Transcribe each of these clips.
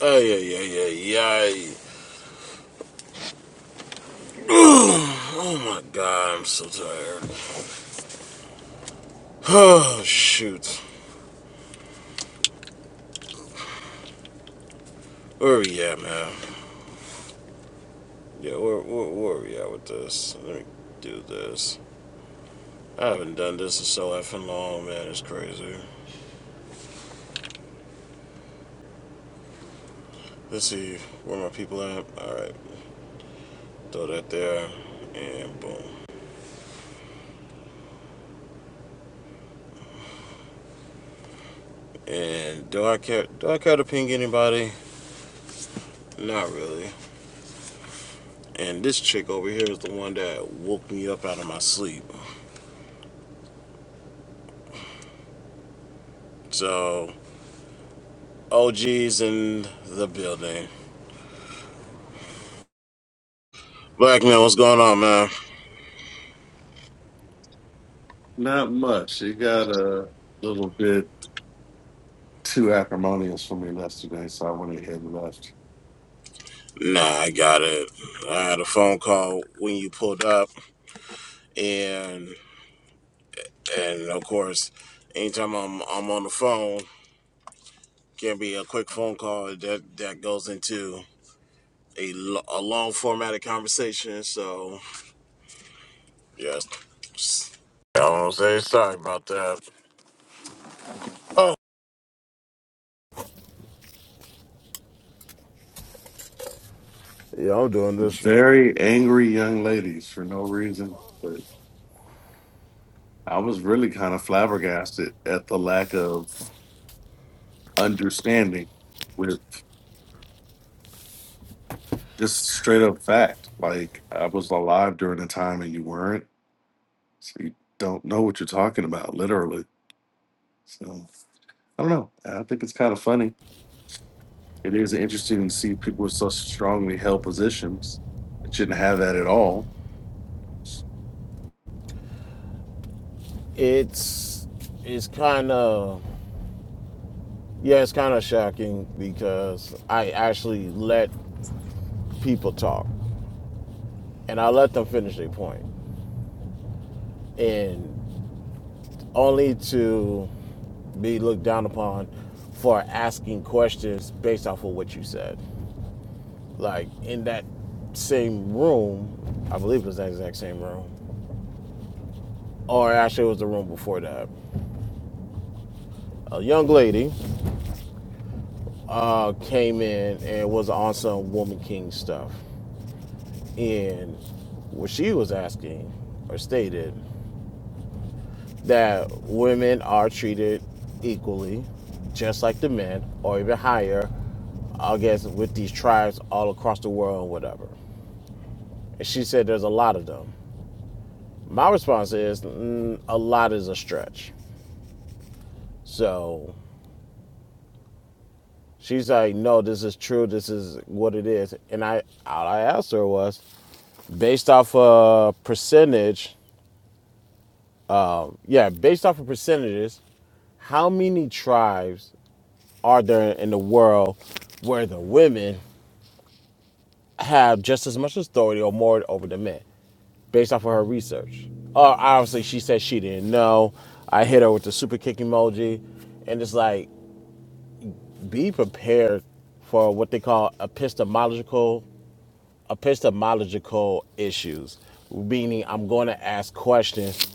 Ay, ay, ay, ay, ay. Oh my god, I'm so tired. Oh, shoot. Where are we at, man? Yeah, where, where, where are we at with this? Let me do this. I haven't done this in so effing long, man. It's crazy. Let's see where my people at. Alright, throw that there, and boom. And do I care? Do I care to ping anybody? Not really. And this chick over here is the one that woke me up out of my sleep. So OGs in the building. Black man, what's going on, man? Not much. It got a little bit too acrimonious for me yesterday, so I went ahead and left. Nah, I got it. I had a phone call when you pulled up, and and of course, anytime I'm I'm on the phone, can be a quick phone call that that goes into a, a long formatted conversation. So yes, I don't say sorry about that. Oh, Yeah, I'm doing this. Very angry young ladies for no reason, but I was really kind of flabbergasted at the lack of understanding with just straight up fact. Like I was alive during the time and you weren't, so you don't know what you're talking about, literally. So I don't know. I think it's kind of funny It is interesting to see people with such strongly held positions that shouldn't have that at all. it's it's kind of. Yeah, it's kind of shocking because I actually let people talk and I let them finish their point, and only to be looked down upon for asking questions based off of what you said. Like in that same room, I believe it was that exact same room, or actually it was the room before that. A young lady uh, came in and was on some Woman King stuff, and what she was asking or stated that women are treated equally, just like the men, or even higher, I guess, with these tribes all across the world, whatever. And she said there's a lot of them. My response is mm, a lot is a stretch. So she's like, no, this is true. This is what it is. And I, all I asked her was, based off a percentage, yeah, based off of percentages, how many tribes are there in the world where the women have just as much authority or more over the men based off of her research. Uh, obviously, she said she didn't know. I hit her with the super kick emoji, and it's like be prepared for what they call epistemological epistemological issues, meaning I'm going to ask questions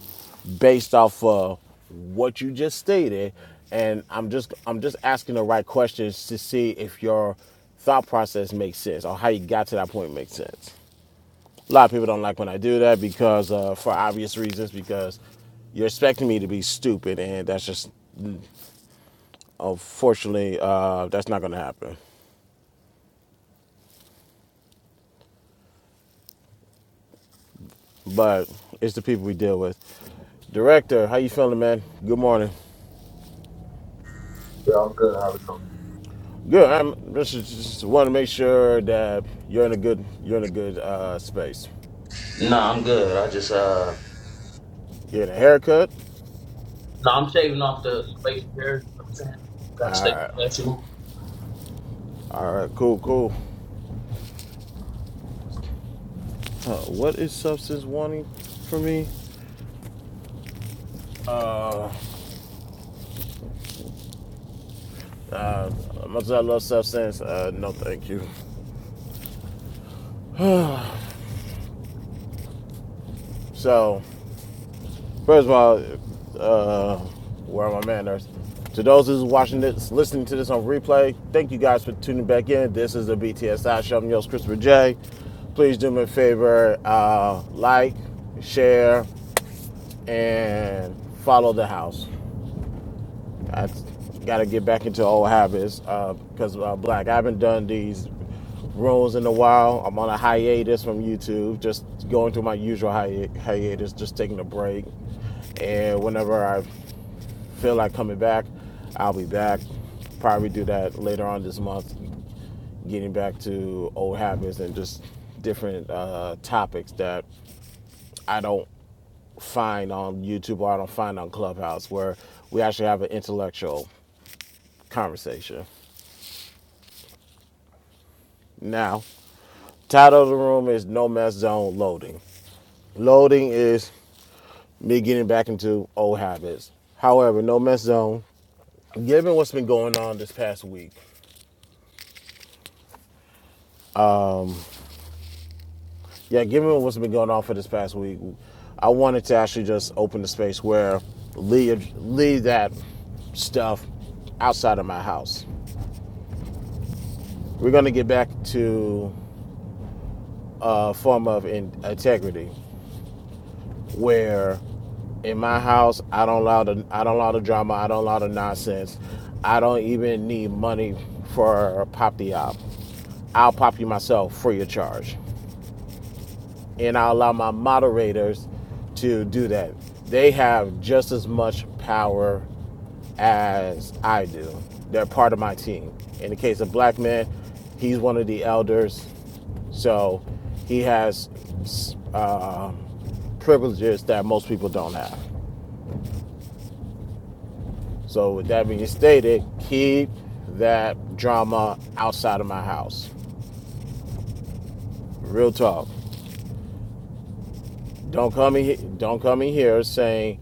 based off of what you just stated, and I'm just I'm just asking the right questions to see if your thought process makes sense or how you got to that point makes sense. A lot of people don't like when I do that because, uh, for obvious reasons, because you're expecting me to be stupid, and that's just unfortunately uh, that's not going to happen. But it's the people we deal with. Director, how you feeling, man? Good morning. Yeah, I'm good. How are you? Good. I'm just, just want to make sure that you're in a good you're in a good uh, space. Nah, I'm good. I just uh. You getting a haircut? Nah, I'm shaving off the facial hair. You know what I'm saying? Gotta stay professional. All right, cool, cool. Uh, what is substance wanting for me? Uh, uh, mozzarella substance? Uh, no, thank you. So, first of all, uh, where are my manners? To those who's watching this, listening to this on replay, thank you guys for tuning back in. This is the BTSI show. I'm your host, Christopher J. Please do me a favor, uh, like, share, and follow the house. I got to get back into old habits because uh, uh, Black, I haven't done these rooms in a while. I'm on a hiatus from YouTube, just going through my usual hi- hiatus, just taking a break. And whenever I feel like coming back, I'll be back. Probably do that later on this month, getting back to old habits and just different uh, topics that I don't find on YouTube or I don't find on Clubhouse, where we actually have an intellectual conversation. Now, title of the room is No Mess Zone Loading. Loading is me getting back into old habits. However, No Mess Zone, given what's been going on this past week, yeah, given what's been going on for this past week, I wanted to actually just open the space where leave, leave that stuff outside of my house. We're going to get back to a form of in- integrity. where in my house I don't allow the I don't allow the drama, I don't allow the nonsense. I don't even need money for a pop the op. I'll pop you myself free of charge and I allow my moderators to do that. They have just as much power as I do. They're part of my team. In the case of Black Man, he's one of the elders, so he has uh, privileges that most people don't have. So, with that being stated, keep that drama outside of my house. Real talk. Don't come in. Don't come in here saying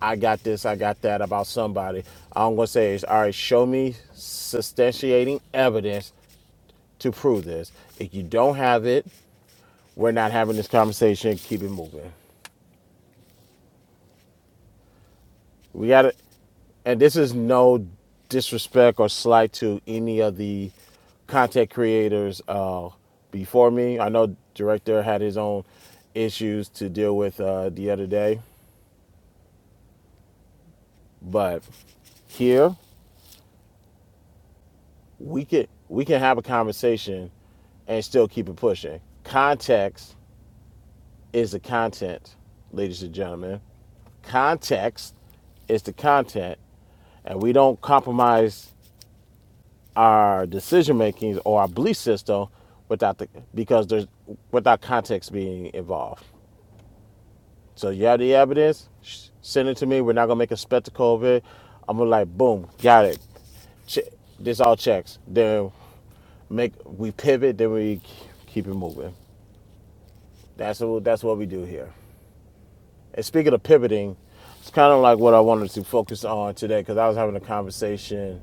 I got this, I got that about somebody. All I'm gonna say is, all right, show me substantiating evidence to prove this. If you don't have it, we're not having this conversation. Keep it moving. We got to and this is no disrespect or slight to any of the content creators uh, before me. I know director had his own issues to deal with uh, the other day, but here we can we can have a conversation and still keep it pushing. Context is the content, ladies and gentlemen. Context is the content, and we don't compromise our decision making or our belief system without the because there's without context being involved. So you have the evidence, send it to me. We're not gonna make a spectacle of it. I'm gonna like boom, got it. Che- this all checks. Then make we pivot, then we keep it moving. That's what that's what we do here. And speaking of pivoting, it's kind of like what I wanted to focus on today because I was having a conversation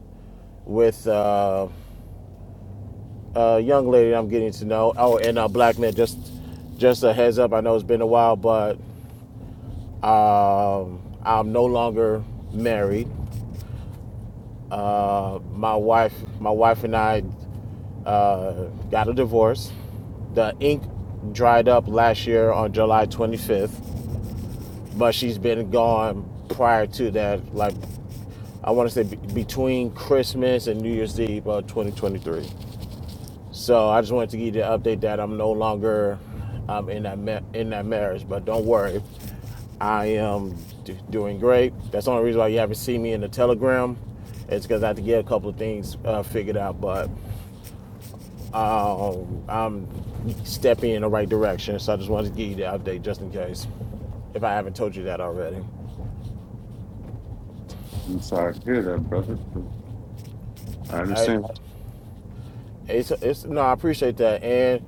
with uh, a young lady I'm getting to know. Oh, and uh, black man, just just a heads up. I know it's been a while, but um, I'm no longer married. Uh, my wife, my wife and I uh, got a divorce. The ink dried up last year on July 25th, but she's been gone prior to that. Like I want to say be- between Christmas and New Year's Eve of 2023. So I just wanted to give you the update that I'm no longer um, in that ma- in that marriage, but don't worry, I am d- doing great. That's the only reason why you haven't seen me in the Telegram. It's because I had to get a couple of things uh, figured out, but um, I'm stepping in the right direction. So I just wanted to give you the update just in case, if I haven't told you that already. I'm sorry to hear that, brother. I I, understand. it's, it's no, I appreciate that, and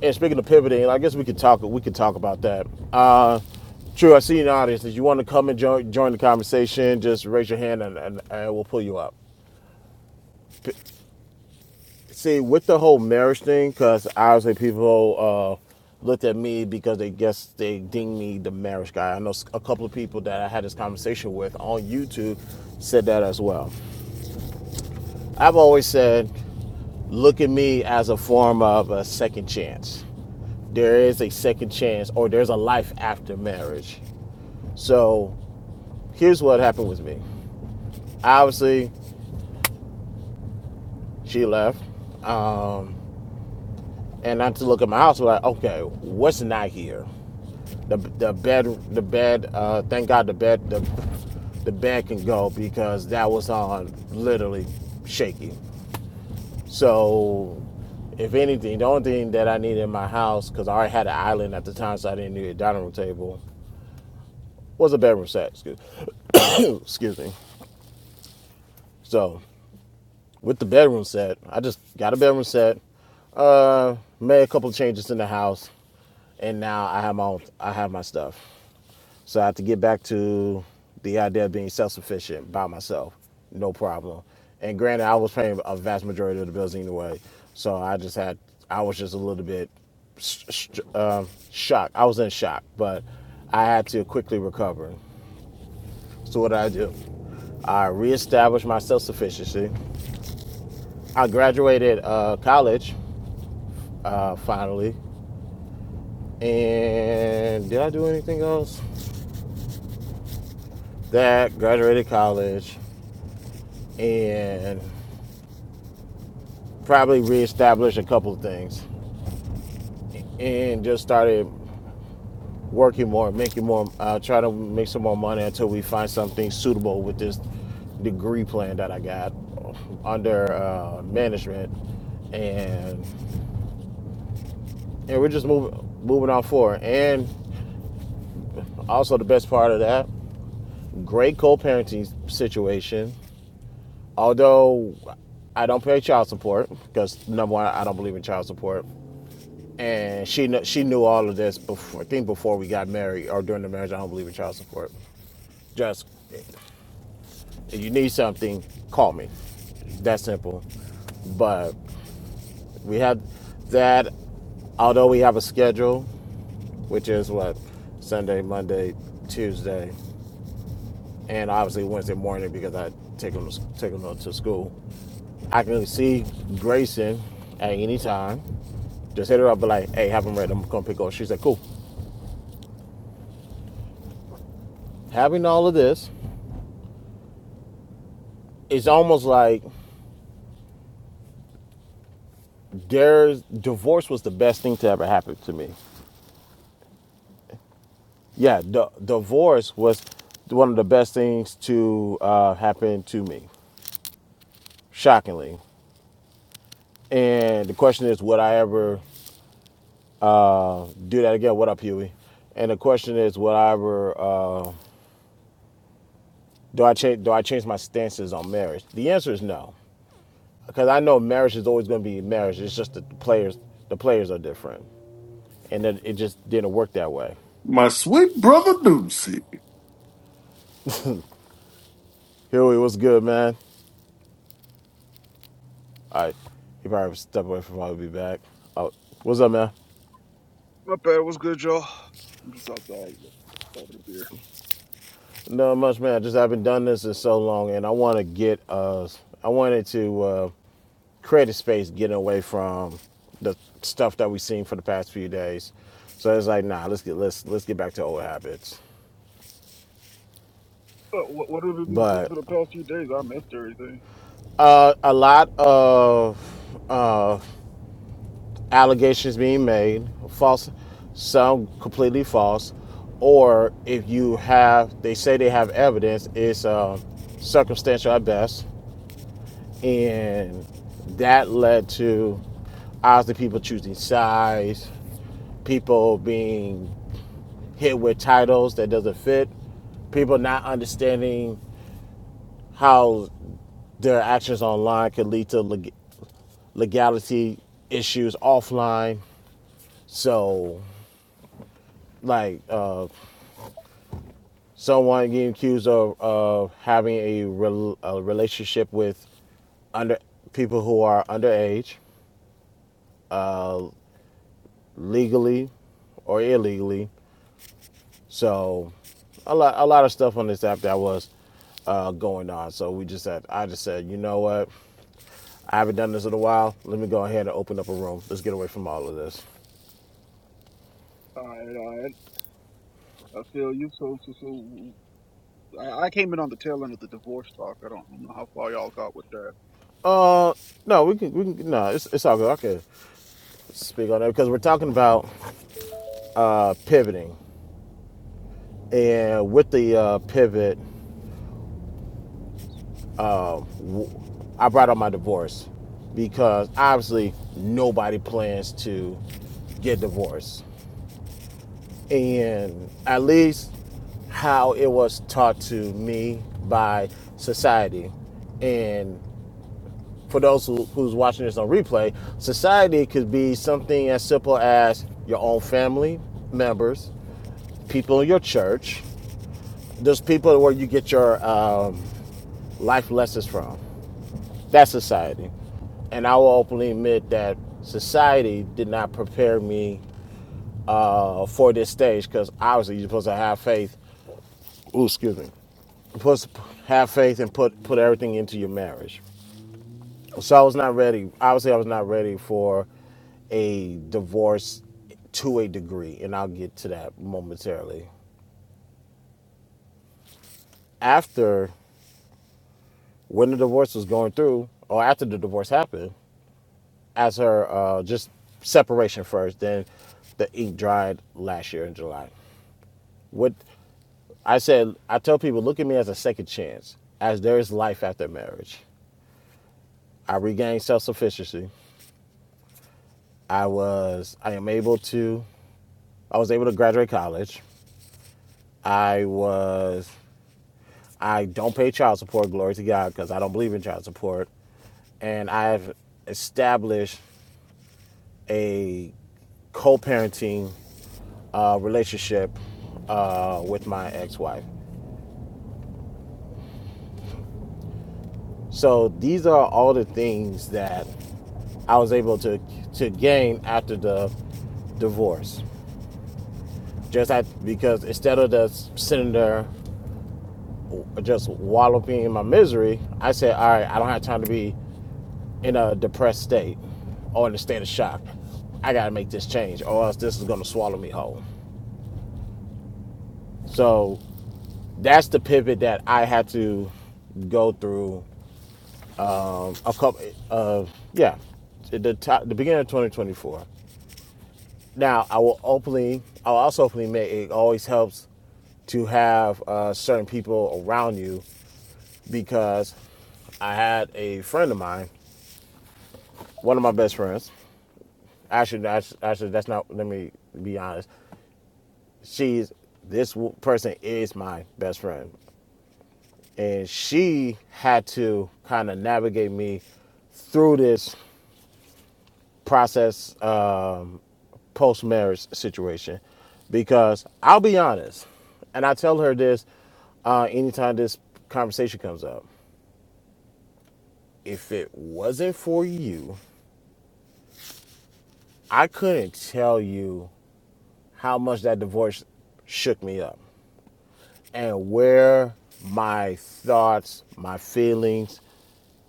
And speaking of pivoting, I guess we could talk. We could talk about that. Uh, true. I see an audience. If you want to come and join join the conversation, just raise your hand and, and, and we'll pull you up. P- See, with the whole marriage thing, because obviously people uh, looked at me because they guess they ding me the marriage guy. I know a couple of people that I had this conversation with on YouTube said that as well. I've always said, look at me as a form of a second chance there is a second chance or there's a life after marriage. So here's what happened with me. Obviously, she left. Um, and I had to look at my house. Like, okay, what's not here? The the bed, the bed. Uh, thank God the bed, the the bed can go because that was on literally shaky. So, if anything, the only thing that I needed in my house because I already had an island at the time, so I didn't need a dining room table, was a bedroom set. Excuse, excuse me. So with the bedroom set. I just got a bedroom set, uh, made a couple of changes in the house, and now I have my own, I have my stuff. So I have to get back to the idea of being self-sufficient by myself, no problem. And granted, I was paying a vast majority of the bills anyway, so I just had I was just a little bit sh- sh- um, shocked. I was in shock, but I had to quickly recover. So what did I do? I reestablished my self-sufficiency. I graduated uh, college uh, finally. And did I do anything else? That graduated college and probably reestablished a couple of things and just started working more, making more, uh, try to make some more money until we find something suitable with this degree plan that I got under uh, management. And and we're just moving moving on forward. And also the best part of that, great co-parenting situation Although I don't pay child support because number one, I don't believe in child support, and she kn- she knew all of this before. I think before we got married or during the marriage, I don't believe in child support. Just if you need something, call me. That simple. But we had that. Although we have a schedule, which is what Sunday, Monday, Tuesday, and obviously Wednesday morning because I take them take them to school. I can see Grayson at any time. Just hit her up, be like, hey, have him ready. I'm gonna pick up. She said, cool. Having all of this, it's almost like their divorce was the best thing to ever happen to me. Yeah, the divorce was one of the best things to uh, happen to me, shockingly. And the question is, would I ever do that again? What up, Huey? And the question is, would I ever uh, do I change do I change my stances on marriage? The answer is no. because I know marriage is always going to be marriage. It's just the players, the players are different, and it, it just didn't work that way. My sweet brother Doocy. Huey, what's good, man? All right, he probably stepped away from. I'll be back. Oh, what's up, man? My bad. What's good, y'all? I'm just outside like, having a beer. Not much, man. I just haven't done this in so long, and I want to get Uh, I wanted to uh, create a space, getting away from the stuff that we've seen for the past few days. So it's like, nah, let's get let's let's get back to old habits. But what, what have we been seeing But for the past few days? I missed everything. uh, a lot of uh, allegations being made, false, some completely false, or if you have, they say they have evidence, it's uh, circumstantial at best, and that led to obviously people choosing sides, people being hit with titles that doesn't fit, people not understanding how their actions online could lead to leg- legality issues offline. So, like, uh, someone getting accused of, of having a, rel a relationship with under people who are underage, uh, legally or illegally. So a lot a lot of stuff on this app that was uh, going on. So we just said I just said you know what I haven't done this in a while. Let me go ahead and open up a room. Let's get away from all of this. All right, all right. I feel you. So, so, so I, I came in on the tail end of the divorce talk. I don't, I don't know how far y'all got with that. Uh, no, we can, we can, no, it's, it's all good. I can speak on that because we're talking about uh, pivoting, and with the uh, pivot, um, w- I brought up my divorce because obviously nobody plans to get divorced. And at least how it was taught to me by society. And for those who, who's watching this on replay, society could be something as simple as your own family members, people in your church, those people where you get your um, life lessons from That's society. And I will openly admit that society did not prepare me uh, for this stage because obviously you're supposed to have faith. Ooh, excuse me. You're supposed to have faith and put, put everything into your marriage. So I was not ready. Obviously, I was not ready for a divorce to a degree, and I'll get to that momentarily. After when the divorce was going through, or after the divorce happened, as her uh, just separation first, then the ink dried last year in July. What I said, I tell people, look at me as a second chance, as there is life after marriage. I regained self sufficiency. I was, I am able to, I was able to graduate college. I was, I don't pay child support, glory to God, because I don't believe in child support. And I've established a co parenting uh, relationship uh, with my ex-wife. So these are all the things that I was able to to gain after the divorce. Just at, because instead of just sitting there just walloping in my misery, I said, all right, I don't have time to be in a depressed state or in a state of shock. I got to make this change or else this is going to swallow me whole. So that's the pivot that I had to go through a couple of yeah the top, the beginning of 2024 now i will openly i'll also openly make it always helps to have uh, certain people around you because i had a friend of mine one of my best friends actually actually that's not let me be honest she's this person is my best friend and she had to kind of navigate me through this process um, post marriage situation because I'll be honest, and I tell her this uh, anytime this conversation comes up. If it wasn't for you, I couldn't tell you how much that divorce shook me up and where my thoughts, my feelings,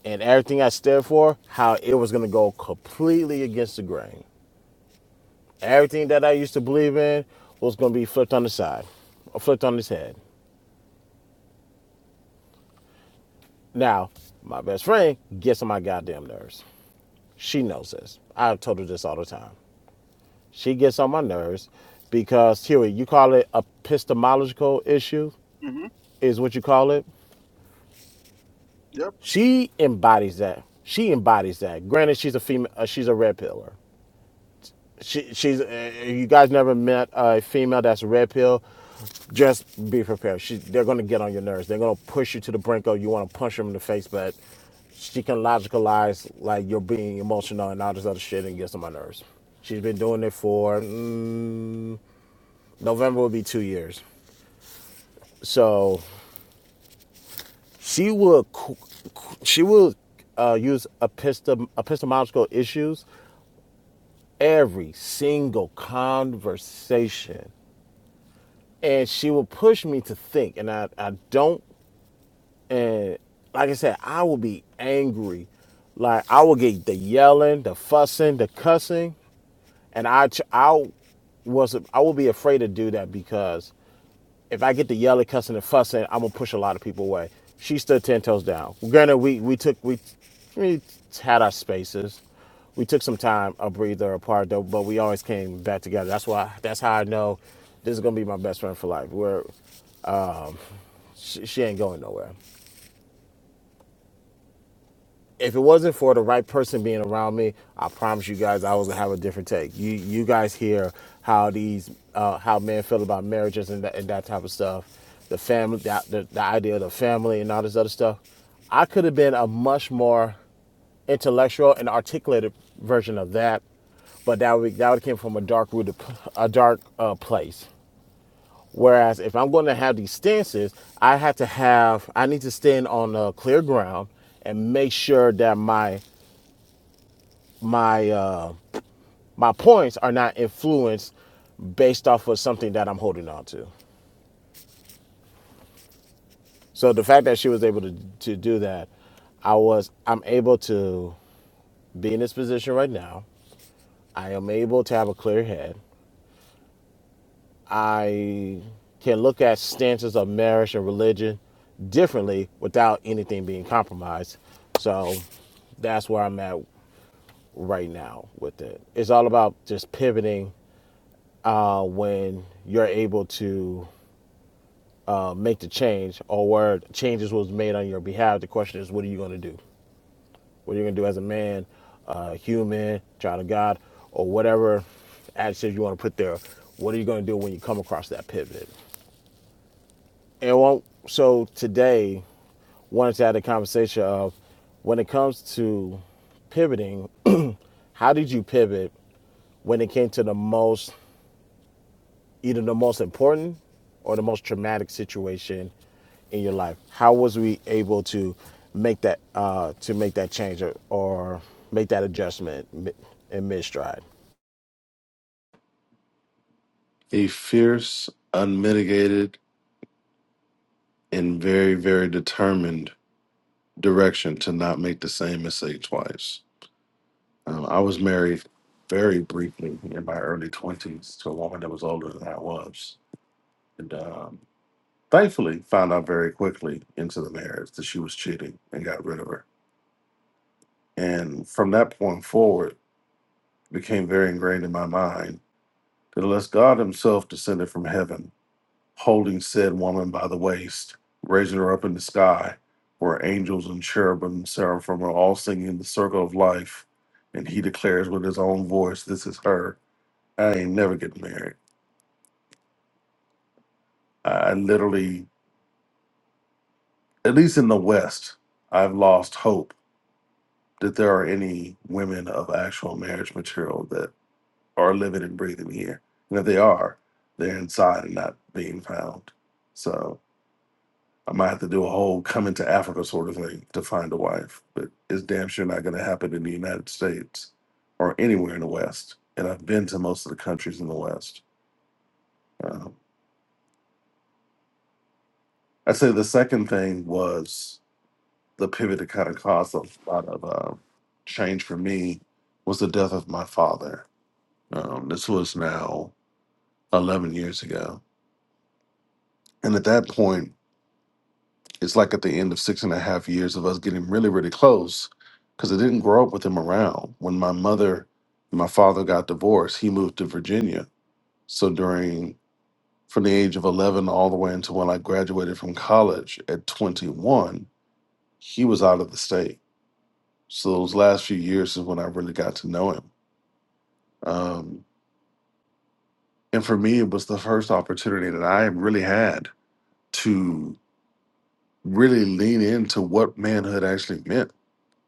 and everything I stood for, how it was going to go completely against the grain. Everything that I used to believe in was going to be flipped on the side, or flipped on his head. Now, my best friend gets on my goddamn nerves. She knows this. I've told her this all the time. She gets on my nerves because, Huey, you call it epistemological issue, hmm is what you call it. Yep. She embodies that. She embodies that. Granted, she's a female, uh, she's a red pillar. She, she's. Uh, you guys never met a female that's red pill. Just be prepared. She, they're gonna get on your nerves. They're gonna push you to the brink of you want to punch them in the face, but she can logicalize like you're being emotional and all this other shit and gets on my nerves. She's been doing it for mm, November will be two years. So she will she will uh, use epistem- epistemological issues every single conversation. and she will push me to think and i i don't and like i said i will be angry like i will get the yelling the fussing the cussing and i i was i will be afraid to do that because if i get the yelling cussing and fussing i'm gonna push a lot of people away she stood 10 toes down granted we we took we we had our spaces we took some time a breather apart though but we always came back together that's why that's how i know this is gonna be my best friend for life. Where she, she ain't going nowhere. If it wasn't for the right person being around me, I promise you guys, I was gonna have a different take. You you guys hear how these uh, how men feel about marriages and that, and that type of stuff, the family, the, the the idea of the family and all this other stuff. I could have been a much more intellectual and articulated version of that, but that would that would came from a dark rooted, a dark uh, place. Whereas if I'm going to have these stances, I have to have I need to stand on uh, clear ground and make sure that my my uh, my points are not influenced based off of something that I'm holding on to. So the fact that she was able to to do that, I was I'm able to be in this position right now. I am able to have a clear head. I can look at stances of marriage and religion differently without anything being compromised. So that's where I'm at right now with it. It's all about just pivoting uh, when you're able to uh, make the change or where changes was made on your behalf. The question is, what are you going to do? What are you going to do as a man, uh, human, child of God, or whatever adjective you want to put there? What are you going to do when you come across that pivot? And one, so today, wanted to have a conversation of when it comes to pivoting, how did you pivot when it came to the most, either the most important or the most traumatic situation in your life? How was we able to make that uh, to make that change or, or make that adjustment in mid stride? A fierce, unmitigated, and very, very determined direction to not make the same mistake twice. Um, I was married very briefly in my early 20s to a woman that was older than I was. And um, thankfully, found out very quickly into the marriage that she was cheating and got rid of her. And from that point forward, it became very ingrained in my mind that unless God Himself descended from heaven, holding said woman by the waist, raising her up in the sky, where angels and cherubim and seraphim are all singing the circle of life, and He declares with His own voice, This is her, I ain't never getting married. I I literally, at least in the West, I've lost hope that there are any women of actual marriage material that. are living and breathing here. And if they are, they're inside and not being found. So I might have to do a whole coming to Africa sort of thing to find a wife, but it's damn sure not going to happen in the United States or anywhere in the West. And I've been to most of the countries in the West. Um, I'd say the second thing was the pivot that kind of caused a lot of um change for me was the death of my father. Um, this was now 11 years ago. And at that point, it's like at the end of six and a half years of us getting really, really close because I didn't grow up with him around. When my mother and my father got divorced, he moved to Virginia. So during from the age of 11 all the way until when I graduated from college at 21, he was out of the state. So those last few years is when I really got to know him. Um, and for me, it was the first opportunity that I really had to really lean into what manhood actually meant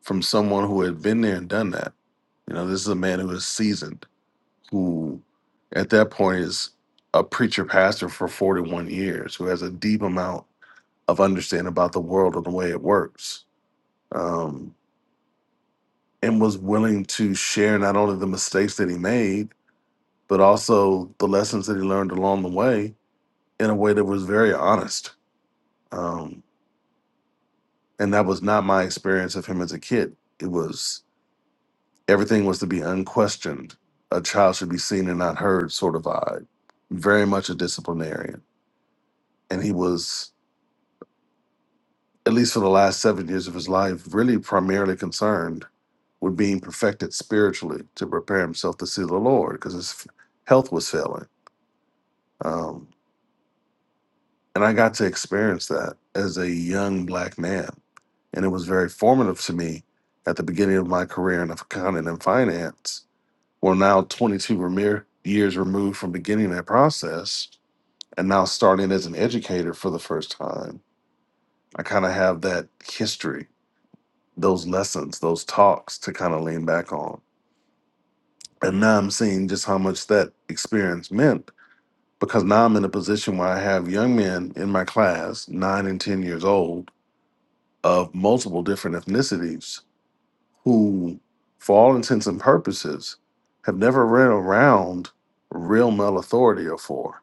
from someone who had been there and done that You know, this is a man who is seasoned, who at that point is a preacher pastor for 41 years, who has a deep amount of understanding about the world and the way it works, um, and was willing to share not only the mistakes that he made, but also the lessons that he learned along the way in a way that was very honest. Um, and that was not my experience of him as a kid. It was Everything was to be unquestioned. A child should be seen and not heard, sort of vibe. Very much a disciplinarian. And he was, at least for the last seven years of his life, really primarily concerned with being perfected spiritually to prepare himself to see the Lord because his health was failing. Um, and I got to experience that as a young black man. And it was very formative to me at the beginning of my career in accounting and finance Well, now 22 remir- years removed from beginning that process and now starting as an educator for the first time, I kind of have that history, those lessons, those talks to kind of lean back on. And now I'm seeing just how much that experience meant because now I'm in a position where I have young men in my class, nine and 10 years old, of multiple different ethnicities who, for all intents and purposes, have never ran around real male authority before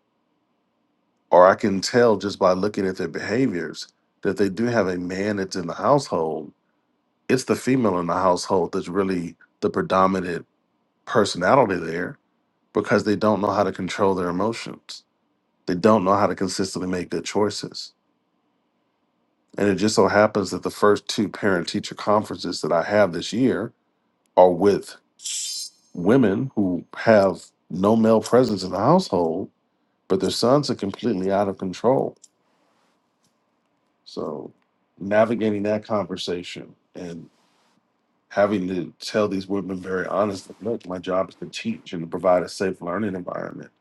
or I can tell just by looking at their behaviors that they do have a man that's in the household. It's the female in the household that's really the predominant personality there because they don't know how to control their emotions. They don't know how to consistently make good choices. And it just so happens that the first two parent teacher conferences that I have this year are with women who have no male presence in the household, but their sons are completely out of control So navigating that conversation and having to tell these women very honestly, look, my job is to teach and to provide a safe learning environment.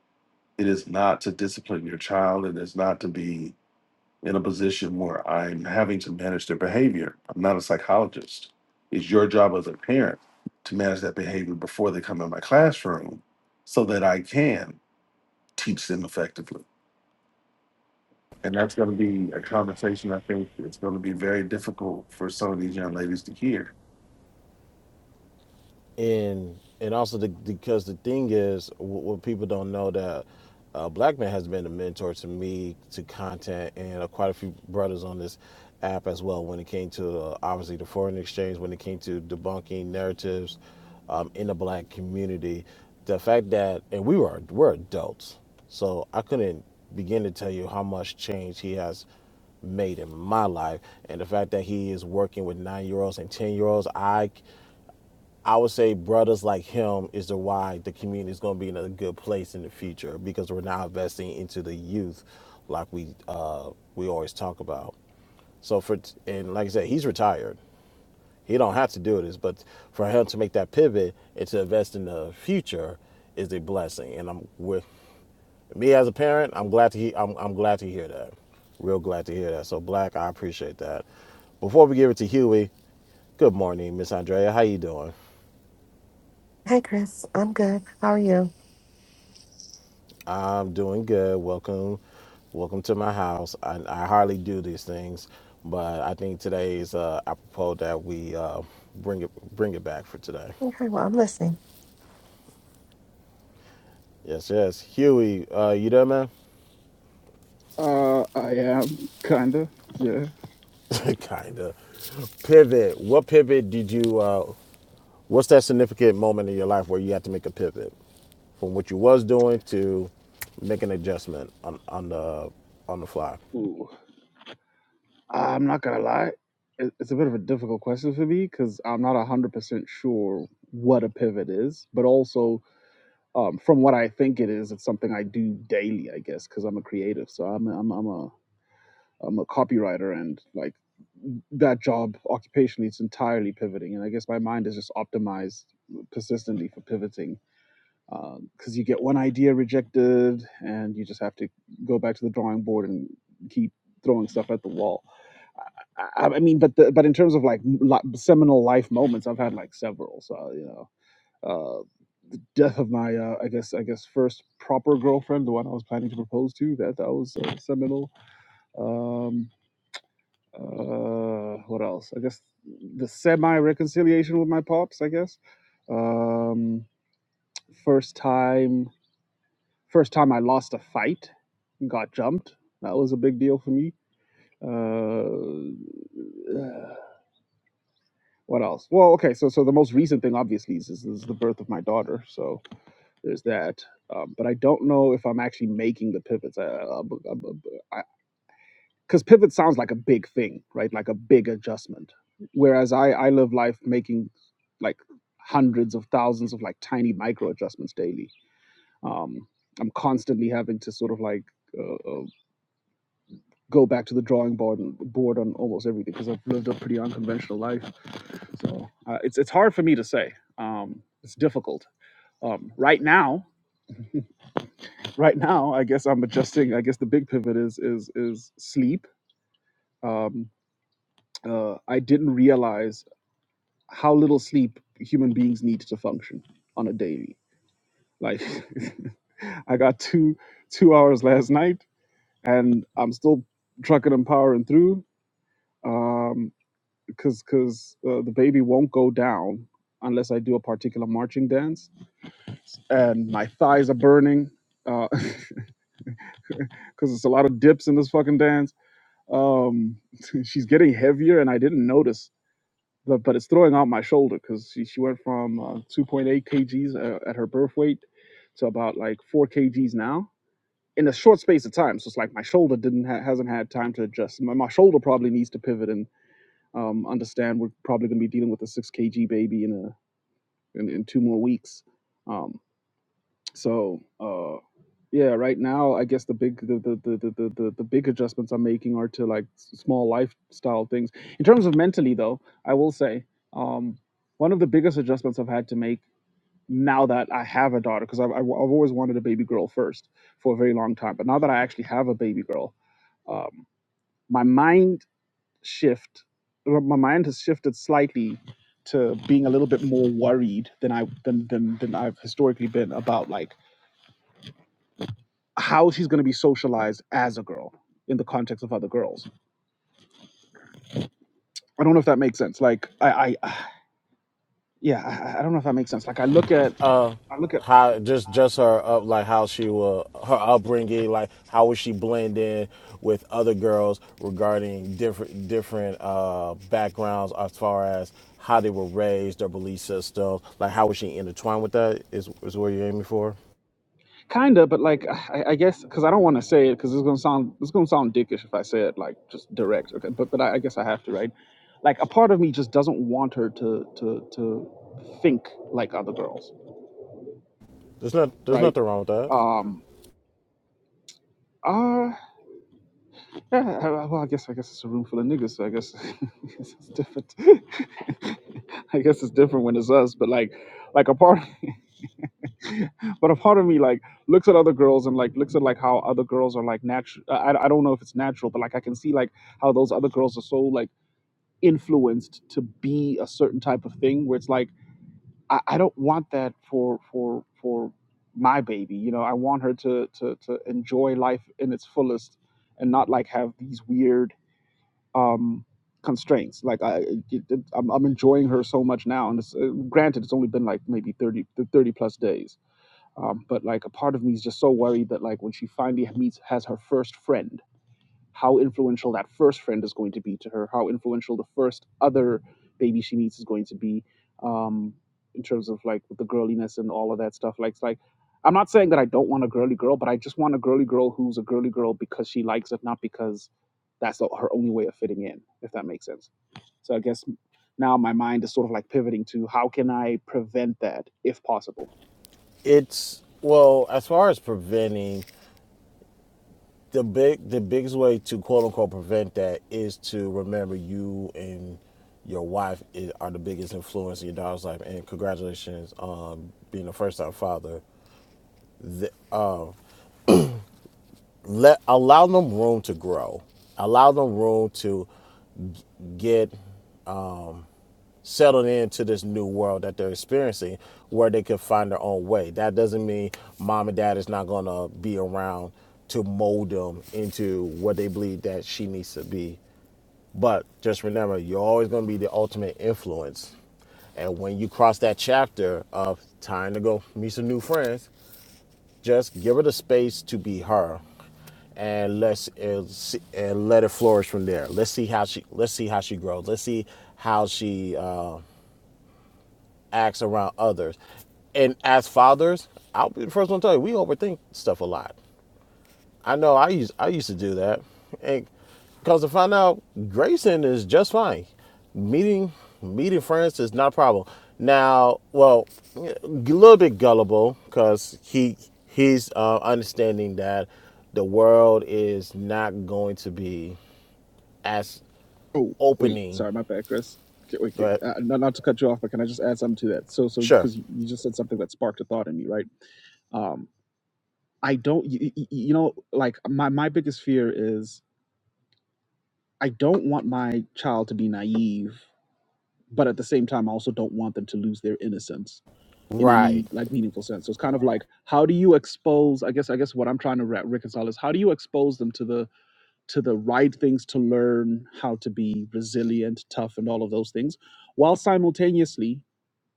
It is not to discipline your child. It is not to be in a position where I'm having to manage their behavior. I'm not a psychologist. It's your job as a parent to manage that behavior before they come in my classroom so that I can teach them effectively. And that's going to be a conversation I think it's going to be very difficult for some of these young ladies to hear. and and also the, because the thing is what, what people don't know that uh, black man has been a mentor to me to content and uh, quite a few brothers on this app as well when it came to uh, obviously the foreign exchange when it came to debunking narratives um, in the black community the fact that and we were we're adults so i couldn't begin to tell you how much change he has made in my life and the fact that he is working with nine year olds and ten year olds i I would say brothers like him is the why the community is going to be in a good place in the future because we're now investing into the youth, like we uh, we always talk about. So for and like I said, he's retired. He don't have to do this, but for him to make that pivot and to invest in the future is a blessing. And I'm with me as a parent. I'm glad to he, I'm I'm glad to hear that. Real glad to hear that. So Black, I appreciate that. Before we give it to Huey, good morning, Miss Andrea. How you doing? Hey, Chris. I'm good. How are you? I'm doing good. Welcome, welcome to my house. I, I hardly do these things, but I think today is uh, apropos that we uh, bring it bring it back for today. Okay, well, I'm listening. Yes, yes. Huey, uh, you there, man? Uh, I am kinda. Yeah. Kinda. Pivot. What pivot did you? Uh, what's that significant moment in your life where you had to make a pivot from what you was doing to make an adjustment on on the on the fly? Ooh. I'm not gonna lie. it- It's a bit of a difficult question for me because I'm not a hundred percent sure what a pivot is, but also um, from what I think it is, it's something I do daily, I guess, because I'm a creative. So I'm a, I'm a, I'm a I'm a copywriter, and like that job occupationally, it's entirely pivoting. And I guess my mind is just optimized persistently for pivoting because you get one idea rejected, and you just have to go back to the drawing board and keep throwing stuff at the wall. I, I I mean, but the, but in terms of like li- seminal life moments, I've had like several. So you know. uh, death of my uh, I guess I guess first proper girlfriend, the one I was planning to propose to. That that was uh, seminal. Um, uh, what else? I guess the semi reconciliation with my pops. I guess um, first time first time I lost a fight, and got jumped. That was a big deal for me. Uh, uh, what else? Well, okay, so so the most recent thing obviously is, is the birth of my daughter. So There's that. Um, but I don't know if I'm actually making the pivots. Because pivot sounds like a big thing, right? Like a big adjustment. Whereas I, I live life making like hundreds of thousands of like tiny micro adjustments daily. Um, I'm constantly having to sort of like uh, uh, go back to the drawing board and board on almost everything because I've lived a pretty unconventional life. So uh, it's it's hard for me to say. Um, it's difficult um, right now. right now i guess i'm adjusting i guess the big pivot is is is sleep um uh i didn't realize how little sleep human beings need to function on a daily like i got two two hours last night and i'm still trucking and powering through um because because uh, the baby won't go down unless i do a particular marching dance and my thighs are burning uh because it's a lot of dips in this fucking dance Um, she's getting heavier, and I didn't notice, but, but it's throwing out my shoulder because she, she went from uh, 2.8 kgs uh, at her birth weight to about like 4 kgs now in a short space of time. So it's like my shoulder didn't ha- hasn't had time to adjust. My, my shoulder probably needs to pivot and um, understand we're probably going to be dealing with a 6 kg baby in a in, in two more weeks. Um, so, uh, yeah, right now, I guess the big the the, the, the, the the the big adjustments I'm making are to like s- small lifestyle things. In terms of mentally, though, I will say um, one of the biggest adjustments I've had to make now that I have a daughter, because I've, I've I've always wanted a baby girl first for a very long time, but now that I actually have a baby girl, um, my mind shift my mind has shifted slightly to being a little bit more worried than I than than, than I've historically been about like how she's going to be socialized as a girl in the context of other girls. I don't know if that makes sense. Like I, I yeah, I, I don't know if that makes sense. Like I look at, Uh, I look at how just just her up like how she will her upbringing like how would she blend in with other girls regarding different different uh backgrounds as far as how they were raised their belief system like how would she intertwine with that is is what you're aiming for kind of, but like I, I guess because I don't want to say it because it's gonna sound it's gonna sound dickish if I say it like just direct. Okay, but but I, I guess I have to, right? Like a part of me just doesn't want her to to to think like other girls, there's not there's right? nothing wrong with that Um, uh, Yeah, I- I- well, I guess I guess it's a room full of niggas, so I guess, I guess it's different. I guess it's different when it's us, but like, like a part, but a part of me like looks at other girls and like looks at like how other girls are like natural. I, I I don't know if it's natural, but like I can see like how those other girls are so like influenced to be a certain type of thing where it's like I, I don't want that for for for my baby. You know, I want her to to to enjoy life in its fullest and not like have these weird um, constraints. Like I, it, it, I'm, I'm enjoying her so much now, and it's, uh, granted, it's only been like maybe 30, 30 plus days. Um, but like a part of me is just so worried that like when she finally meets has her first friend how influential that first friend is going to be to her, how influential the first other baby she meets is going to be, um, in terms of like the girliness and all of that stuff. Like, it's like I'm not saying that I don't want a girly girl, but I just want a girly girl who's a girly girl because she likes it, not because that's the, her only way of fitting in, if that makes sense. So I guess now my mind is sort of like pivoting to how can I prevent that if possible. it's well as far as preventing the big the biggest way to quote unquote prevent that is to remember you and your wife i- are the biggest influence in your daughter's life and congratulations on being a first time father the, uh, let allow them room to grow allow them room to get settled into this new world that they're experiencing where they can find their own way that doesn't mean mom and dad is not going to be around to mold them into what they believe that she needs to be But just remember, you're always going to be the ultimate influence. And when you cross that chapter of time to go meet some new friends, just give her the space to be her, and let's and see- and let it flourish from there. Let's see how she let's see how she grows. Let's see how she uh, acts around others. And as fathers, I'll be the first one to tell you, we overthink stuff a lot. I know I used I used to do that, and because to find out Grayson is just fine. Meeting meeting friends is not a problem. Now, well, a little bit gullible because he he's uh, understanding that the world is not going to be as Oh, wait, opening, sorry, my bad, Chris. Okay, wait, okay, but uh, not, not to cut you off, but can I just add something to that? So, so sure, because you just said something that sparked a thought in me, right? Um, I don't, you, you know, like my my biggest fear is I don't want my child to be naive, but at the same time, I also don't want them to lose their innocence in right, any like meaningful sense. So it's kind of like, how do you expose? I guess, I guess what I'm trying to re- reconcile is how do you expose them to the to the right things to learn how to be resilient, tough, and all of those things, while simultaneously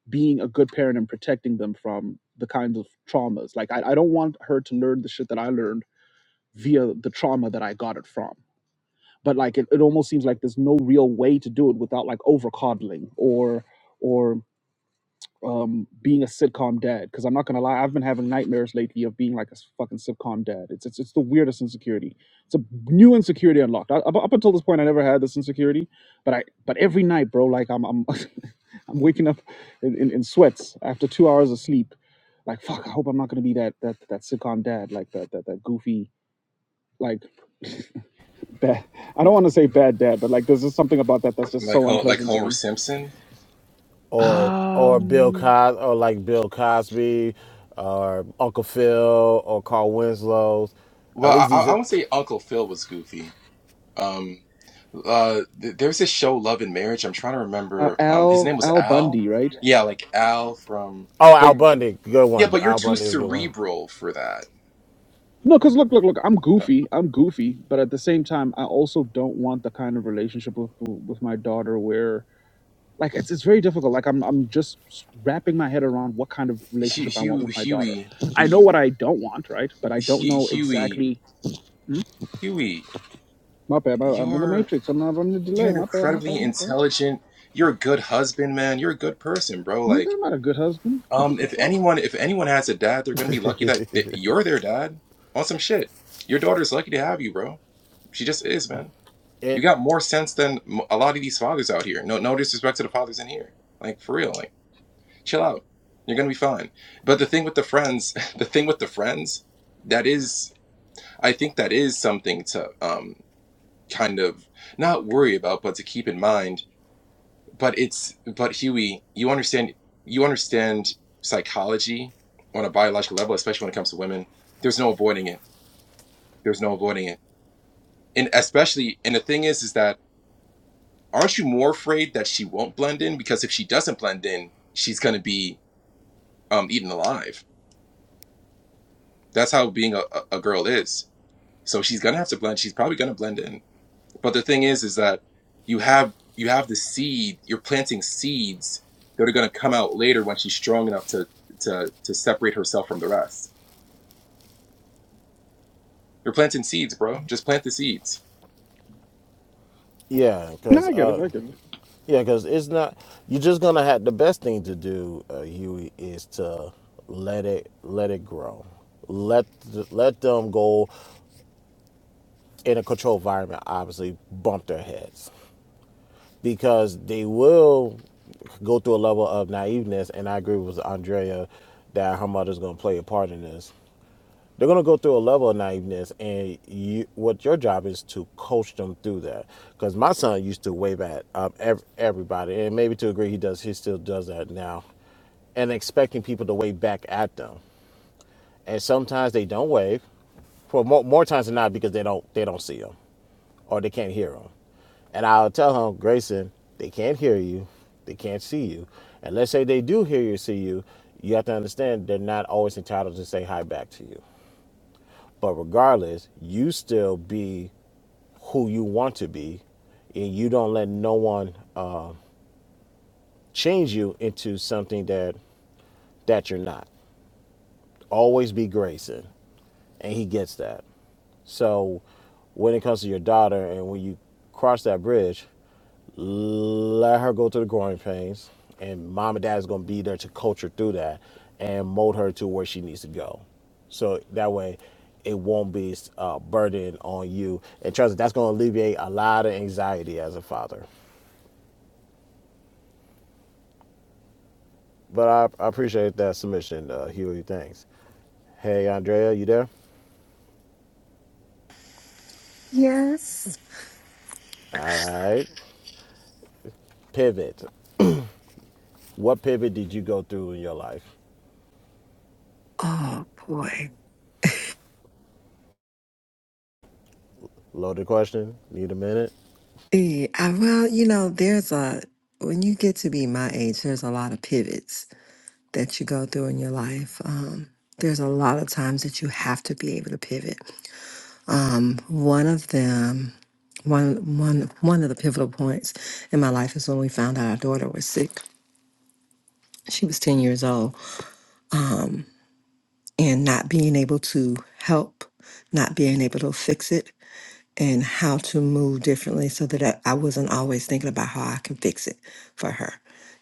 being a good parent and protecting them from the kinds of traumas. Like, I, I don't want her to learn the shit that I learned via the trauma that I got it from. But like, it, it almost seems like there's no real way to do it without like over coddling or. or um being a sitcom dad because i'm not gonna lie i've been having nightmares lately of being like a s- fucking sitcom dad it's it's, it's the weirdest insecurity it's a new insecurity unlocked I, up, up until this point i never had this insecurity but i but every night bro like i'm i'm i'm waking up in, in, in sweats after two hours of sleep like fuck i hope i'm not gonna be that that that sitcom dad like that that, that goofy like bad i don't want to say bad dad but like there's just something about that that's just like so Ho- like unpleasant to Homer me Simpson. or or Bill um Cos or like Bill Cosby, or Uncle Phil, or Carl Winslow. at Well, I, least I these I are would say Uncle Phil was goofy. Um, uh, th- there's this show Love and Marriage. I'm trying to uh, remember. Um, his al name was al Al. bundy right Yeah, like Al from. Oh, But Al Bundy, good yeah, one. but you're Al too Bundy is a good one. cerebral for that. No, because look, look, look. I'm goofy. I'm goofy, but at the same time, I also don't want the kind of relationship with with my daughter where, like, it's it's very difficult. Like, I'm I'm just wrapping my head around what kind of Hu relationship I want Hugh, with my daughter. Huey, I know Hu- what I don't want, right? But I don't know Huey, exactly. Hmm? Huey, My bad. I- I'm in the you're matrix. I'm not on the you're delay. an My bad. My incredibly bad. My bad. intelligent. You're a good husband, man. You're a good person, bro. Nigga, Like I'm not a good husband. What Um, the if fuck? anyone, if anyone has a dad, they're gonna be lucky that, that you're their dad. On some shit, your daughter's lucky to have you, bro. She just is, man. You It, got more sense than m- a lot of these fathers out here. No, no disrespect to the fathers in here. Like for real, like chill out. You're gonna be fine. But the thing with the friends, the thing with the friends, that is, I think that is something to um kind of not worry about, but to keep in mind but it's but Huey, you understand you understand psychology on a biological level, especially when it comes to women. There's no avoiding it. There's no avoiding it. And especially and the thing is is that aren't you more afraid that she won't blend in? Because if she doesn't blend in, she's gonna be um eaten alive. That's how being a, a a girl is. So she's gonna have to blend. She's probably gonna blend in. But the thing is, is that you have you have the seed. You're planting seeds that are going to come out later when she's strong enough to to to separate herself from the rest. You're planting seeds, bro. Just plant the seeds. yeah, No, because I get it. uh, I get it. yeah, because it's not. You're just gonna have the best thing to do, uh, Huey, is to let it let it grow. Let th- let them go in a controlled environment. Obviously, bump their heads because they will go through a level of naiveness. And I agree with Andrea that her mother's gonna play a part in this they're going to go through a level of naiveness and you what your job is to coach them through that because my son used to wave at um, ev- everybody and maybe to a degree he does he still does that now and expecting people to wave back at them and sometimes they don't wave for more, more times than not because they don't they don't see them or they can't hear them and i'll tell him grayson they can't hear you they can't see you and let's say they do hear you see you you have to understand they're not always entitled to say hi back to you but regardless, you still be who you want to be, and you don't let no one uh, change you into something that that you're not. Always be gracing. and he gets that. So when it comes to your daughter and when you cross that bridge, let her go through the growing pains and mom and dad is going to be there to coach her through that and mold her to where she needs to go. So that way it won't be a burden on you. And trust me, that's going to alleviate a lot of anxiety as a father. But I, I appreciate that submission, uh, Huey. Thanks. Hey, Andrea, you there? Yes. All right. Pivot. What pivot did you go through in your life? Oh boy. Loaded question. Need a minute. Eh, I, well, you know, there's a when you get to be my age, there's a lot of pivots that you go through in your life. Um, there's a lot of times that you have to be able to pivot. Um, one of them, one one one of the pivotal points in my life is when we found out our daughter was sick. She was 10 years old. Um, and not being able to help, not being able to fix it, and how to move differently so that I, I wasn't always thinking about how I can fix it for her.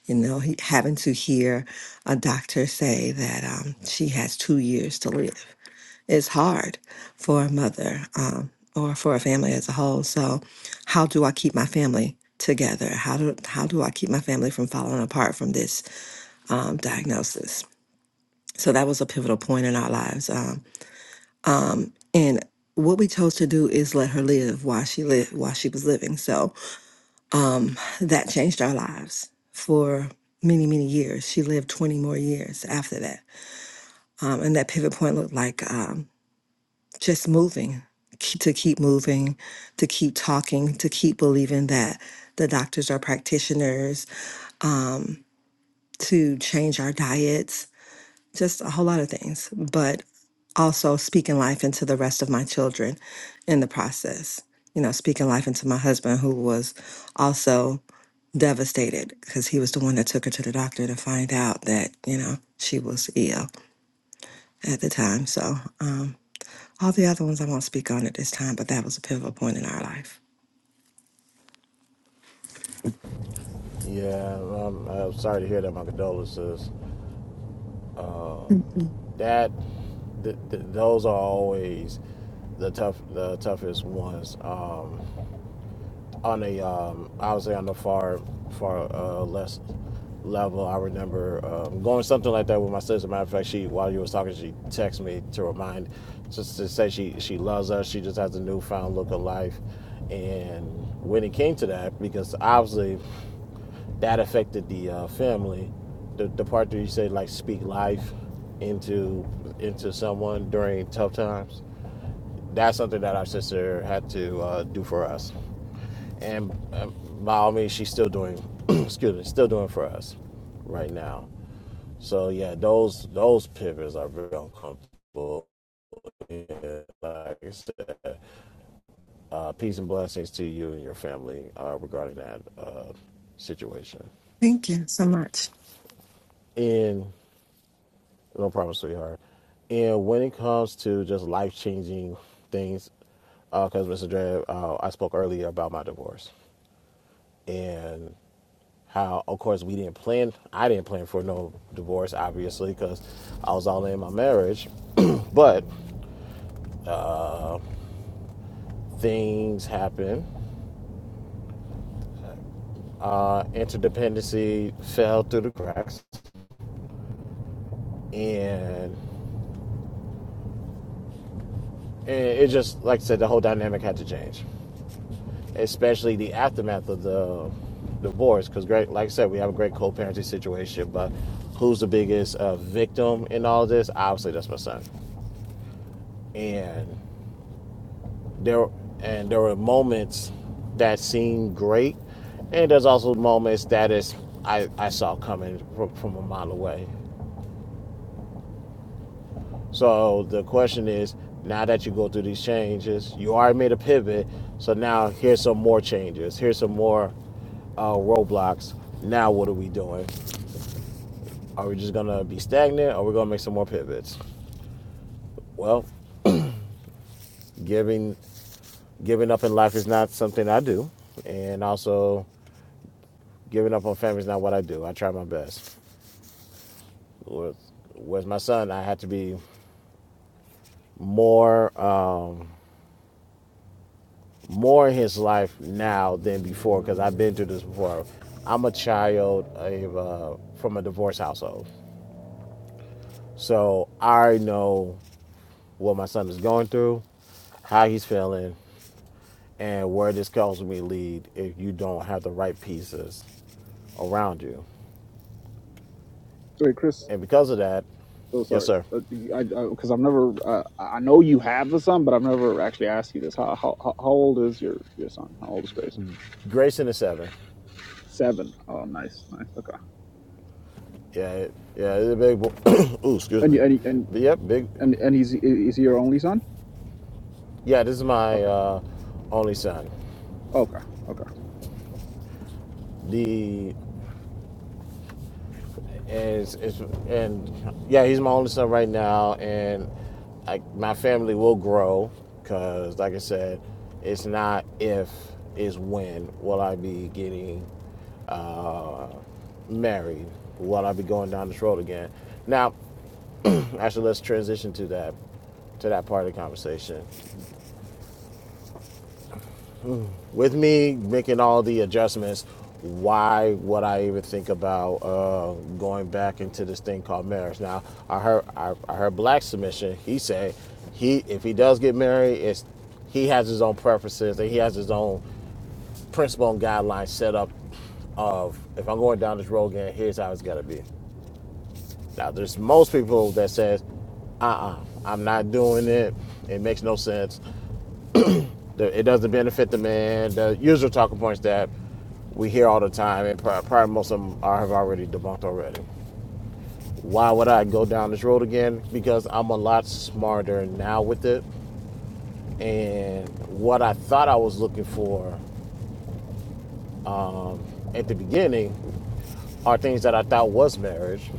You know, he, having to hear a doctor say that um, she has two years to live is hard for a mother um, or for a family as a whole. So, how do I keep my family together? How do how do I keep my family from falling apart from this um, diagnosis? So that was a pivotal point in our lives. Um, um, and what we chose to do is let her live while she lived while she was living. So um, that changed our lives for many many years. She lived 20 more years after that, um, and that pivot point looked like um, just moving ke- to keep moving, to keep talking, to keep believing that the doctors are practitioners. Um, to change our diets, just a whole lot of things, but also speaking life into the rest of my children in the process. You know, speaking life into my husband, who was also devastated because he was the one that took her to the doctor to find out that, you know, she was ill at the time. So, um, all the other ones I won't speak on at this time, but that was a pivotal point in our life. Yeah, I'm, I'm sorry to hear that. My condolences. That th- th- those are always the tough the toughest ones. Um, on a um, I would say on the far far uh, less level, I remember um, going something like that with my sister. Matter of fact, she while you were talking, she texted me to remind just to say she she loves us. She just has a newfound look of life, and when it came to that, because obviously. that affected the uh, family. The, the part that you say like speak life into into someone during tough times. That's something that our sister had to uh, do for us, and uh, by all means, she's still doing. excuse me, still doing for us right now. So yeah, those those pivots are very uncomfortable. Yeah, like I said, uh, peace and blessings to you and your family uh, regarding that uh, situation. Thank you so much. In No problem, sweetheart. And when it comes to just life changing things, because Mr. Dre, uh, I spoke earlier about my divorce and how, of course, we didn't plan. I didn't plan for no divorce, obviously, because I was all in my marriage. but things happen. Uh, interdependency fell through the cracks, and, and it just, like I said, the whole dynamic had to change. especially the aftermath of the divorce. Because, great, like I said, we have a great co-parenting situation. But who's the biggest uh, victim in all this? Obviously, that's my son. And there, and there were moments that seemed great, and there's also moments that is I, I saw coming from, from a mile away. So the question is, now that you go through these changes, you already made a pivot. So now here's some more changes. Here's some more uh, roadblocks. Now what are we doing? Are we just gonna be stagnant? Or are we gonna make some more pivots? Well, giving giving up in life is not something I do, and also giving up on family is not what I do. I try my best. With, with my son, I had to be more. Um, more in his life now than before because I've been through this before. I'm a child of, uh, from a divorce household. So I know what my son is going through, how he's feeling, and where this can ultimately lead if you don't have the right pieces around you. Wait, Chris. And because of that, Oh, yes, sorry. sir. Uh, do- I because I've never. Uh, I know you have a son, but I've never actually asked you this. How how, how how old is your your son? How old is Grayson? Grayson is seven. Seven. Oh, nice, nice. Okay. Yeah, yeah, it's a big boy. Ooh, excuse And me. you- and he- and But yep, big. and and he's is he your only son? Yeah, this is my Okay. uh, only son. Okay. Okay. The is it's and yeah, he's my only son right now, and like my family will grow because, like I said, it's not if, it's when will I be getting uh, married? Will I be going down this road again? Now, actually, let's transition to that to that part of the conversation. with me making all the adjustments, why would I even think about uh, going back into this thing called marriage? Now, I heard I, I heard Black submission. He said he if he does get married, it's he has his own preferences and he has his own principle and guidelines set up of if I'm going down this road again, here's how it's gotta be. Now, there's most people that says, uh-uh, I'm not doing it. It makes no sense it doesn't benefit the man. The usual talking points that we hear all the time, and probably most of them are, have already debunked already. Why would I go down this road again? Because I'm a lot smarter now with it, and what I thought I was looking for um, at the beginning are things that I thought was marriage.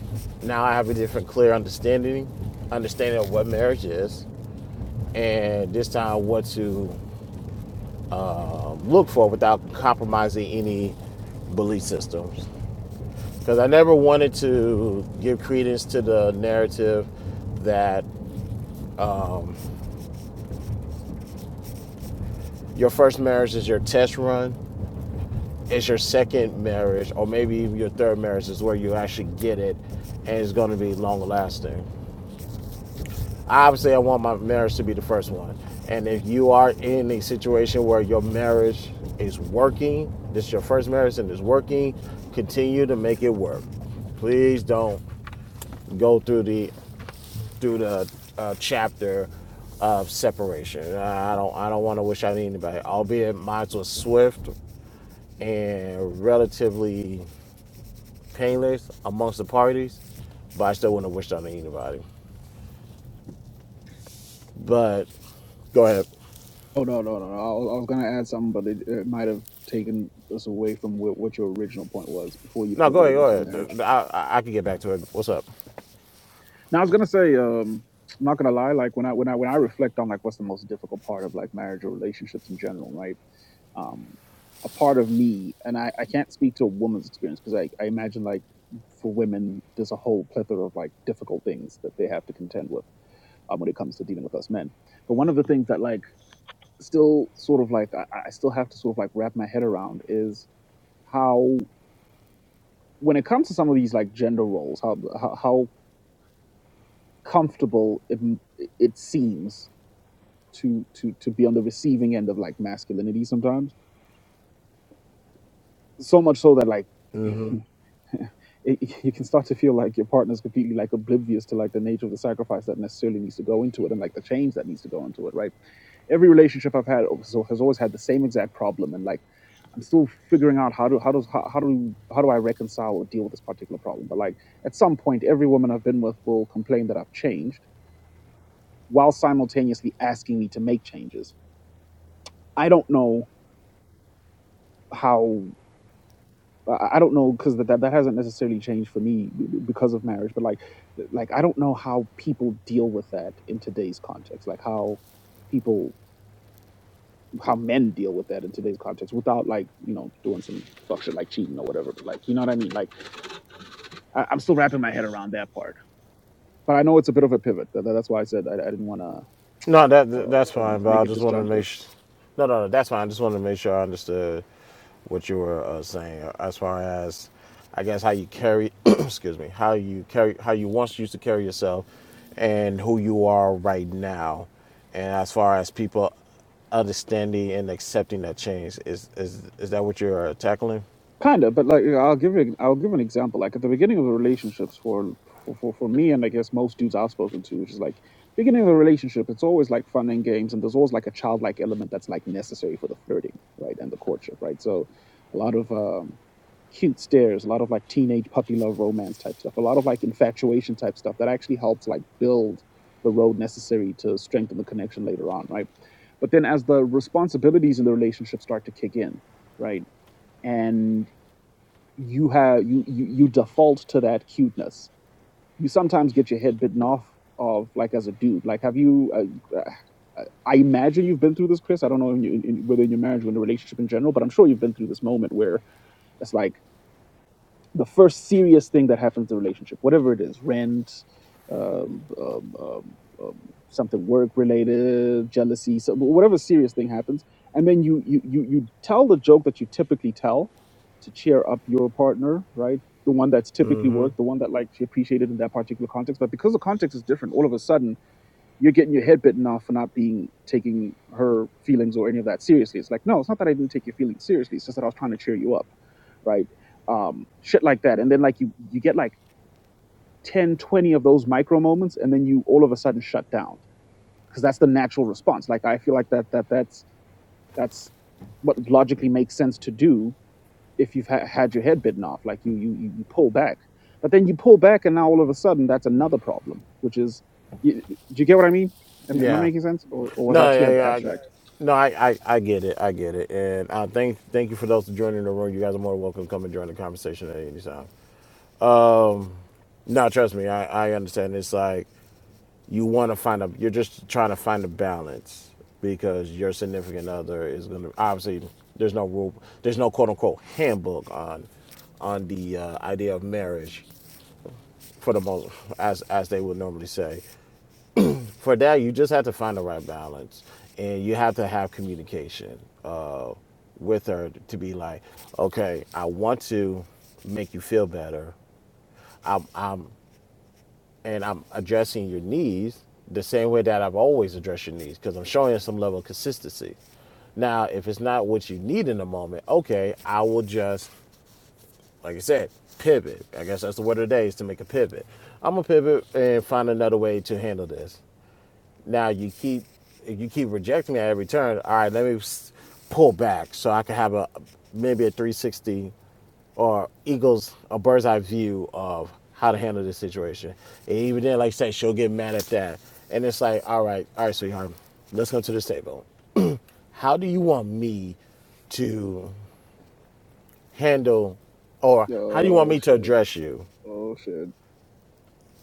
Now I have a different, clear understanding, understanding of what marriage is, and this time what to um, look for without compromising any belief systems. because I never wanted to give credence to the narrative that um, your first marriage is your test run, It's your second marriage, or maybe even your third marriage is where you actually get it and it's going to be long lasting. Obviously, I want my marriage to be the first one. And if you are in a situation where your marriage is working, this is your first marriage and it's working, continue to make it work please don't go through the through the uh, chapter of separation. Uh, I don't I don't want to wish on anybody, albeit mine was swift and relatively painless amongst the parties, but I still wouldn't have wished on anybody. But go ahead. Oh no no no. no. I was I was gonna add something, but it, it might have taken us away from what, what your original point was before you No, go pivoted into ahead. Go marriage. ahead. I, I, I can get back to it. What's up? Now I was gonna say. um I'm not gonna lie. Like when I when I when I reflect on like what's the most difficult part of like marriage or relationships in general, right? um, a part of me, and I, I can't speak to a woman's experience because I, I imagine like for women, there's a whole plethora of like difficult things that they have to contend with um, when it comes to dealing with us men. But one of the things that like still sort of like I, I still have to sort of like wrap my head around is how when it comes to some of these like gender roles, how how, how comfortable it it seems to to to be on the receiving end of like masculinity sometimes. So much so that like Mhm. it, you can start to feel like your partner's completely like oblivious to like the nature of the sacrifice that necessarily needs to go into it and like the change that needs to go into it right every relationship i've had also has always had the same exact problem and like i'm still figuring out how to how does how, how do how do i reconcile or deal with this particular problem but like at some point every woman i've been with will complain that i've changed while simultaneously asking me to make changes i don't know how I I don't know because that, that that hasn't necessarily changed for me b- b- because of marriage, but like th- like I don't know how people deal with that in today's context, like how people how men deal with that in today's context without like you know doing some fuck shit like cheating or whatever. But like you know what I mean? Like I, I'm still wrapping my head around that part, but I know it's a bit of a pivot. That, that's why I said I, I didn't want to No, that that's uh, um, fine. But I make it just wanted to disjunctive. make sure. No, no, no, that's fine. I just wanted to make sure I understood what you were uh, saying uh, as far as, I guess, how you carry. excuse me. How you carry. How you once used to carry yourself, and who you are right now, and as far as people understanding and accepting that change is is is that what you're uh, tackling? kind of but like i'll give you i'll give an example like at the beginning of the relationships for for, for for me and i guess most dudes i've spoken to which is like beginning of a relationship it's always like fun and games and there's always like a childlike element that's like necessary for the flirting right and the courtship right so a lot of um cute stares a lot of like teenage puppy love romance type stuff a lot of like infatuation type stuff that actually helps like build the road necessary to strengthen the connection later on right but then as the responsibilities in the relationship start to kick in right and you have you, you you default to that cuteness. You sometimes get your head bitten off of like as a dude. Like, have you? Uh, uh, I imagine you've been through this, Chris. I don't know in, in, whether in your marriage or in a relationship in general, but I'm sure you've been through this moment where it's like the first serious thing that happens in the relationship, whatever it is rent, um, um, um, um, something work related, jealousy, so whatever serious thing happens. And then you, you, you, you tell the joke that you typically tell to cheer up your partner, right? The one that's typically Mm-hmm. worked, the one that like she appreciated in that particular context. But because the context is different, all of a sudden you're getting your head bitten off for not being taking her feelings or any of that seriously. It's like, no, it's not that I didn't take your feelings seriously. It's just that I was trying to cheer you up, right? Um, shit like that. And then like you you get like 10, 20 of those micro moments, and then you all of a sudden shut down because that's the natural response. Like I feel like that that that's that's what logically makes sense to do if you've ha- had your head bitten off like you, you you you pull back but then you pull back and now all of a sudden that's another problem which is you, do you get what i mean am, am i Yeah. making sense or, or was No, that too yeah, ab- yeah, I, abstract no, I, I, I get it. I get it. And I thank thank you for those joining the room. You guys are more than welcome to come and join the conversation at any time. No, trust me, I, I understand. It's like you want to find a, you're just trying to find a balance because your significant other is going to obviously there's no rule, there's no quote unquote handbook on on the uh, idea of marriage for the most as as they would normally say. for that you just have to find the right balance and you have to have communication uh, with her to be like okay i want to make you feel better and i'm addressing your needs the same way that i've always addressed your needs because i'm showing you some level of consistency now if it's not what you need in the moment okay i will just like i said pivot i guess that's the word of the day is to make a pivot i'm gonna pivot and find another way to handle this Now you keep you keep rejecting me at every turn. All right, let me pull back so I can have a maybe a 360 or eagles a bird's eye view of how to handle this situation. And even then, like I said, she'll get mad at that. And it's like, all right, all right, sweetheart, let's go to this table. How do you want me to handle, or how do you want oh me to shit address you? oh shit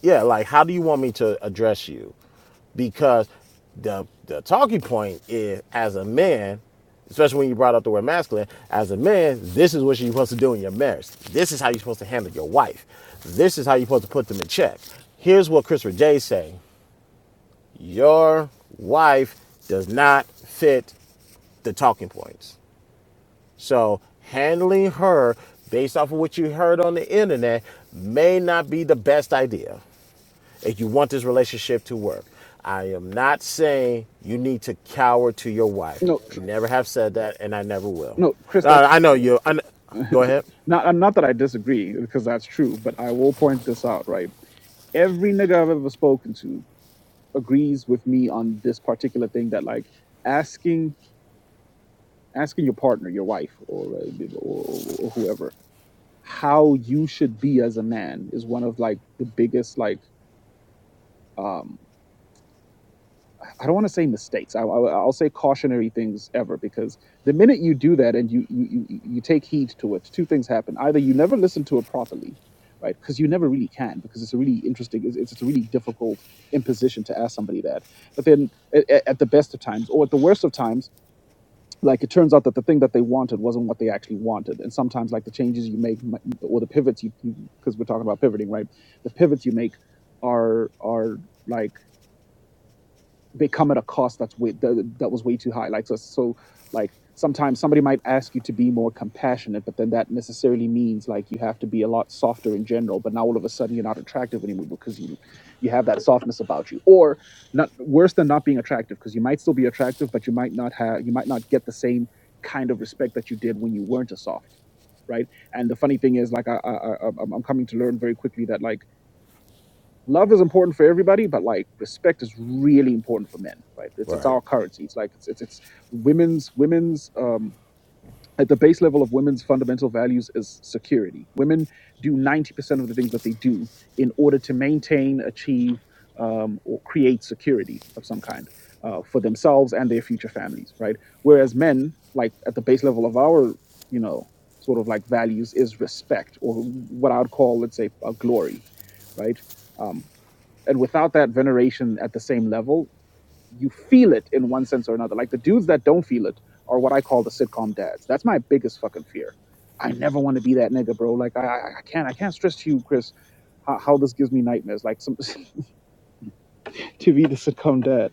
yeah, like how do you want me to address you? Because the the talking point is as a man, especially when you brought up the word masculine, as a man, this is what you're supposed to do in your marriage. This is how you're supposed to handle your wife. This is how you're supposed to put them in check. Here's what Christopher J saying. Your wife does not fit the talking points. So handling her based off of what you heard on the internet may not be the best idea if you want this relationship to work. I am not saying you need to cower to your wife. no tr- Never have said that, and I never will. no chris Uh, that's I know you. I kn- go ahead. not not that I disagree because that's true, but I will point this out. Right, every nigga I've ever spoken to agrees with me on this particular thing that like asking asking your partner, your wife, or uh, or, or whoever, how you should be as a man is one of like the biggest like um I don't want to say mistakes. I, I, I'll say cautionary things ever because the minute you do that and you you you, you take heed to it, two things happen. Either you never listen to it properly, right? Because you never really can because it's a really interesting, it's, it's a really difficult imposition to ask somebody that. But then at, at at the best of times or at the worst of times, like it turns out that the thing that they wanted wasn't what they actually wanted. And sometimes like the changes you make mi- or the pivots you because we're talking about pivoting, right? The pivots you make are are like they come at a cost that's way that, that was way too high like so, so like sometimes somebody might ask you to be more compassionate but then that necessarily means like you have to be a lot softer in general but now all of a sudden you're not attractive anymore because you you have that softness about you or not worse than not being attractive because you might still be attractive but you might not have you might not get the same kind of respect that you did when you weren't as soft right and the funny thing is like I, I, I i'm I'm coming to learn very quickly that like love is important for everybody, but like respect is really important for men, right? It's All it's right. our currency. It's like it's it's, it's women's women's um at the base level of women's fundamental values is security. Women do 90% of the things that they do in order to maintain, achieve, um, or create security of some kind uh, for themselves and their future families, right? Whereas men, like at the base level of our, you know, sort of like values is respect or what I would call, let's say, a glory, right? Um, and without that veneration at the same level, you feel it in one sense or another. Like the dudes that don't feel it are what I call the sitcom dads. That's my biggest fucking fear. I never want to be that nigga, bro. Like I, I I can't, I can't stress to you, Chris, how, how this gives me nightmares. Like some to be the sitcom dad.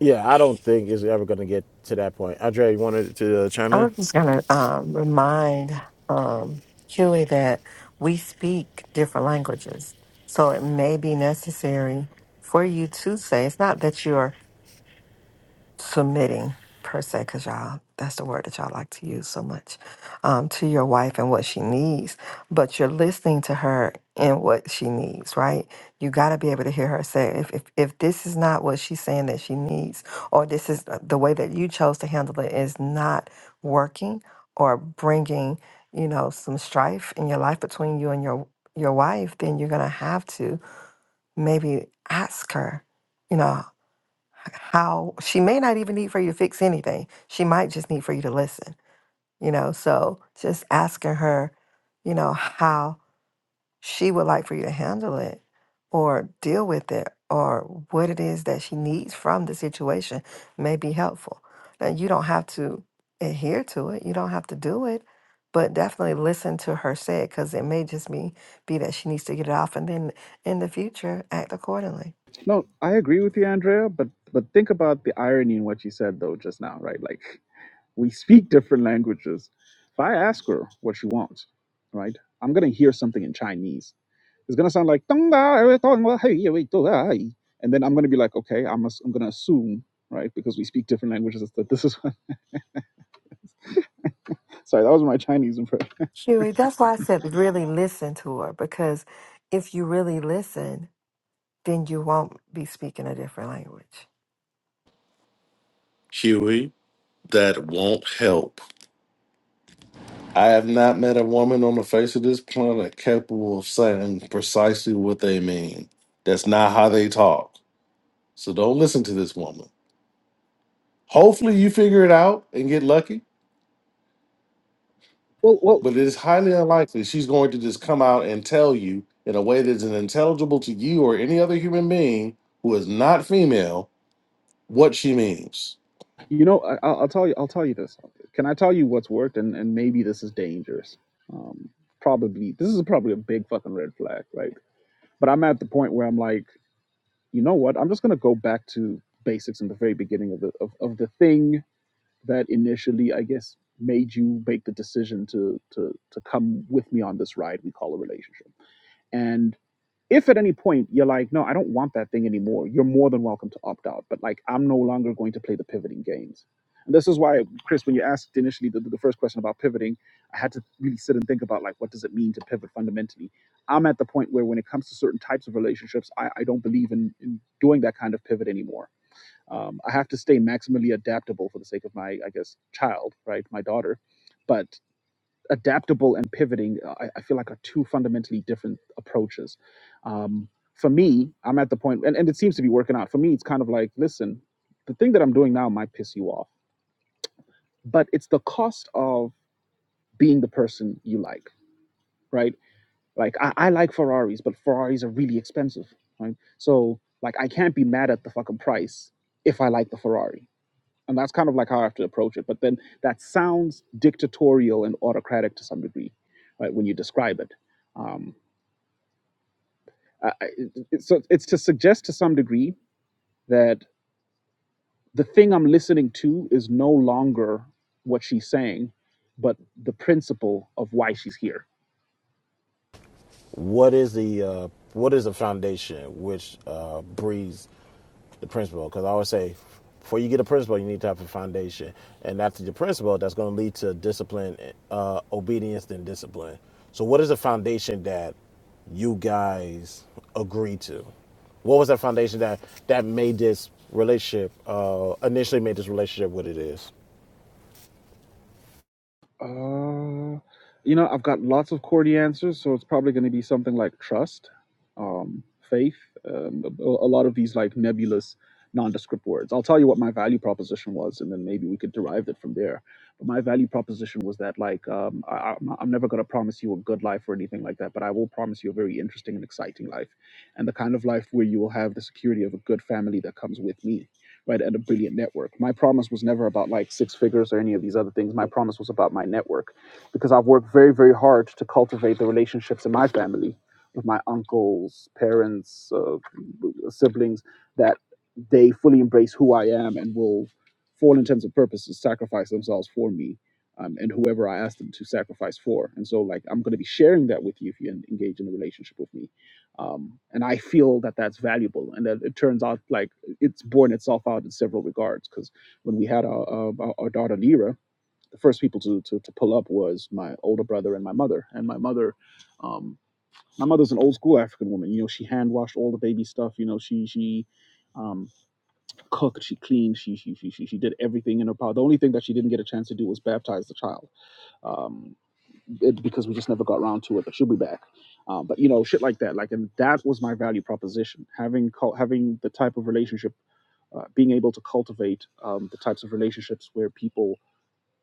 Yeah, I don't think it's ever going to get to that point. Andre, you wanted to uh, chime I in? was just going to um, remind um, Huey that we speak different languages. So it may be necessary for you to say, it's not that you're submitting per se, because y'all, that's the word that y'all like to use so much, um, to your wife and what she needs, but you're listening to her and what she needs, right? You got to be able to hear her say, if, if, if this is not what she's saying that she needs, or this is uh, the way that you chose to handle it is not working or bringing, you know, some strife in your life between you and your, your wife, then you're going to have to maybe ask her, you know, how she may not even need for you to fix anything. She might just need for you to listen, you know. So just asking her, you know, how she would like for you to handle it or deal with it or what it is that she needs from the situation may be helpful. Now, you don't have to adhere to it, you don't have to do it. But definitely listen to her say it because it may just be, be that she needs to get it off, and then in the future act accordingly. No, I agree with you, Andrea. But but think about the irony in what you said though just now, right? Like we speak different languages. If I ask her what she wants, right, I'm gonna hear something in Chinese It's gonna sound like "Tonga, eh, Tonga, hey, eh, wait, Tonga, hey." and then I'm gonna be like, okay, I'm I'm gonna assume, right, because we speak different languages, that this is. sorry, that was my Chinese impression. Huey, that's why I said really listen to her because if you really listen, then you won't be speaking a different language. Huey, that won't help. I have not met a woman on the face of this planet capable of saying precisely what they mean. That's not how they talk. So don't listen to this woman. Hopefully, you figure it out and get lucky, Well, well, but it is highly unlikely she's going to just come out and tell you in a way that is unintelligible to you or any other human being who is not female what she means. you know, I, will I'll tell you, I'll tell you this. Can I tell you what's worked, and and maybe this is dangerous. Um, probably this is probably a big fucking red flag, right? But I'm at the point where I'm like, you know what? I'm just gonna go back to basics in the very beginning of the of, of the thing that initially, I guess, made you make the decision to to to come with me on this ride we call a relationship? And if at any point you're like, no, I don't want that thing anymore, you're more than welcome to opt out. But like, I'm no longer going to play the pivoting games. And this is why, Chris, when you asked initially the, the first question about pivoting, I had to really sit and think about like, what does it mean to pivot fundamentally? I'm at the point where when it comes to certain types of relationships, I, I don't believe in, in doing that kind of pivot anymore um, I have to stay maximally adaptable for the sake of my, I guess, child, right, my daughter. But adaptable and pivoting, uh, I, I feel like are two fundamentally different approaches. Um, for me, I'm at the point, and, and it seems to be working out. For me, it's kind of like, listen, the thing that I'm doing now might piss you off, but it's the cost of being the person you like, right? Like I, I like Ferraris, but Ferraris are really expensive, right? So like I can't be mad at the fucking price if I like the Ferrari and that's kind of like how I have to approach it. But then that sounds dictatorial and autocratic to some degree, right? When you describe it, um, I, I- it- so it's to suggest to some degree that the thing I'm listening to is no longer what she's saying, but the principle of why she's here. What is the uh, what is the foundation which uh, breeds? the principle. Because I always say, before you get a principle, you need to have a foundation, and after your principle, that's going to lead to discipline, uh, obedience, then discipline. So, what is the foundation that you guys agreed to? What was that foundation that that made this relationship uh, initially made this relationship what it is? Uh, you know, I've got lots of QWERTY answers, so it's probably going to be something like trust, um, faith, um, a, a lot of these like nebulous, nondescript words. I'll tell you what my value proposition was, and then maybe we could derive it from there. But my value proposition was that like um, I, I'm I'm never going to promise you a good life or anything like that, but I will promise you a very interesting and exciting life, and the kind of life where you will have the security of a good family that comes with me right and a brilliant network my promise was never about like six figures or any of these other things my promise was about my network because i've worked very very hard to cultivate the relationships in my family with my uncles parents uh, siblings that they fully embrace who i am and will for all intents and purposes sacrifice themselves for me um, and whoever i ask them to sacrifice for and so like i'm going to be sharing that with you if you en- engage in a relationship with me um, and i feel that that's valuable and that it turns out like it's borne itself out in several regards because when we had our, uh, our, our daughter Lira, the first people to, to, to pull up was my older brother and my mother. And my mother, um, my mother's an old school African woman. You know, she hand washed all the baby stuff. You know, she she um, cooked, she cleaned, she she, she she she did everything in her power. The only thing that she didn't get a chance to do was baptize the child um, it, because we just never got around to it. But she'll be back. Um, but you know, shit like that. Like, and that was my value proposition. Having cult, having the type of relationship uh, being able to cultivate um, the types of relationships where people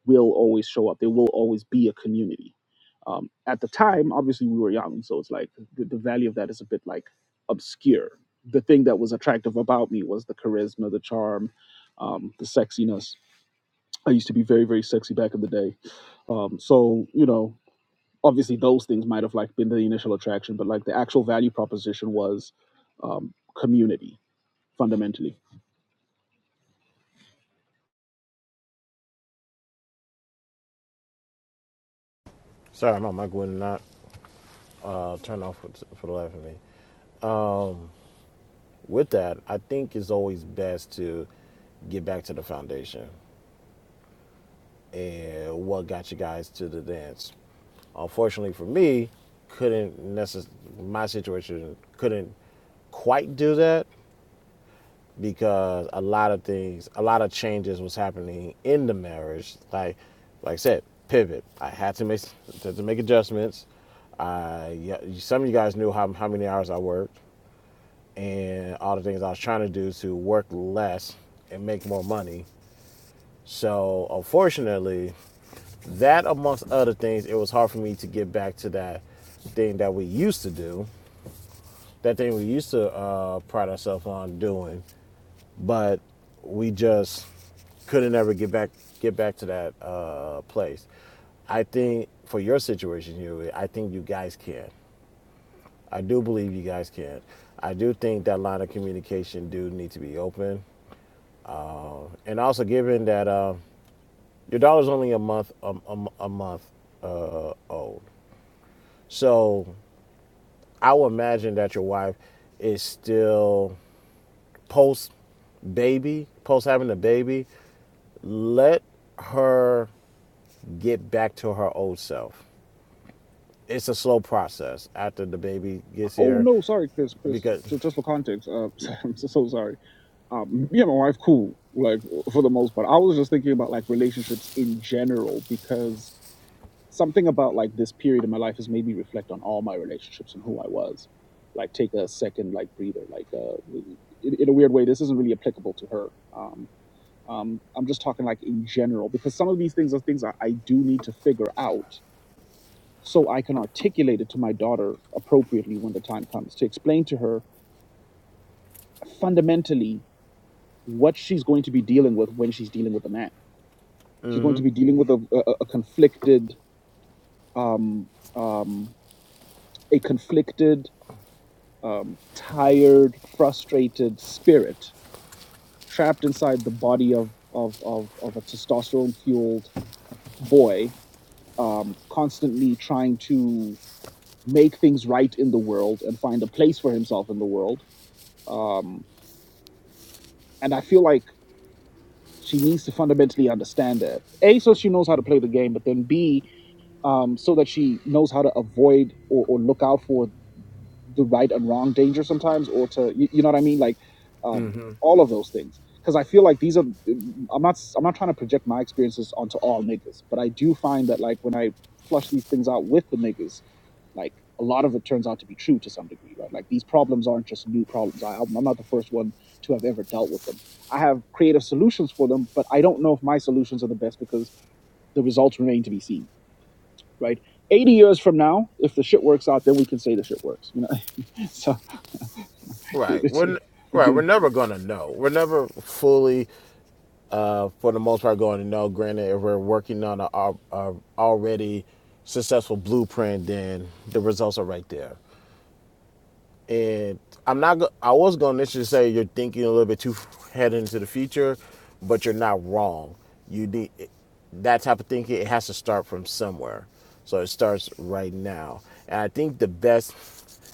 will always show up. There will always be a community. Um, at the time, obviously, we were young, so it's like the, the value of that is a bit like obscure. The thing that was attractive about me was the charisma, the charm, um, the sexiness. I used to be very, very sexy back in the day. Um, so you know, obviously, those things might have like been the initial attraction, but like the actual value proposition was um, community fundamentally Sorry, my mic would not uh, turn off for, for the life of me. With that, I think it's always best to get back to the foundation and what got you guys to the dance. Unfortunately for me, couldn't necess- my situation couldn't quite do that because a lot of things, a lot of changes was happening in the marriage. Like, like I said, pivot. I had to make had to make adjustments. I yeah, some of you guys knew how how many hours I worked and all the things I was trying to do to work less and make more money. So unfortunately, that, amongst other things, it was hard for me to get back to that thing that we used to do, that thing we used to uh, pride ourselves on doing, but we just couldn't ever get back get back to that uh, place. I think for your situation, Huey, I think you guys can. I do believe you guys can. I do think that line of communication do need to be open, Uh, and also given that uh, your daughter's only a month a, a, a month old, so I would imagine that your wife is still post baby, post having a baby. Let her get back to her old self. It's a slow process after the baby gets Oh here, no, sorry, Chris. Chris, because just, just for context, uh, I'm so, so sorry. Um, me and my wife, cool, like for the most part. I was just thinking about like relationships in general because something about like this period in my life has made me reflect on all my relationships and who I was. Like, take a second, like breather. Like, uh, in, in a weird way, this isn't really applicable to her. Um, um, I'm just talking like in general because some of these things are things I, I do need to figure out so I can articulate it to my daughter appropriately when the time comes to explain to her fundamentally what she's going to be dealing with when she's dealing with a man. She's going to be dealing with a, a, a conflicted, um, um, a conflicted, um, tired, frustrated spirit trapped inside the body of of of, of a testosterone fueled boy, um, constantly trying to make things right in the world and find a place for himself in the world. Um, and I feel like she needs to fundamentally understand that a so she knows how to play the game, but then b um, so that she knows how to avoid or, or look out for the right and wrong danger sometimes, or to you, you know what I mean, like um, all of those things. Because I feel like these are I'm not i I'm not trying to project my experiences onto all niggas, but I do find that like when I flush these things out with the niggas, like a lot of it turns out to be true to some degree, right? Like these problems aren't just new problems. I, I'm not the first one to have ever dealt with them. I have creative solutions for them, but I don't know if my solutions are the best because the results remain to be seen right? 80 years from now, if the shit works out, then we can say the shit works, you know. So, you right we're right we're do. never gonna know. We're never fully, uh, for the most part, going to know. Granted, if we're working on a, a, a already successful blueprint, then the results are right there. and I'm not. go- I was going to initially say you're thinking a little bit too head into the future, but you're not wrong. You need that type of thinking. It has to start from somewhere, so it starts right now. And I think the best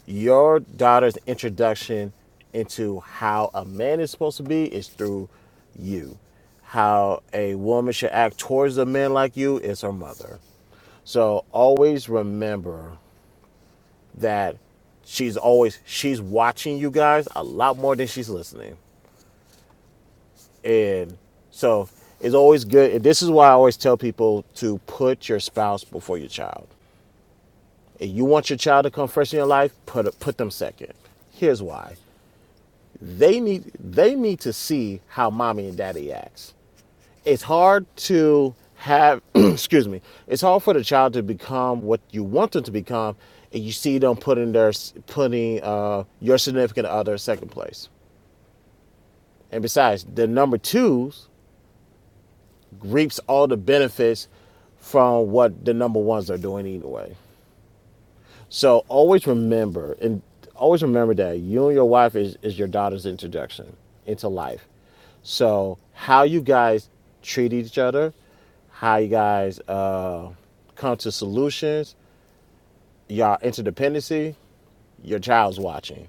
your daughter's introduction into how a man is supposed to be is through you. How a woman should act towards a man like you is her mother. So always remember that she's always she's watching you guys a lot more than she's listening and so it's always good and this is why i always tell people to put your spouse before your child if you want your child to come first in your life put put them second here's why they need they need to see how mommy and daddy acts it's hard to have excuse me it's hard for the child to become what you want them to become and you see them putting their putting uh, your significant other in second place and besides the number twos reaps all the benefits from what the number ones are doing either way So always remember, and always remember that you and your wife is, is your daughter's introduction into life. So how you guys treat each other, how you guys uh, come to solutions, y'all interdependency, your child's watching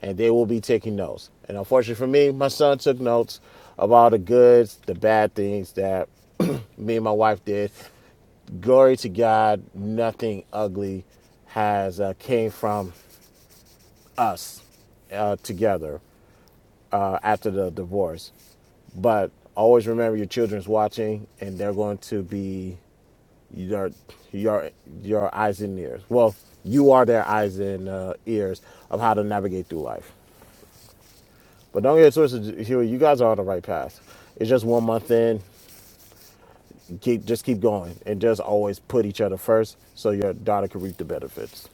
and they will be taking notes. And unfortunately for me, my son took notes of all the goods, the bad things that me and my wife did. Glory to God, nothing ugly has uh, came from us uh, together uh, after the divorce. But always remember your children's watching, and they're going to be your your your eyes and ears. Well, you are their eyes and uh, ears of how to navigate through life. But don't get it twisted, Huey. You guys are on the right path. It's just one month in. Keep just keep going and just always put each other first, so your daughter can reap the benefits.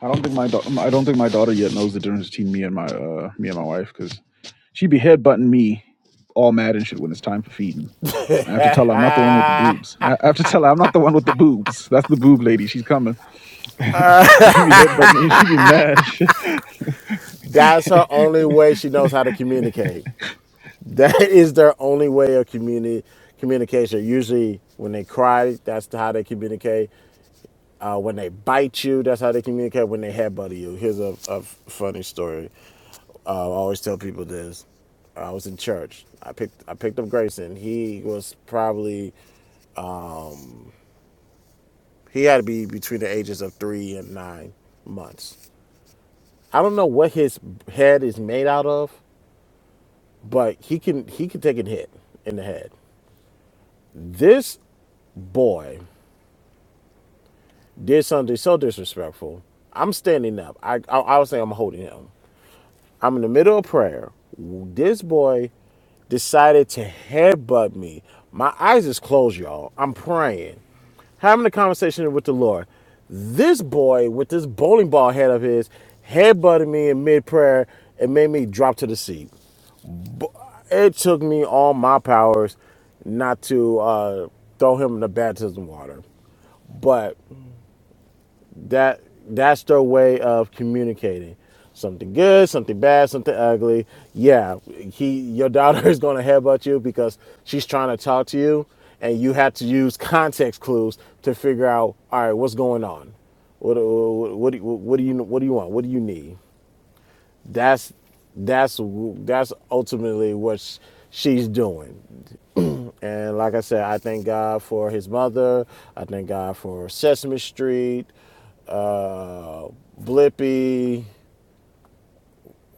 I don't think my daughter, I don't think my daughter yet knows the difference between me and my uh, me and my wife because she'd be headbutting me all mad and shit when it's time for feeding. I have to tell her I'm not the one with the boobs. I have to tell her I'm not the one with the boobs. That's the boob lady. She's coming. but she'd be headbutting me and she be mad. That's her only way she knows how to communicate. That is their only way of communi- communication. Usually, when they cry, that's how they communicate. Uh, when they bite you, that's how they communicate. When they headbutt you, here's a a funny story. Uh, I always tell people this. I was in church. I picked I picked up Grayson. He was probably he had to be between the ages of three and nine months. I don't know what his head is made out of, but he can he can take a hit in the head. This boy did something so disrespectful. I'm standing up. I I, I was saying I'm holding him. I'm in the middle of prayer. This boy decided to headbutt me. My eyes is closed, y'all. I'm praying, having a conversation with the Lord. This boy with this bowling ball head of his headbutted me in mid prayer and made me drop to the seat. It took me all my powers not to uh, throw him in the baptism water, but that that's their way of communicating something good something bad something ugly yeah he your daughter is going to headbutt you because she's trying to talk to you and you have to use context clues to figure out all right what's going on what what what do, you- what do you what do you want what do you need that's that's that's ultimately what she's doing and like I said, I thank God for his mother. I thank God for Sesame Street, uh, Blippy,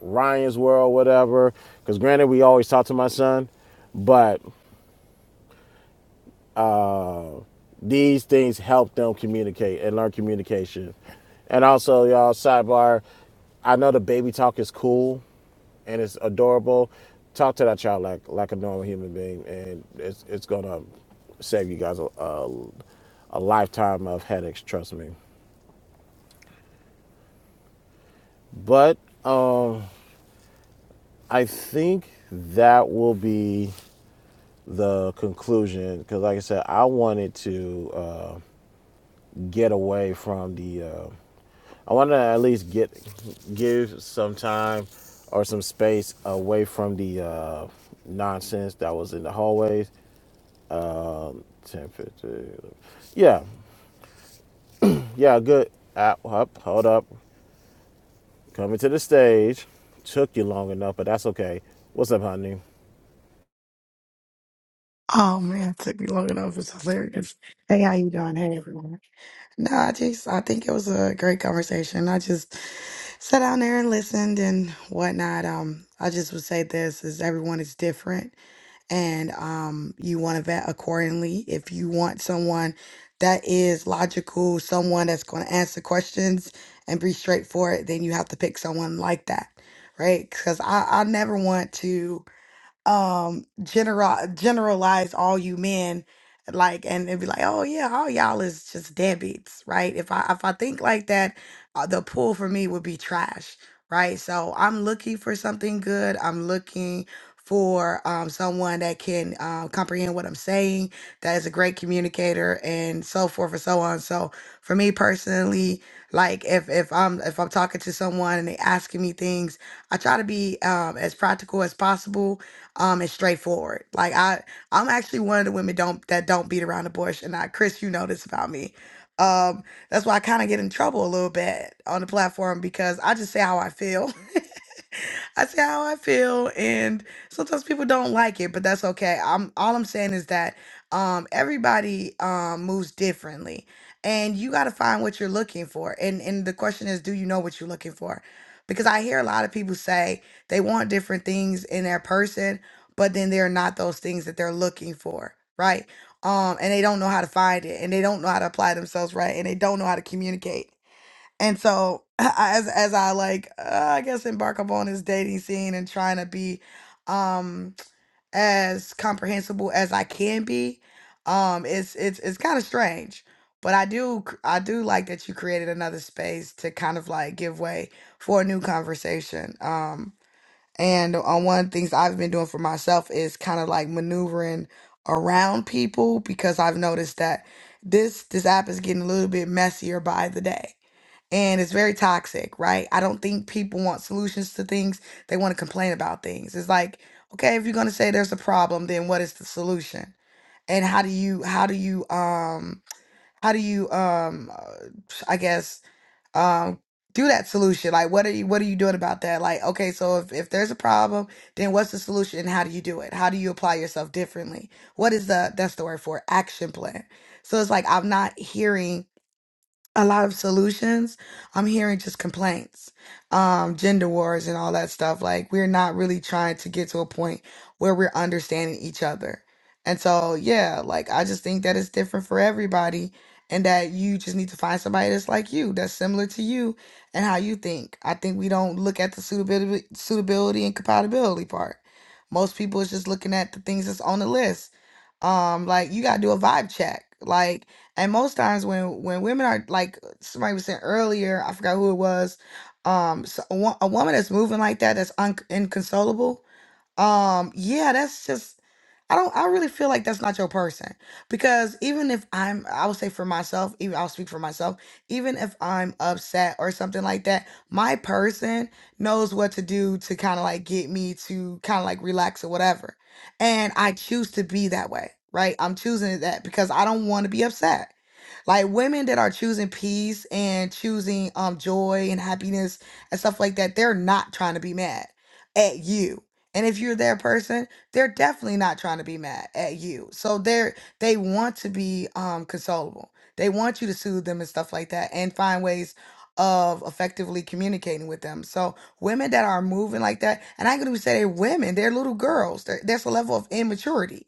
Ryan's World, whatever. Because granted, we always talk to my son, but these things help them communicate and learn communication. And also, y'all, sidebar, I know the baby talk is cool, and it's adorable. Talk to that child like like a normal human being, and it's it's gonna save you guys a a, a lifetime of headaches. Trust me. But um, I think that will be the conclusion because, like I said, I wanted to uh, get away from the. Uh, I wanted to at least get give some time or some space away from the uh, nonsense that was in the hallways Ten fifty. Yeah, yeah, good. Up, up, hold up. Coming to the stage. Took you long enough, but that's okay. What's up, honey? Oh man, it took me long enough. It's hilarious. Hey, how you doing? Hey, everyone. No, I just I think it was a great conversation. I just sat down there and listened and whatnot. Um, I just would say this is everyone is different, and um, you want to vet accordingly. If you want someone that is logical, someone that's going to answer questions and be straightforward, then you have to pick someone like that, right? Because I I never want to um general generalize all you men like and it'd be like oh yeah all y'all is just deadbeats right if i if i think like that uh, the pool for me would be trash right so i'm looking for something good i'm looking for um, someone that can uh, comprehend what i'm saying that is a great communicator and so forth and so on so for me personally like if if i'm if i'm talking to someone and they asking me things i try to be um, as practical as possible um and straightforward like i i'm actually one of the women don't that don't beat around the bush and i chris you know this about me um that's why i kind of get in trouble a little bit on the platform because i just say how i feel i say how i feel and sometimes people don't like it but that's okay i'm all i'm saying is that um everybody um moves differently and you got to find what you're looking for and and the question is do you know what you're looking for because i hear a lot of people say they want different things in their person but then they're not those things that they're looking for, right? Um, and they don't know how to find it, and they don't know how to apply themselves, right? And they don't know how to communicate. And so, as as I like, uh, I guess embark upon this dating scene and trying to be um as comprehensible as I can be, um, it's it's it's kind of strange. But I do c- I do like that you created another space to kind of like give way for a new conversation. Um, and on one of the things I've been doing for myself is kind of like maneuvering around people because I've noticed that this this app is getting a little bit messier by the day. And it's very toxic, right? I don't think people want solutions to things. They want to complain about things. It's like, okay, if you're gonna say there's a problem, then what is the solution? And how do you how do you um how do you um uh, I guess um do that solution like what are you what are you doing about that like okay so if, if there's a problem then what's the solution and how do you do it how do you apply yourself differently what is the that's the word for it, action plan so it's like i'm not hearing a lot of solutions. I'm hearing just complaints, um, gender wars, and all that stuff. Like, we're not really trying to get to a point where we're understanding each other. And so, yeah, like, I just think that it's different for everybody, and that you just need to find somebody that's like you, that's similar to you, and how you think. I think we don't look at the suitability, suitability and compatibility part. Most people is just looking at the things that's on the list. Um, like, you got to do a vibe check. Like, and most times when when women are like somebody was saying earlier, I forgot who it was, um, so a, wo- a woman that's moving like that, that's un- inconsolable, um, yeah, that's just I don't I really feel like that's not your person. Because even if I'm I would say for myself, even I'll speak for myself, even if I'm upset or something like that, my person knows what to do to kind of like get me to kind of like relax or whatever. And I choose to be that way, right? I'm choosing that because I don't want to be upset like women that are choosing peace and choosing um joy and happiness and stuff like that they're not trying to be mad at you and if you're their person, they're definitely not trying to be mad at you. So they're they want to be um consolable. They want you to soothe them and stuff like that and find ways of effectively communicating with them. So women that are moving like that, and I could even say they're women, they're little girls. There- There's a level of immaturity.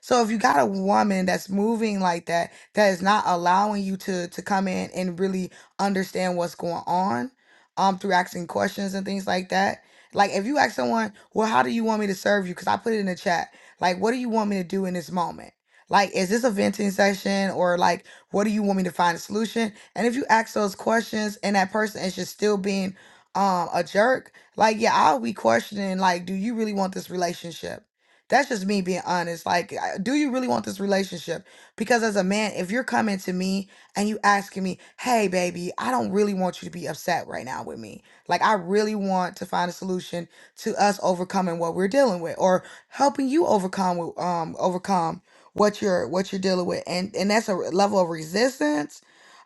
So if you got a woman that's moving like that, that is not allowing you to to come in and really understand what's going on, um, through asking questions and things like that, like if you ask someone, well, how do you want me to serve you? Because I put it in the chat. Like, what do you want me to do in this moment? Like, is this a venting session or like, what do you want me to find a solution? And if you ask those questions and that person is just still being um a jerk, like, yeah, I'll be questioning, like, do you really want this relationship? That's just me being honest. Like, I- do you really want this relationship? Because as a man, if you're coming to me and you asking me, hey, baby, I don't really want you to be upset right now with me. Like, I really want to find a solution to us overcoming what we're dealing with, or helping you overcome with, um overcome what you're what you're dealing with, and and that's a re- level of resistance.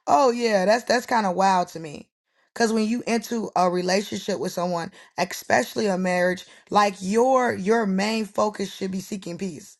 Oh yeah, that's that's kind of wild to me. Cause when you into a relationship with someone, especially a marriage, like your your main focus should be seeking peace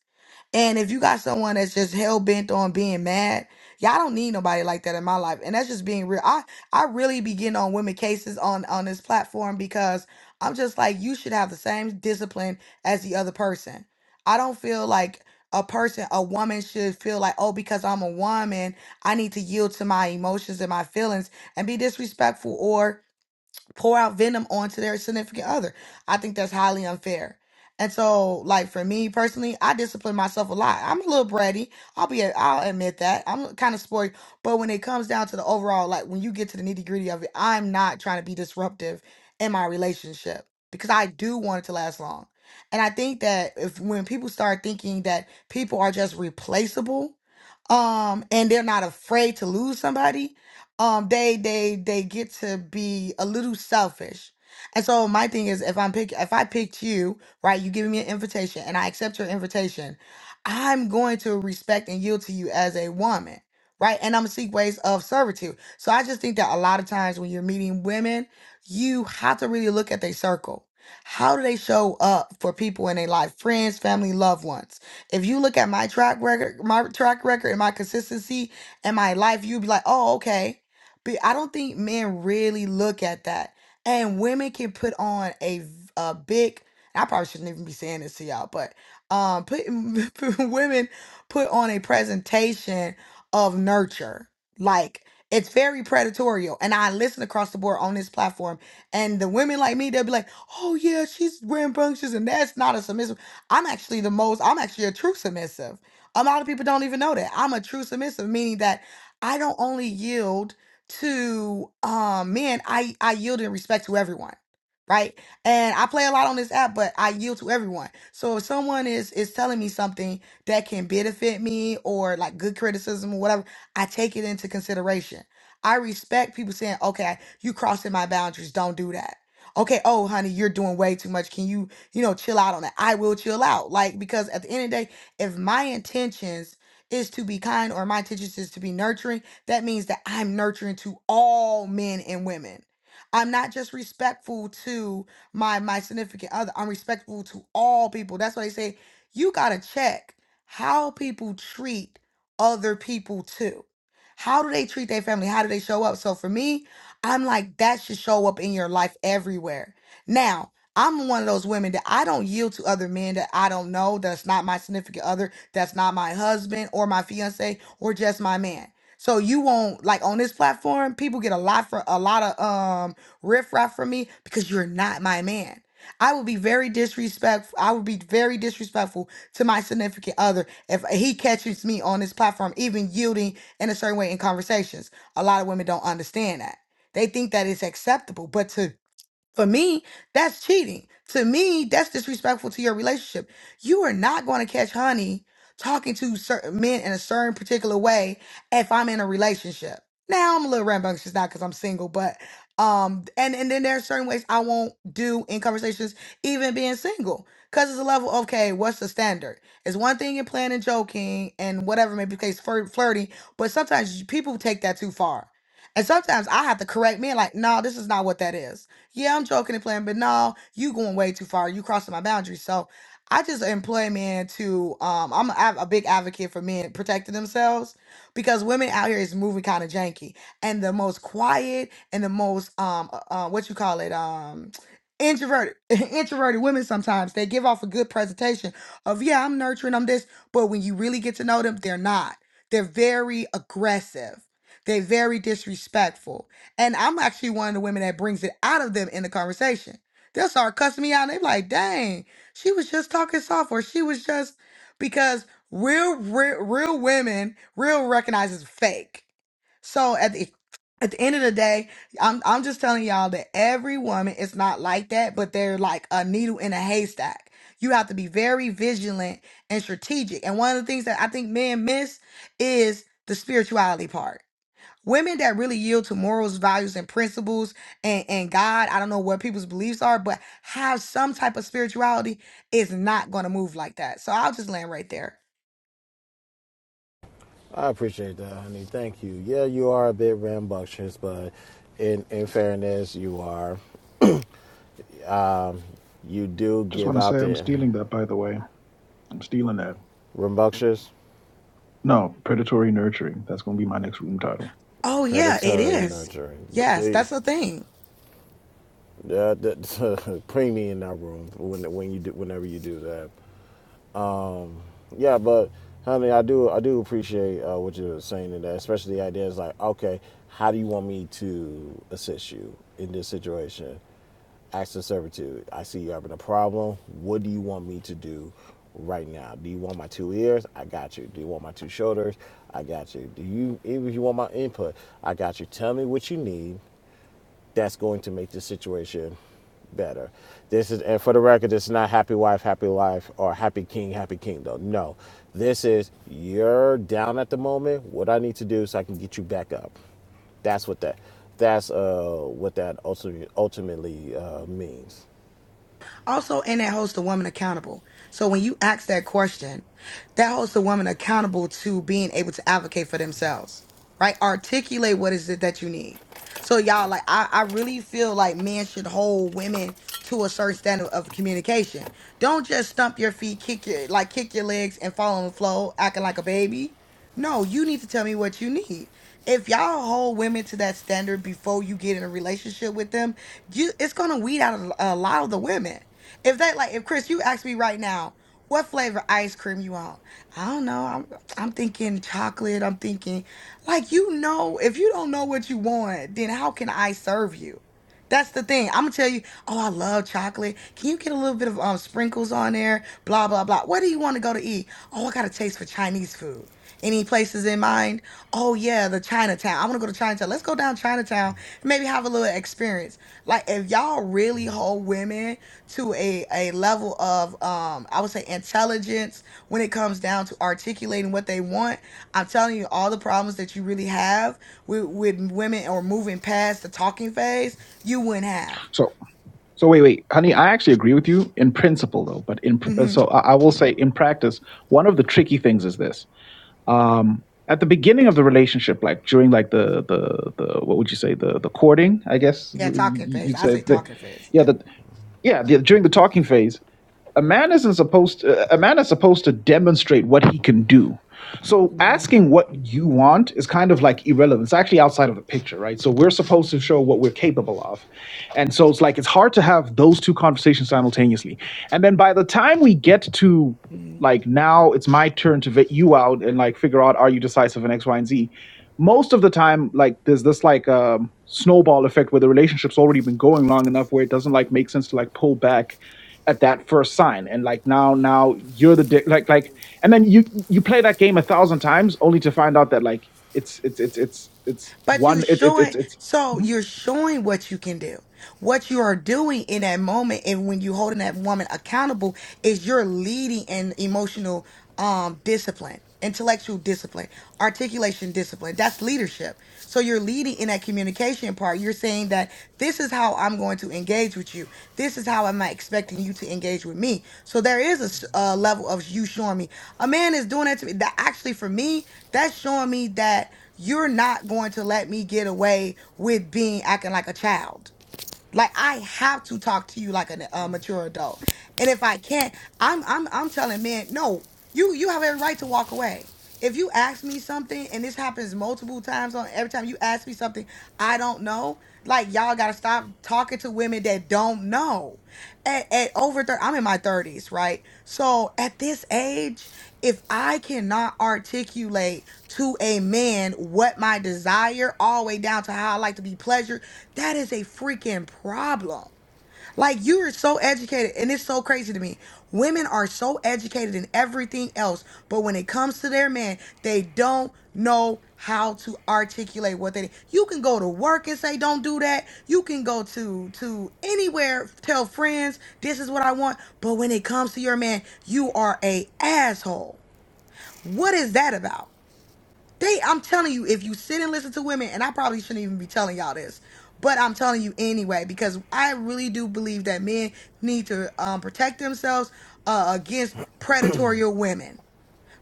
and if you got someone that's just hell bent on being mad, y'all don't need nobody like that in my life. And that's just being real. I I really be getting on women cases on on this platform because I'm just like you should have the same discipline as the other person. I don't feel like a person, a woman should feel like, oh, because I'm a woman, I need to yield to my emotions and my feelings and be disrespectful pour out venom onto their significant other. I think that's highly unfair. And so, like for me personally, I discipline myself a lot. I'm a little bratty. I'll be, I'll admit that. I'm kind of spoiled. But when it comes down to the overall, like when you get to the nitty gritty of it, I'm not trying to be disruptive in my relationship because I do want it to last long. And I think that if when people start thinking that people are just replaceable, um, and they're not afraid to lose somebody, um they they they get to be a little selfish and so my thing is if i'm pick if i picked you right you giving me an invitation and i accept your invitation i'm going to respect and yield to you as a woman right and i'm gonna seek ways of servitude so i just think that a lot of times when you're meeting women you have to really look at their circle how do they show up for people in their life friends family loved ones if you look at my track record my track record and my consistency in my life, you'd be like, oh, okay. But I don't think men really look at that. And women can put on a v- a big. I probably shouldn't even be saying this to y'all, but um, put, women put on a presentation of nurture. Like it's very predatorial, and I listen across the board on this platform. And the women like me, they'll be like, "Oh yeah, she's rambunctious, and that's not a submissive." I'm actually the most. I'm actually a true submissive. A lot of people don't even know that I'm a true submissive, meaning that I don't only yield to um man i i yield in respect to everyone right and i play a lot on this app but i yield to everyone so if someone is is telling me something that can benefit me or like good criticism or whatever i take it into consideration i respect people saying okay you crossing my boundaries don't do that okay oh honey you're doing way too much can you you know chill out on that i will chill out like because at the end of the day if my intentions is to be kind or my intentions is to be nurturing that means that I'm nurturing to all men and women. I'm not just respectful to my my significant other. I'm respectful to all people. That's why they say you got to check how people treat other people too. How do they treat their family? How do they show up? So for me, I'm like that should show up in your life everywhere. Now, I'm one of those women that I don't yield to other men that I don't know, that's not my significant other, that's not my husband or my fiance or just my man. So you won't like on this platform, people get a lot for a lot of um riffraff from me because you're not my man. I would be very disrespectful. I would be very disrespectful to my significant other if he catches me on this platform, even yielding in a certain way in conversations. A lot of women don't understand that. They think that it's acceptable, but to for me, that's cheating. To me, that's disrespectful to your relationship. You are not going to catch honey talking to certain men in a certain particular way if I'm in a relationship. Now I'm a little rambunctious now because I'm single, but um, and and then there are certain ways I won't do in conversations, even being single, because it's a level. Okay, what's the standard? It's one thing you're playing and joking and whatever may be the case, flirt, flirting, but sometimes people take that too far, and sometimes I have to correct men like, no, this is not what that is yeah, I'm joking and playing, but no, you going way too far. You crossing my boundaries. So I just employ men to um I'm a, a big advocate for men protecting themselves because women out here is moving kind of janky. And the most quiet and the most um uh, uh, what you call it um introverted introverted women sometimes they give off a good presentation of yeah, I'm nurturing, I'm this, but when you really get to know them, they're not. They're very aggressive. They're very disrespectful and I'm actually one of the women that brings it out of them in the conversation. They'll start cussing me out and they be like, dang, she was just talking soft or she was just because real real, real women real recognizes fake. So at the at the end of the day, I'm I'm just telling y'all that every woman is not like that, but they're like a needle in a haystack. You have to be very vigilant and strategic. And one of the things that I think men miss is the spirituality part Women that really yield to morals, values, and principles and, and God, I don't know what people's beliefs are, but have some type of spirituality is not going to move like that. So I'll just land right there. I appreciate that, honey. Thank you. Yeah, you are a bit rambunctious, but in in fairness, you are. Um, you do Just give want to out say I'm the stealing that, by the way. I'm stealing that. rambunctious, No, predatory nurturing. That's going to be my next room title. Oh, yeah, it predatory, is. nurturing. The Yes, please, that's the thing. the, the, put me in that room when when you do whenever you do that. Yeah, but honey, I do I do appreciate uh, what you're saying in that, especially the idea is like, okay, how do you want me to assist you in this situation? Acts of servitude. I see you having a problem. What do you want me to do right now? Do you want my two ears? I got you. Do you want my two shoulders? I got you. Do you if you want my input? I got you. Tell me what you need that's going to make the situation better. This is, and for the record, it's not happy wife, happy life, or happy king, happy kingdom. No, this is you're down at the moment. What I need to do so I can get you back up. That's what that. That's uh what that ultimately ultimately uh, means. Also, and that holds the woman accountable. So when you ask that question, that holds the woman accountable to being able to advocate for themselves, right? Articulate what is it that you need. So y'all, like, I, I really feel like men should hold women to a certain standard of communication. Don't just stump your feet, kick your like kick your legs and fall on the floor acting like a baby. No, you need to tell me what you need. If y'all hold women to that standard before you get in a relationship with them, you it's gonna weed out a, a lot of the women. If they like, if Chris, you ask me right now, what flavor ice cream you want? I don't know. I'm I'm thinking chocolate. I'm thinking like you know, if you don't know what you want, then how can I serve you? That's the thing. I'm gonna tell you, oh, I love chocolate. Can you get a little bit of um sprinkles on there? Blah blah blah. Where do you want to go to eat? Oh, I got a taste for Chinese food. Any places in mind? Oh yeah, the Chinatown. I want to go to Chinatown. Let's go down Chinatown. and Maybe have a little experience. Like if y'all really whole women to a, a level of um i would say intelligence when it comes down to articulating what they want i'm telling you all the problems that you really have with, with women or moving past the talking phase you wouldn't have So, so wait, wait, honey. I actually agree with you in principle, though. But in pr- hmm so, I, I will say in practice, one of the tricky things is this. Um, at the beginning of the relationship, like during like the the the what would you say the the courting? I guess yeah you- talking phase you'd i say say the, talking phase yeah yeah the yeah the, during the talking phase a man isn't supposed to, a man is supposed to demonstrate what he can do so hmm asking what you want is kind of like irrelevant it's actually outside of the picture right so we're supposed to show what we're capable of and so it's like it's hard to have those two conversations simultaneously and then by the time we get to like now it's my turn to vet you out and like figure out are you decisive in x y and z most of the time like there's this like um snowball effect where the relationship's already been going long enough where it doesn't like make sense to like pull back at that first sign and like now now you're the dick like like and then you you play that game a thousand times only to find out that like it's it's it's it's it's But you one it's it's it's showing, it's so you're showing what you can do. What you are doing in that moment, and when you're holding that woman accountable, is you're leading in emotional um discipline, intellectual discipline, articulation discipline. That's leadership. So you're leading in that communication part. You're saying that this is how I'm going to engage with you. This is how I'm expecting you to engage with me. So there is a s- a level of you showing me. A man is doing that to me. That actually for me, that's showing me that you're not going to let me get away with being acting like a child like I have to talk to you like a, a mature adult. And if I can't, I'm I'm I'm telling men, no, you you have every right to walk away. If you ask me something, and this happens multiple times on every time you ask me something I don't know, like y'all gotta stop talking to women that don't know. At, at over 30, I'm in my 30s, right? So at this age, if I cannot articulate to a man what my desire, all the way down to how I like to be pleasured that is a freaking problem. Like you are so educated, and it's so crazy to me. Women are so educated in everything else, but when it comes to their man, they don't know how to articulate what they need. You can go to work and say, "Don't do that." You can go to to anywhere, tell friends, "This is what I want." But when it comes to your man, you are a asshole. What is that about? They, I'm telling you, if you sit and listen to women, and I probably shouldn't even be telling y'all this, but I'm telling you anyway because I really do believe that men need to um, protect themselves uh, against predatory women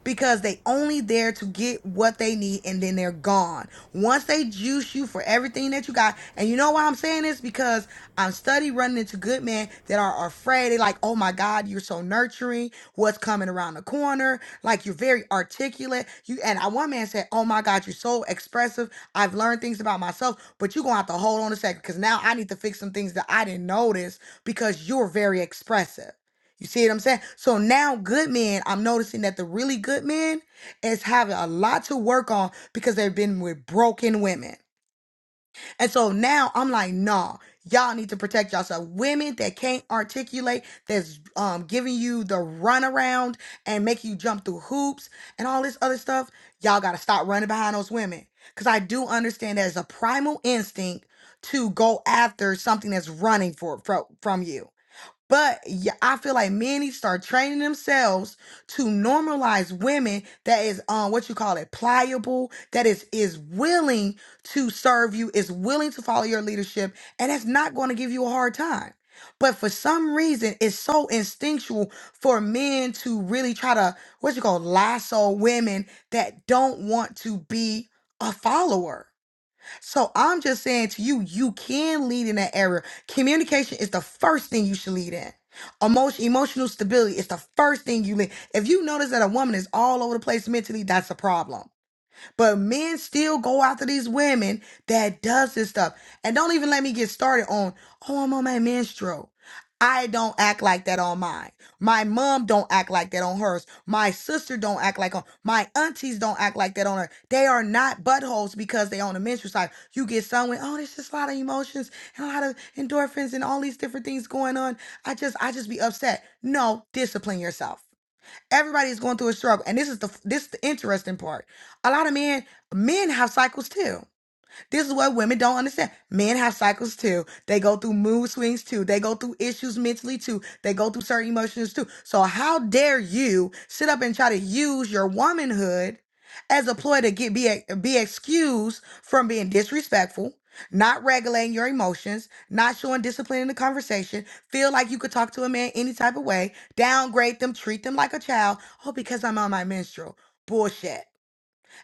because they only there to get what they need and then they're gone. Once they juice you for everything that you got, and you know why I'm saying this? Because I'm study running into good men that are afraid. They're like, oh my God, you're so nurturing. What's coming around the corner? Like you're very articulate. You and I one man said, Oh my God, you're so expressive. I've learned things about myself, but you're gonna have to hold on a second because now I need to fix some things that I didn't notice because you're very expressive. You see what I'm saying? So now, good men, I'm noticing that the really good men is having a lot to work on because they've been with broken women. And so now I'm like, nah, y'all need to protect yourself. Women that can't articulate, that's um, giving you the runaround and make you jump through hoops and all this other stuff, y'all got to stop running behind those women. Because I do understand there's a primal instinct to go after something that's running for, from from you. But yeah, I feel like men need to start training themselves to normalize women that is um what you call it pliable, that is is willing to serve you, is willing to follow your leadership, and that's not going to give you a hard time. But for some reason, it's so instinctual for men to really try to what you call lasso women that don't want to be a follower. So I'm just saying to you, you can lead in that area. Communication is the first thing you should lead in. Emotion, emotional stability is the first thing you lead. If you notice that a woman is all over the place mentally, that's a problem. But men still go after these women that does this stuff. And don't even let me get started on, oh, I'm on my menstrual. I don't act like that on mine. My mom don't act like that on hers. My sister don't act like on my aunties don't act like that on her. They are not buttholes because they on a menstrual cycle. You get someone, oh, there's just a lot of emotions and a lot of endorphins and all these different things going on. I just I just be upset. No, discipline yourself. Everybody's going through a struggle, and this is the this is the interesting part. A lot of men men have cycles too. This is what women don't understand. Men have cycles too. They go through mood swings too. They go through issues mentally too. They go through certain emotions too. So how dare you sit up and try to use your womanhood as a ploy to get be be excused from being disrespectful, not regulating your emotions, not showing discipline in the conversation, feel like you could talk to a man any type of way, downgrade them, treat them like a child. Oh, because I'm on my menstrual. Bullshit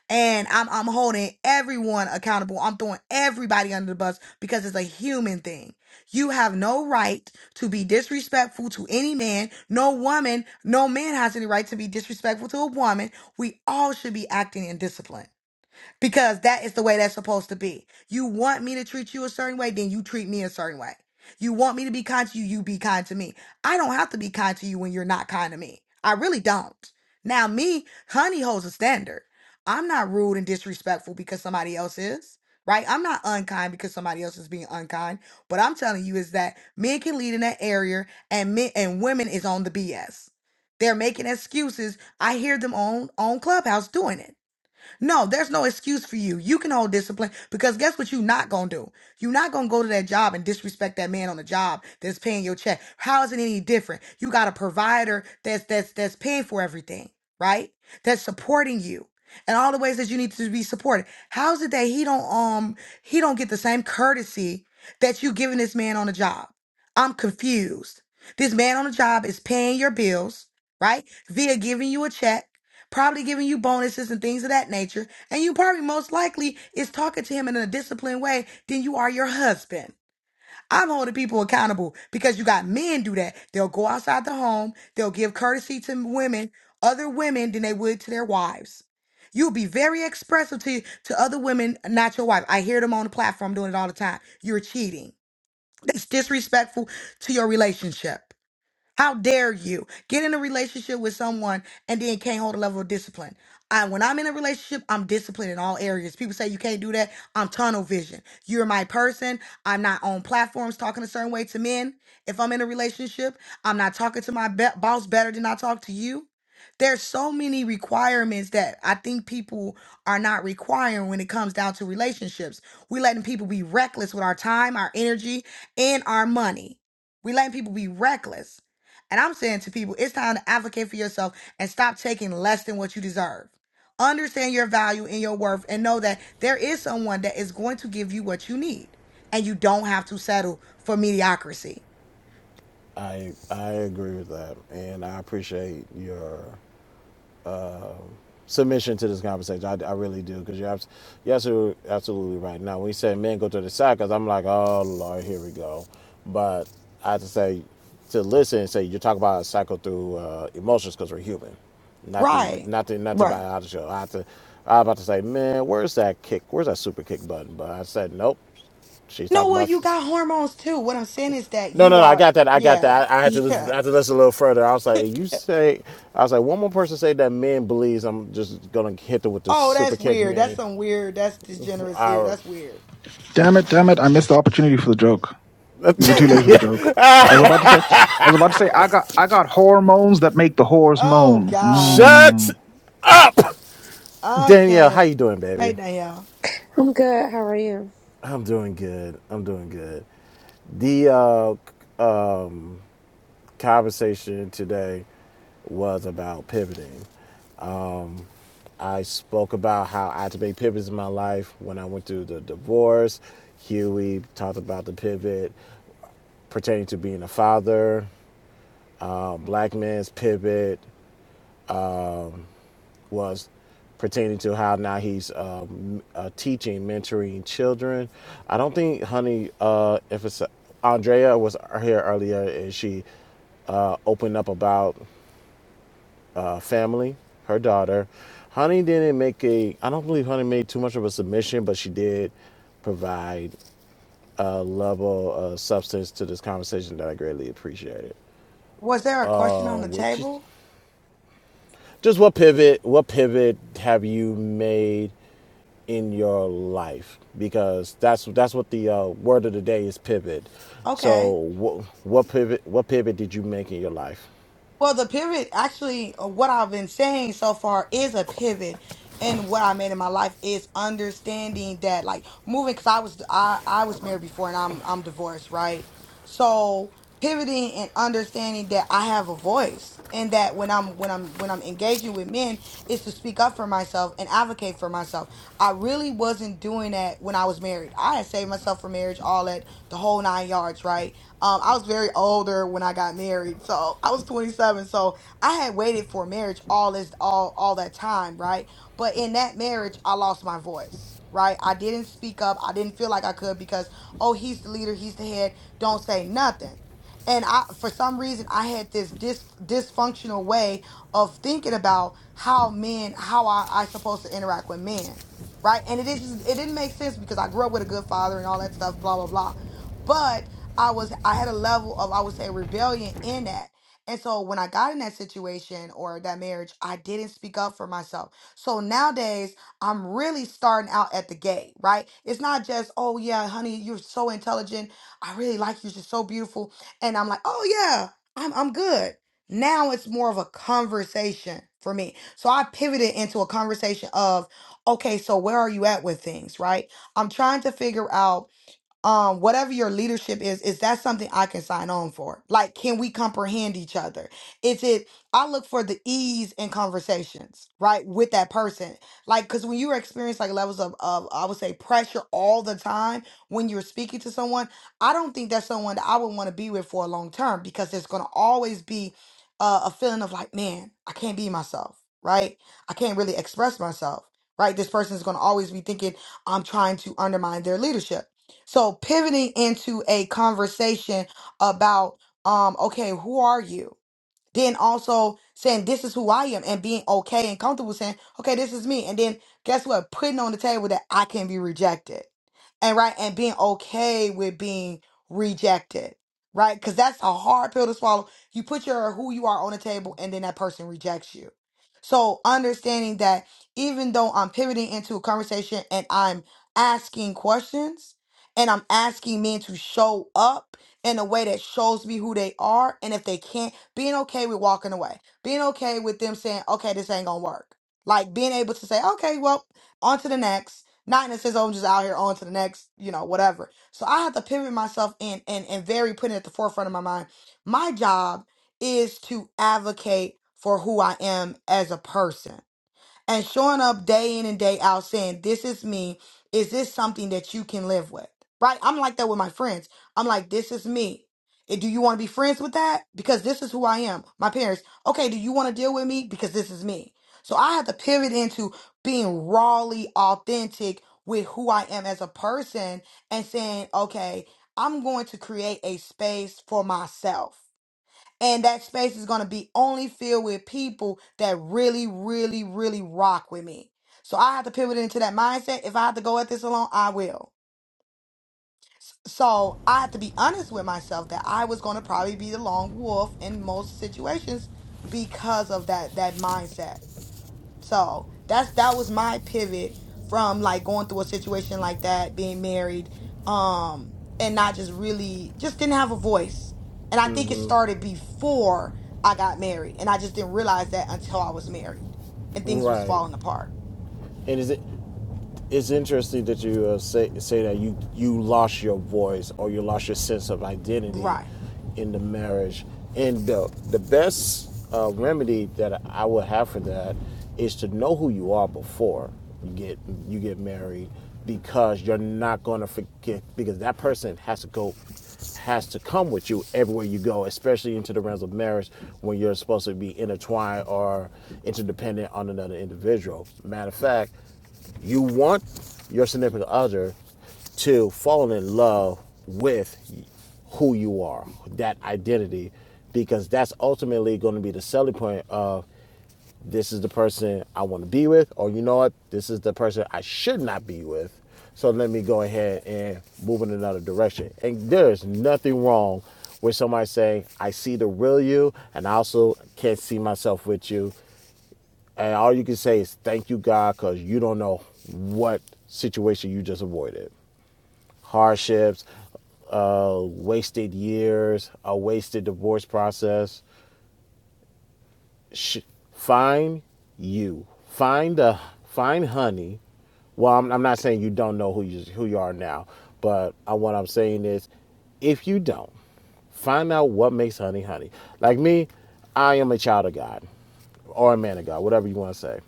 and I'm I'm holding everyone accountable. I'm throwing everybody under the bus because it's a human thing. You have no right to be disrespectful to any man. No woman, no man has any right to be disrespectful to a woman. We all should be acting in discipline because that is the way that's supposed to be. You want me to treat you a certain way, then you treat me a certain way. You want me to be kind to you, you be kind to me. I don't have to be kind to you when you're not kind to me. I really don't. Now, me, honey holds a standard. I'm not rude and disrespectful because somebody else is, right? I'm not unkind because somebody else is being unkind. What I'm telling you is that men can lead in that area and men and women is on the BS. They're making excuses. I hear them on on Clubhouse doing it no, there's no excuse for you. You can hold discipline because guess what you're not going to do? You're not going to go to that job and disrespect that man on the job that's paying your check. How is it any different? You got a provider that's that's that's paying for everything, right? That's supporting you. And all the ways that you need to be supported. How is it that he don't um he don't get the same courtesy that you giving this man on the job? I'm confused. This man on the job is paying your bills, right? Via giving you a check probably giving you bonuses and things of that nature. And you probably most likely is talking to him in a disciplined way than you are your husband. I'm holding people accountable because you got men do that. They'll go outside the home, they'll give courtesy to women, other women than they would to their wives. You'll be very expressive to to other women, not your wife. I hear them on the platform doing it all the time. You're cheating. It's disrespectful to your relationship. How dare you get in a relationship with someone and then can't hold a level of discipline? I, when I'm in a relationship, I'm disciplined in all areas. People say you can't do that. I'm tunnel vision. You're my person. I'm not on platforms talking a certain way to men. If I'm in a relationship, I'm not talking to my be- boss better than I talk to you. There's so many requirements that I think people are not requiring when it comes down to relationships. We letting people be reckless with our time, our energy, and our money. We letting people be reckless. And I'm saying to people, it's time to advocate for yourself and stop taking less than what you deserve. Understand your value and your worth and know that there is someone that is going to give you what you need. And you don't have to settle for mediocrity. I I agree with that, and I appreciate your submission to this conversation. I, I really do because you're, abs- you're absolutely, absolutely right. Now, when you said men go to the side, 'cause I'm like, oh Lord, here we go. But I have to say, to listen and say you talk about a cycle through uh, emotions because we're human, not the Right. not the not the Right. biological. I have to. I was about to say, man, where's that kick? Where's that super kick button? But I said, nope. She's No, talking well, you about. got hormones too. What I'm saying is that No, you no, no. I are, got that. I got yeah, that. I, I had to yeah. listen. I had to listen a little further. I was like, you say. I was like, one more person say that men believes. I'm just gonna hit them with the Oh, super that's kick weird. That's meme. some weird. That's degeneracy. Our That's weird. Damn it, damn it, I missed the opportunity for the joke. Is it too late for the joke? I was about to say I was about to say I got I got hormones that make the whores oh, moan. God. shut, Mm. I Danielle. How can't. you doing, Hey, baby? Danielle, I'm good. How are you? I'm doing good. I'm doing good. The uh, conversation today was about pivoting. I spoke about how I had to make pivots in my life when I went through the divorce. Huey talked about the pivot pertaining to being a father. um, Black Man's Pivot was pertaining to how now he's um, uh, teaching, mentoring children. I don't think, honey, uh, if it's Andrea was here earlier and she uh, opened up about uh, family, her daughter. Honey didn't make a, I don't believe Honey made too much of a submission, but she did provide a level of substance to this conversation that I greatly appreciated. was there a question Uh, on the which is table? just what pivot, what pivot have you made in your life because that's that's what the uh, word of the day is pivot. So Okay. what what pivot what pivot did you make in your life? Well, the pivot actually, uh, what I've been saying so far is a pivot. And what I made in my life is understanding that, like moving, because I was I I was married before, and I'm I'm divorced, right? So pivoting and understanding that I have a voice, and that when I'm when I'm when I'm engaging with men, is to speak up for myself and advocate for myself. I really wasn't doing that when I was married. I had saved myself for marriage, all that the whole nine yards, right? Um, I was very older when I got married, so I was 27. So I had waited for marriage all this all all that time, right? But in that marriage, I lost my voice, right? I didn't speak up. I didn't feel like I could because oh, he's the leader, he's the head. Don't say nothing. And I, for some reason, I had this dis- dysfunctional way of thinking about how men, how I, I supposed to interact with men, right? And it is, it didn't make sense because I grew up with a good father and all that stuff, blah blah blah. I was I had a level of I would say rebellion in that. And so when I got in that situation or that marriage, I didn't speak up for myself. So nowadays, I'm really starting out at the gate, right? It's not just, "Oh yeah, honey, you're so intelligent. I really like you. You're so beautiful." And I'm like, "Oh yeah, I'm I'm good." Now it's more of a conversation for me. So I pivoted into a conversation of, "Okay, so where are you at with things?" right? I'm trying to figure out um whatever your leadership is is that something i can sign on for like can we comprehend each other is it i look for the ease in conversations right with that person like because when you experience like levels of, of i would say pressure all the time when you're speaking to someone i don't think that's someone that i would want to be with for a long term because there's going to always be uh, a feeling of like man i can't be myself right i can't really express myself right this person's going to always be thinking i'm trying to undermine their leadership so pivoting into a conversation about um okay, who are you? then also saying this is who I am and being okay and comfortable saying, okay, this is me. And then guess what? Putting on the table that I can be rejected. And right, and being okay with being rejected. Right? Because that's a hard pill to swallow. You put your who you are on the table and then that person rejects you. So understanding that even though I'm pivoting into a conversation and I'm asking questions and I'm asking men to show up in a way that shows me who they are. And if they can't being okay with walking away, being okay with them saying, okay, this ain't gonna work. Like being able to say, okay, well, on to the next. Not in a sense, oh, I'm just out here on to the next, you know, whatever. So I have to pivot myself in and, and very putting it at the forefront of my mind. My job is to advocate for who I am as a person and showing up day in and day out saying, This is me. Is this something that you can live with? Right? I'm like that with my friends. I'm like, This is me. And do you want to be friends with that? Because this is who I am. My parents, okay, do you want to deal with me? Because this is me. So I have to pivot into being rawly authentic with who I am as a person and saying, okay, I'm going to create a space for myself. And that space is going to be only filled with people that really, really, really rock with me. So I have to pivot into that mindset. If I have to go at this alone, I will. S- So I have to be honest with myself that I was going to probably be the lone wolf in most situations because of that that mindset. So that's that was my pivot from like going through a situation like that, being married, um, and not just really just didn't have a voice. And I think it started before I got married, and I just didn't realize that until I was married and things was Right. falling apart. And is it it's interesting that you uh, say say that you you lost your voice or you lost your sense of identity Right. in the marriage. And the the best uh, remedy that I would have for that is to know who you are before you get you get married, because you're not going to forget because that person has to go has to come with you everywhere you go, especially into the realms of marriage when you're supposed to be intertwined or interdependent on another individual. Matter of fact, you want your significant other to fall in love with who you are, that identity, because that's ultimately going to be the selling point of this is the person I want to be with, or you know what, this is the person I should not be with. So let me go ahead and move in another direction. And there's nothing wrong with somebody saying, I see the real you, and I also can't see myself with you. And all you can say is, Thank you, God, because you don't know what situation you just avoided hardships, uh, wasted years, a wasted divorce process sh- find you find a find honey well I'm, I'm not saying you don't know who you who you are now but I, what i'm saying is if you don't find out what makes honey honey like me i am a child of god or a man of god whatever you want to say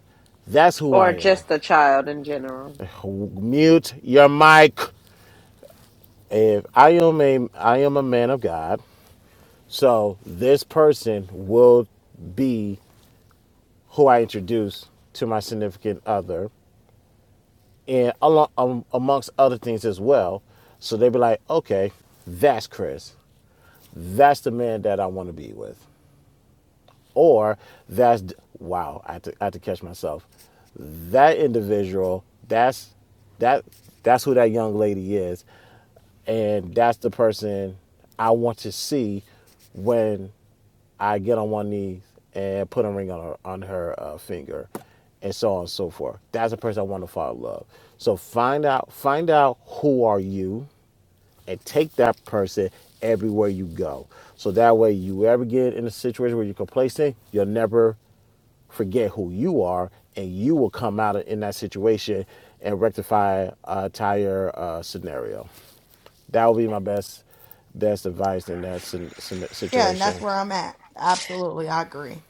that's who Or i am just a child in general. mute your mic if i am a i am a man of god so this person will be who I introduce to my significant other, and along, um, amongst other things as well. So they be like, okay, that's Chris. That's the man that I want to be with. Or that's, wow, I had, to, I had to catch myself. That individual, that's that that's who that young lady is. And that's the person I want to see when I get on one knee and put a ring on her on her uh, finger, and so on and so forth. That's the person I want to fall in love. So find out find out who are you, and take that person everywhere you go. So that way, you ever get in a situation where you're complacent, you'll never forget who you are, and you will come out in that situation and rectify a entire uh, scenario. That would be my best best advice in that sin- sin- Yeah, and that's situation. where I'm at. Absolutely, I agree.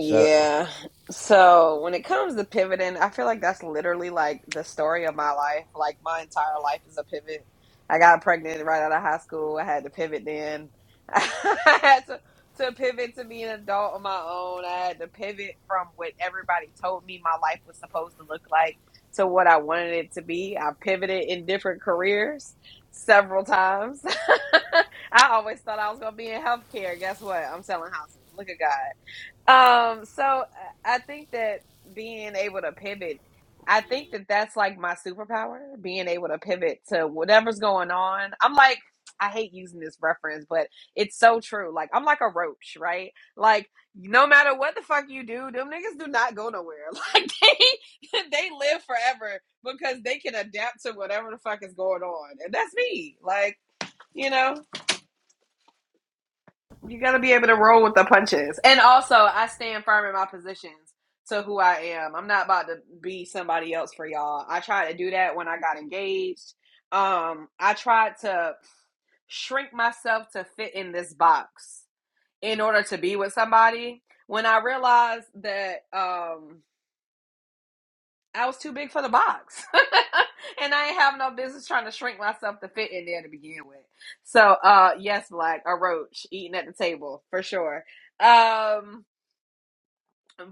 Shut So when it comes to pivoting, I feel like that's literally like the story of my life. Like my entire life is a pivot. I got pregnant right out of high school. I had to pivot then. I had to, to pivot to be an adult on my own. I had to pivot from what everybody told me my life was supposed to look like to what I wanted it to be. I pivoted in different careers several times. I always thought I was going to be in healthcare. Guess what? I'm selling houses. Look at God. Um, so uh, I think that being able to pivot, I think that that's like my superpower, being able to pivot to whatever's going on. I'm like, I hate using this reference, but it's so true. Like, I'm like a roach, right? Like, no matter what the fuck you do, them niggas do not go nowhere. Like, they they live forever because they can adapt to whatever the fuck is going on. And that's me. Like, you know. You gotta be able to roll with the punches. And also, I stand firm in my positions to who I am. I'm not about to be somebody else for y'all. I tried to do that when I got engaged. Um, I tried to shrink myself to fit in this box in order to be with somebody. When I realized that, um, I was too big for the box. and I ain't have no business trying to shrink myself to fit in there to begin with. So uh yes, Black, a roach eating at the table for sure. Um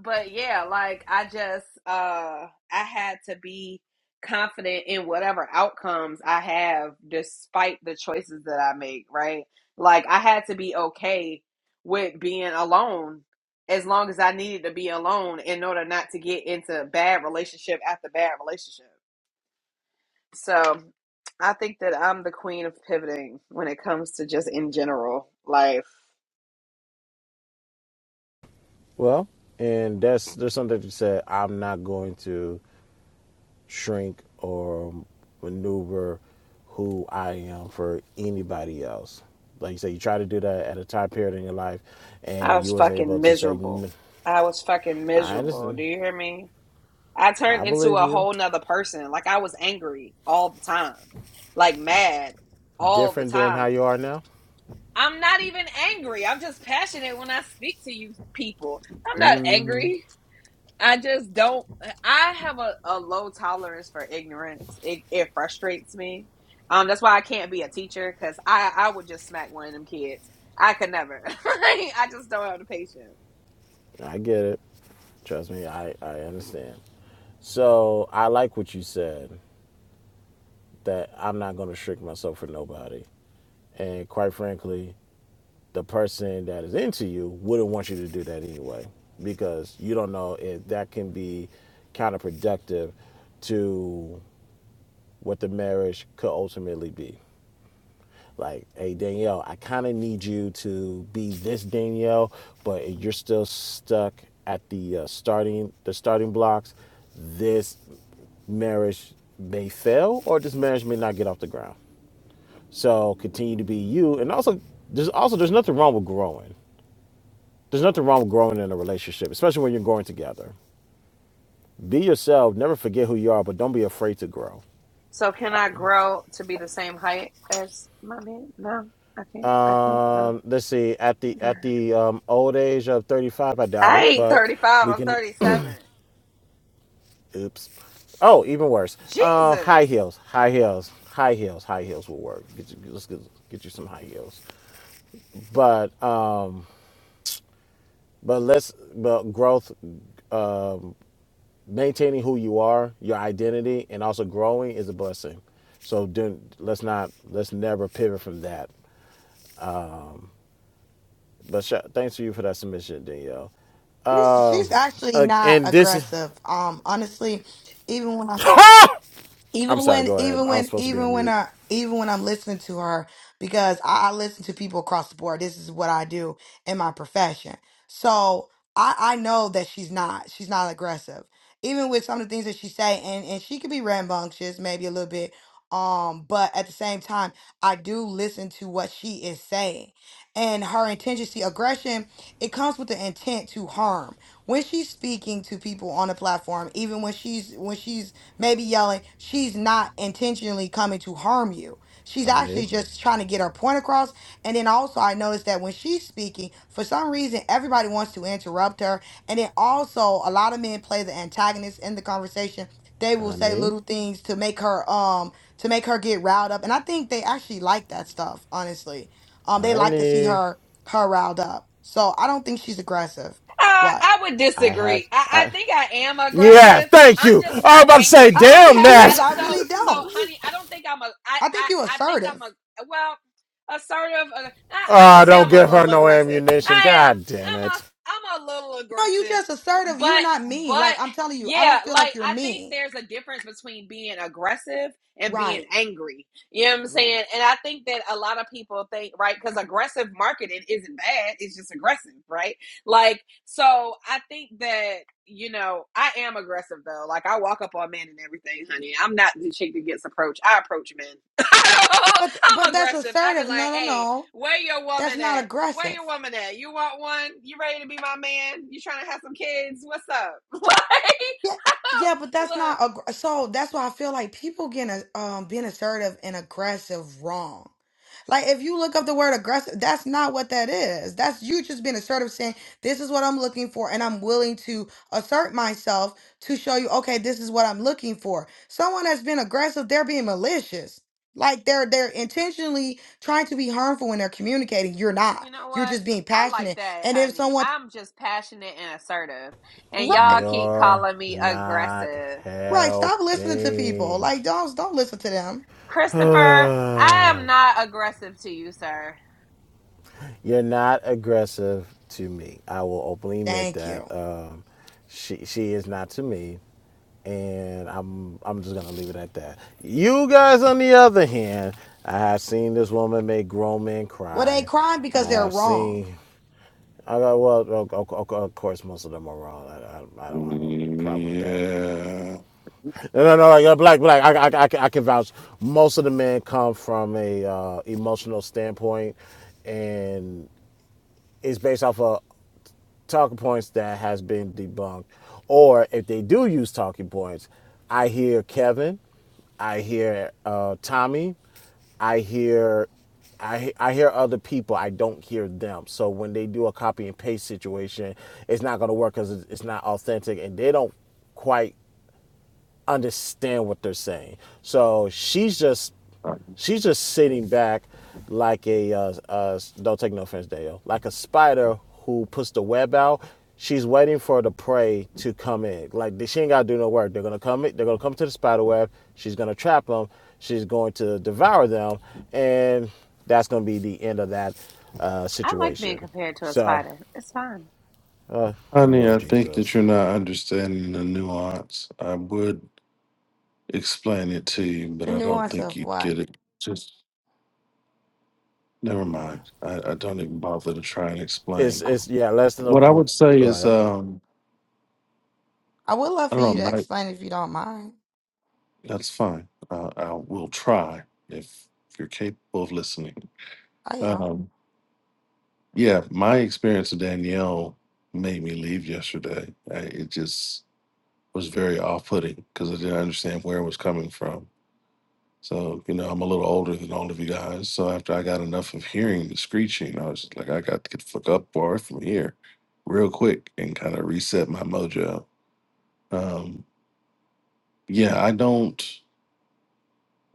but yeah, like I just uh I had to be confident in whatever outcomes I have despite the choices that I make, right? Like I had to be okay with being alone as long as I needed to be alone in order not to get into bad relationship after bad relationship. So I think that I'm the queen of pivoting when it comes to just in general life. Well, and that's there's something that you said. I'm not going to shrink or maneuver who I am for anybody else. Like you said, you try to do that at a time period in your life, I and was you was able fucking to say, miserable. I was fucking "I miserable. understand, Do you hear me? I I turned into believe a you." whole nother person. Like I was angry all the time, like mad all the Different than how time. you are now. I'm not even angry. I'm just passionate when I speak to you people. I'm not angry. I just don't. I have a, a low tolerance for ignorance. It, it frustrates me. Um, that's why I can't be a teacher because I, I would just smack one of them kids. I could never. I just don't have the patience. I get it. Trust me, I I understand. So I like what you said that I'm not going to shrink myself for nobody. And quite frankly, the person that is into you wouldn't want you to do that anyway because you don't know if that can be counterproductive to what the marriage could ultimately be. Like, hey, Danielle, I kind of need you to be this Danielle, but if you're still stuck at the uh, starting the starting blocks. This marriage may fail, or this marriage may not get off the ground. So continue to be you, and also there's also there's nothing wrong with growing There's nothing wrong with growing in a relationship, especially when you're growing together. Be yourself. Never forget who you are, but don't be afraid to grow. So can I grow to be the same height as my man? No, I can't. I can't grow. Um, let's see. At the at the um, old age of 35, I doubt I it, ain't but 35. we I'm can. 37. Oops. Oh, even worse. Uh, high Jesus. heels. High heels. High heels. High heels will work. Get you, let's get, get you some high heels. But uh, but let's but growth, maintaining who you are, your identity, and also growing is a blessing. So do let's not let's never pivot from that. But sh- thanks to you for that submission, Danielle. She's she's actually Uh, not and this is, aggressive. Um, honestly, even when I I'm even sorry, when go ahead. even I was when supposed to be on even when mute. i even when i'm listening to her because I, I listen to people across the board this is what i do in my profession so i i know that she's not she's not aggressive even with some of the things that she say and and she could be rambunctious maybe a little bit um but at the same time i do listen to what she is saying and her intention see aggression it comes with the intent to harm when she's speaking to people on a platform even when she's when she's maybe yelling. She's not intentionally coming to harm you. She's Honey, actually just trying to get her point across. And then also, I noticed that when she's speaking, for some reason, everybody wants to interrupt her. And then also, a lot of men play the antagonist in the conversation. They will say honey, little things to make her um to make her get riled up. And I think they actually like that stuff. Honestly, um, they like to see honey. her her riled up. So I don't think she's aggressive. Uh, What? I would I disagree. have, I, I I, think I am yeah, aggressive. thank I'm you. just I was not about to say, I angry. don't damn think Ha, she is. that. I, I so, really so, don't. honey, I don't think I'm a. I, I think I, you I think assertive. I'm a. Well, assertive. Uh, I, I'm gonna Oh, say don't I'm a give her little no aggressive. ammunition. I am. God damn I'm a. it. I'm a little No, you aggressive. just assertive. You're But, not mean. but, Like I'm telling you, I yeah, don't feel like like you're I think mean. there's a difference between being aggressive and being Right, angry. You know what I'm right. saying? And I think that a lot of people think right because aggressive marketing isn't bad. It's just aggressive, right? Like so I think that, you know, I am aggressive though. Like I walk up on men and everything, honey. I'm not the chick that gets approached. I approach men. But but I'm that's aggressive. I be assertive. No, like, no, hey, no. where your That's woman not at? Where aggressive. your woman at? You want one? You ready to be my man? You trying to have some kids? What's up? Yeah, Like, yeah, but that's not look, aggr- so. That's why I feel like people getting a, um being assertive and aggressive wrong. Like if you look up the word aggressive, that's not what that is. That's you just being assertive, saying this is what I'm looking for, and I'm willing to assert myself to show you, okay, this is what I'm looking for. Someone that's been aggressive, they're being malicious. Like they're they're intentionally trying to be harmful when they're communicating. You're not. you know You're what? just being I like passionate. that, And if honey. someone I'm just passionate and assertive. And right y'all keep You're calling me not aggressive. Right. Stop listening to people. helping. Like don't don't listen to them. Christopher, I am You're not aggressive to you, sir. not aggressive to me. I will openly admit Thank that. you. Um, she she is not to me. and I'm I'm just gonna leave it at that. You guys, on the other hand, I have seen this woman make grown men Well, they cry. crying I because they're have wrong. seen. I got well, of course, most of them are wrong. I, I, I don't have a problem with that. Yeah. No, no, no. Like, uh, black, black. I, I, I, can- I can vouch. Most of the men come from a uh, emotional standpoint, and it's based off of talking points that has been debunked. Or if they do use talking points, I hear Kevin, I hear uh, Tommy, I hear I, I hear other people. I don't hear them. So when they do a copy and paste situation, it's not going to work because it's not authentic, and they don't quite understand what they're saying. So she's just she's just sitting back like a uh, uh, don't take no offense, Dale, like a spider who puts the web out. She's waiting for the prey to come in. Like she ain't gotta do no work. They're gonna come. in- They're gonna come to the spider web. She's gonna trap them. She's going to devour them, and that's gonna be the end of that uh, I like being situation. compared to a So, spider. It's fine. uh, Honey, Lord I think that Jesus, you're not understanding the nuance. I would explain it to you, but The I don't nuance think of you'd what? get it. Just never mind. I, I don't even bother to try and it's explain. Why? it's yeah. Let's know What I who. would say Go is, ahead. um, I would love I for you don't to know, Mike, explain if you don't mind. that's fine. Uh, I will try if, if you're capable of listening. I am. Um, yeah, my experience with Danielle made me leave yesterday. I, it just. was very off putting because I didn't understand where it was coming from. So, you know, I'm a little older than all of you guys. So after I got enough of hearing the screeching, I was just like, I got to get the fuck up far from here real quick and kind of reset my mojo. Um, yeah, I don't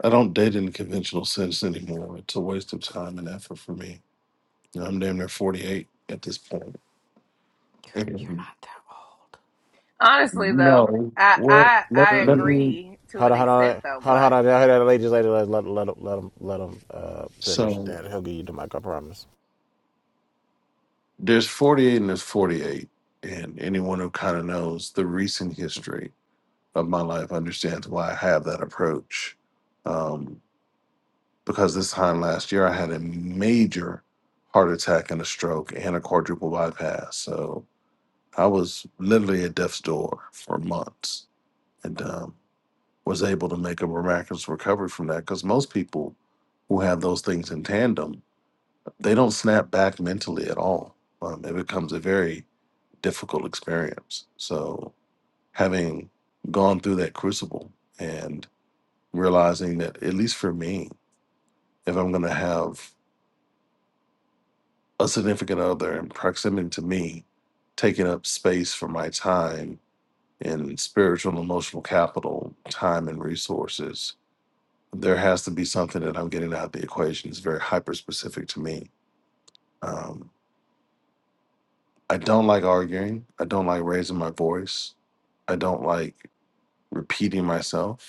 I don't date in the conventional sense anymore. It's a waste of time and effort for me. You know, I'm damn near 48 at this point. You're And not that old. Honestly, though, no. I Well, I, let, I let Mm-mm. me. agree to Hold an on, hold extent, on, though, hold on, hold Black. on. Let ladies, ladies, let let let him let him let him uh, finish. So That he'll give you the mic. I promise. There's 48 and there's 48. And anyone who kind of knows the recent history of my life understands why I have that approach. Um, because this time last year, I had a major heart attack and a stroke and a quadruple bypass. So I was literally at death's door for months and um, was able to make a miraculous recovery from that. Because most people who have those things in tandem, they don't snap back mentally at all. Um, it becomes a very difficult experience. So having gone through that crucible and realizing that at least for me, if I'm going to have a significant other in proximity to me, taking up space for my time and spiritual and emotional capital, time and resources, there has to be something that I'm getting out of the equation. It's very hyper specific to me. Um, I don't like arguing. I don't like raising my voice. I don't like repeating myself.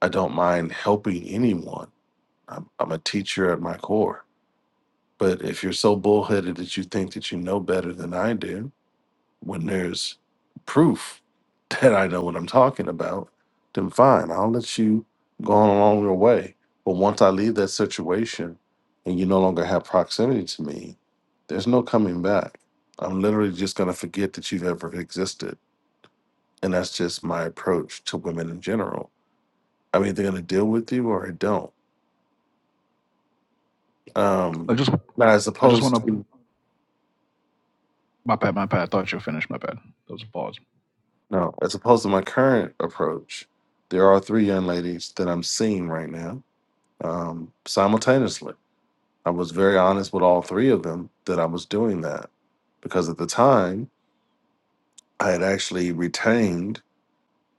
I don't mind helping anyone. I'm, I'm a teacher at my core. But if you're so bullheaded that you think that you know better than I do, when there's proof that I know what I'm talking about, then fine, I'll let you go on along your way. But once I leave that situation and you no longer have proximity to me, there's no coming back. I'm literally just going to forget that you've ever existed. And that's just my approach to women in general. I'm either going to deal with you or I don't I Um, just now, as I just wanna opposed to my bad, my bad. That was a pause. no, as opposed to my current approach, there are three young ladies that I'm seeing right now um, simultaneously. I was very honest with all three of them that I was doing that because at the time I had actually retained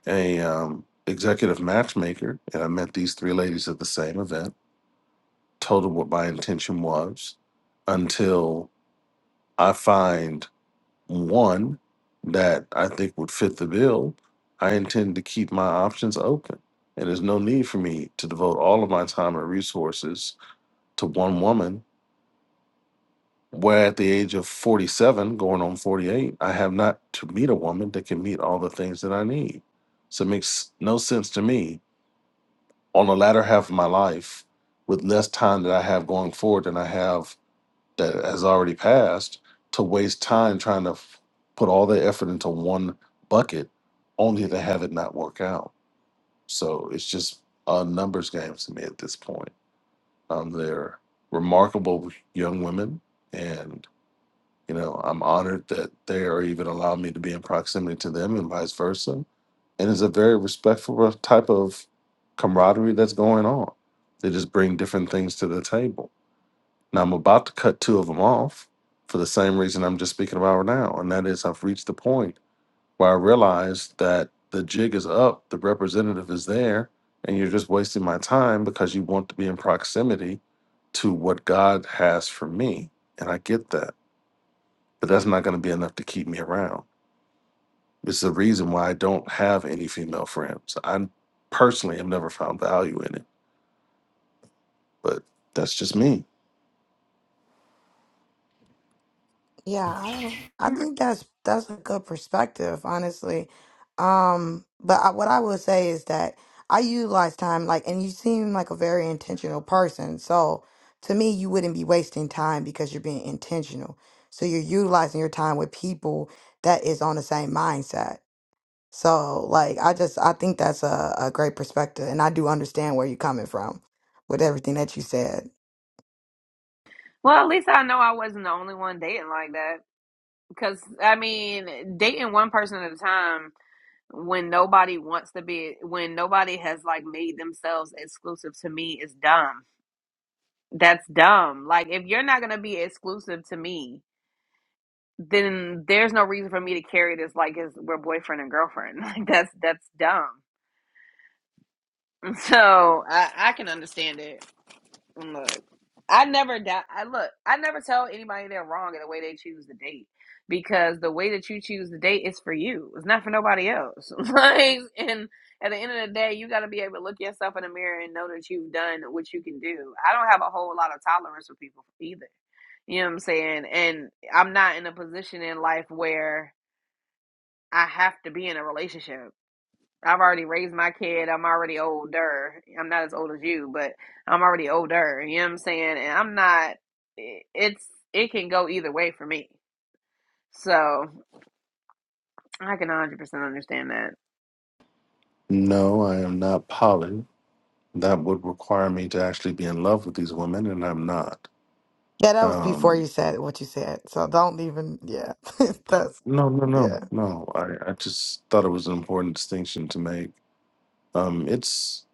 a um, executive matchmaker, and I met these three ladies at the same event. Told them what my intention was until I find one that I think would fit the bill, I intend to keep my options open. And there's no need for me to devote all of my time and resources to one woman, where at the age of 47, going on 48, I have not to meet a woman that can meet all the things that I need. So it makes no sense to me on the latter half of my life with less time that I have going forward than I have that has already passed to waste time trying to f- put all their effort into one bucket only to have it not work out. So it's just a numbers game to me at this point. Um, they're remarkable young women, and you know I'm honored that they are even allowing me to be in proximity to them, and vice versa. And it's a very respectful type of camaraderie that's going on. They just bring different things to the table now I'm about to cut two of them off for the same reason I'm just speaking about now, and that is I've reached the point where I realize that the jig is up, the representative is there, and you're just wasting my time because you want to be in proximity to what God has for me. And I get that, but that's not going to be enough to keep me around. It's the reason why I don't have any female friends. I personally have never found value in it, but that's just me. Yeah, I don't- I think that's that's a good perspective, honestly. Um, but I, what I will say is that I utilize time like, and you seem like a very intentional person. So to me, you wouldn't be wasting time because you're being intentional. So you're utilizing your time with people that is on the same mindset. So like, I just I think that's a, a great perspective, and I do understand where you're coming from with everything that you said. Well, at least I know I wasn't the only one dating like that. Because, I mean, dating one person at a time when nobody wants to be, when nobody has like made themselves exclusive to me is dumb. That's dumb. Like, if you're not going to be exclusive to me, then there's no reason for me to carry this like as we're boyfriend and girlfriend. Like that's that's dumb. So I I can understand it. And Look, I never doubt. I look. I never tell anybody they're wrong in the way they choose to date because the way that you choose to date is for you. It's not for nobody else. like and at the end of the day, you got to be able to look yourself in the mirror and know that you've done what you can do. I don't have a whole lot of tolerance for people either. You know what I'm saying? And I'm not in a position in life where I have to be in a relationship. I've already raised my kid. I'm already older. I'm not as old as you, but I'm already older. You know what I'm saying? And I'm not, it's, it can go either way for me. So I can 100% understand that. No, I am not polished. that would require me to actually be in love with these women, and I'm not. Yeah, that was before Um, you said what you said. So don't even, yeah. that's no, no, Yeah, no, no. I, I just thought it was an important distinction to make. Um, it's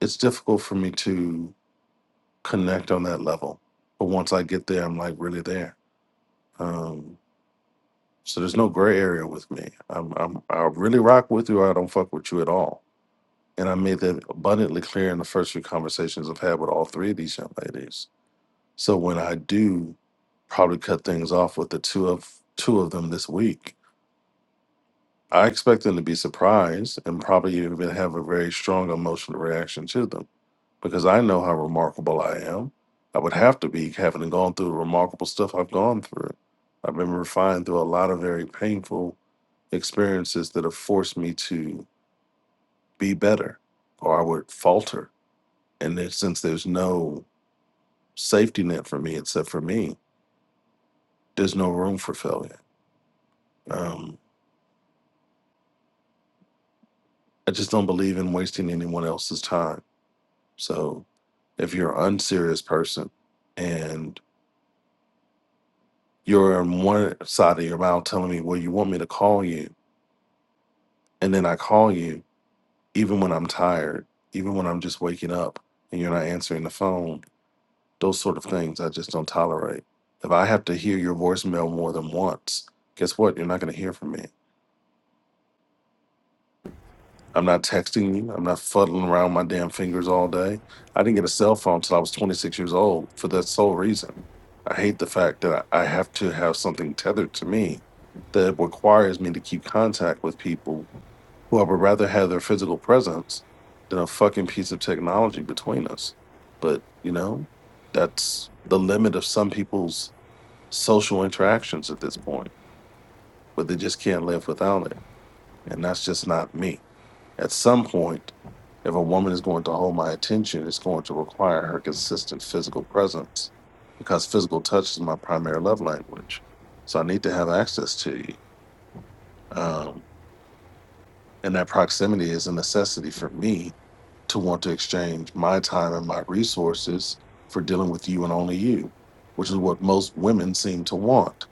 it's difficult for me to connect on that level, but once I get there, I'm like really there. Um, so there's no gray area with me. I'm, I'm I really rock with you, or I don't fuck with you at all. And I made that abundantly clear in the first few conversations I've had with all three of these young ladies So when I do probably cut things off with the two of two of them this week, I expect them to be surprised and probably even have a very strong emotional reaction to them because I know how remarkable I am. I would have to be having gone through the remarkable stuff I've gone through. I've been refined through a lot of very painful experiences that have forced me to be better or I would falter. And then since there's no safety net for me except for me, there's no room for failure. Um, I just don't believe in wasting anyone else's time. So if you're an unserious person and you're on one side of your mouth telling me, well, you want me to call you, and then I call you, even when I'm tired, even when I'm just waking up and you're not answering the phone, those sort of things I just don't tolerate. If I have to hear your voicemail more than once, guess what? You're not going to hear from me. I'm not texting you. I'm not fuddling around my damn fingers all day. I didn't get a cell phone till I was 26 years old for that sole reason. I hate the fact that I I have to have something tethered to me that requires me to keep contact with people who I would rather have their physical presence than a fucking piece of technology between us. But, you know, that's the limit of some people's social interactions at this point, but they just can't live without it. And that's just not me. At some point, if a woman is going to hold my attention, it's going to require her consistent physical presence because physical touch is my primary love language. So I need to have access to you. Um, and that proximity is a necessity for me to want to exchange my time and my resources for dealing with you and only you, which is what most women seem to want,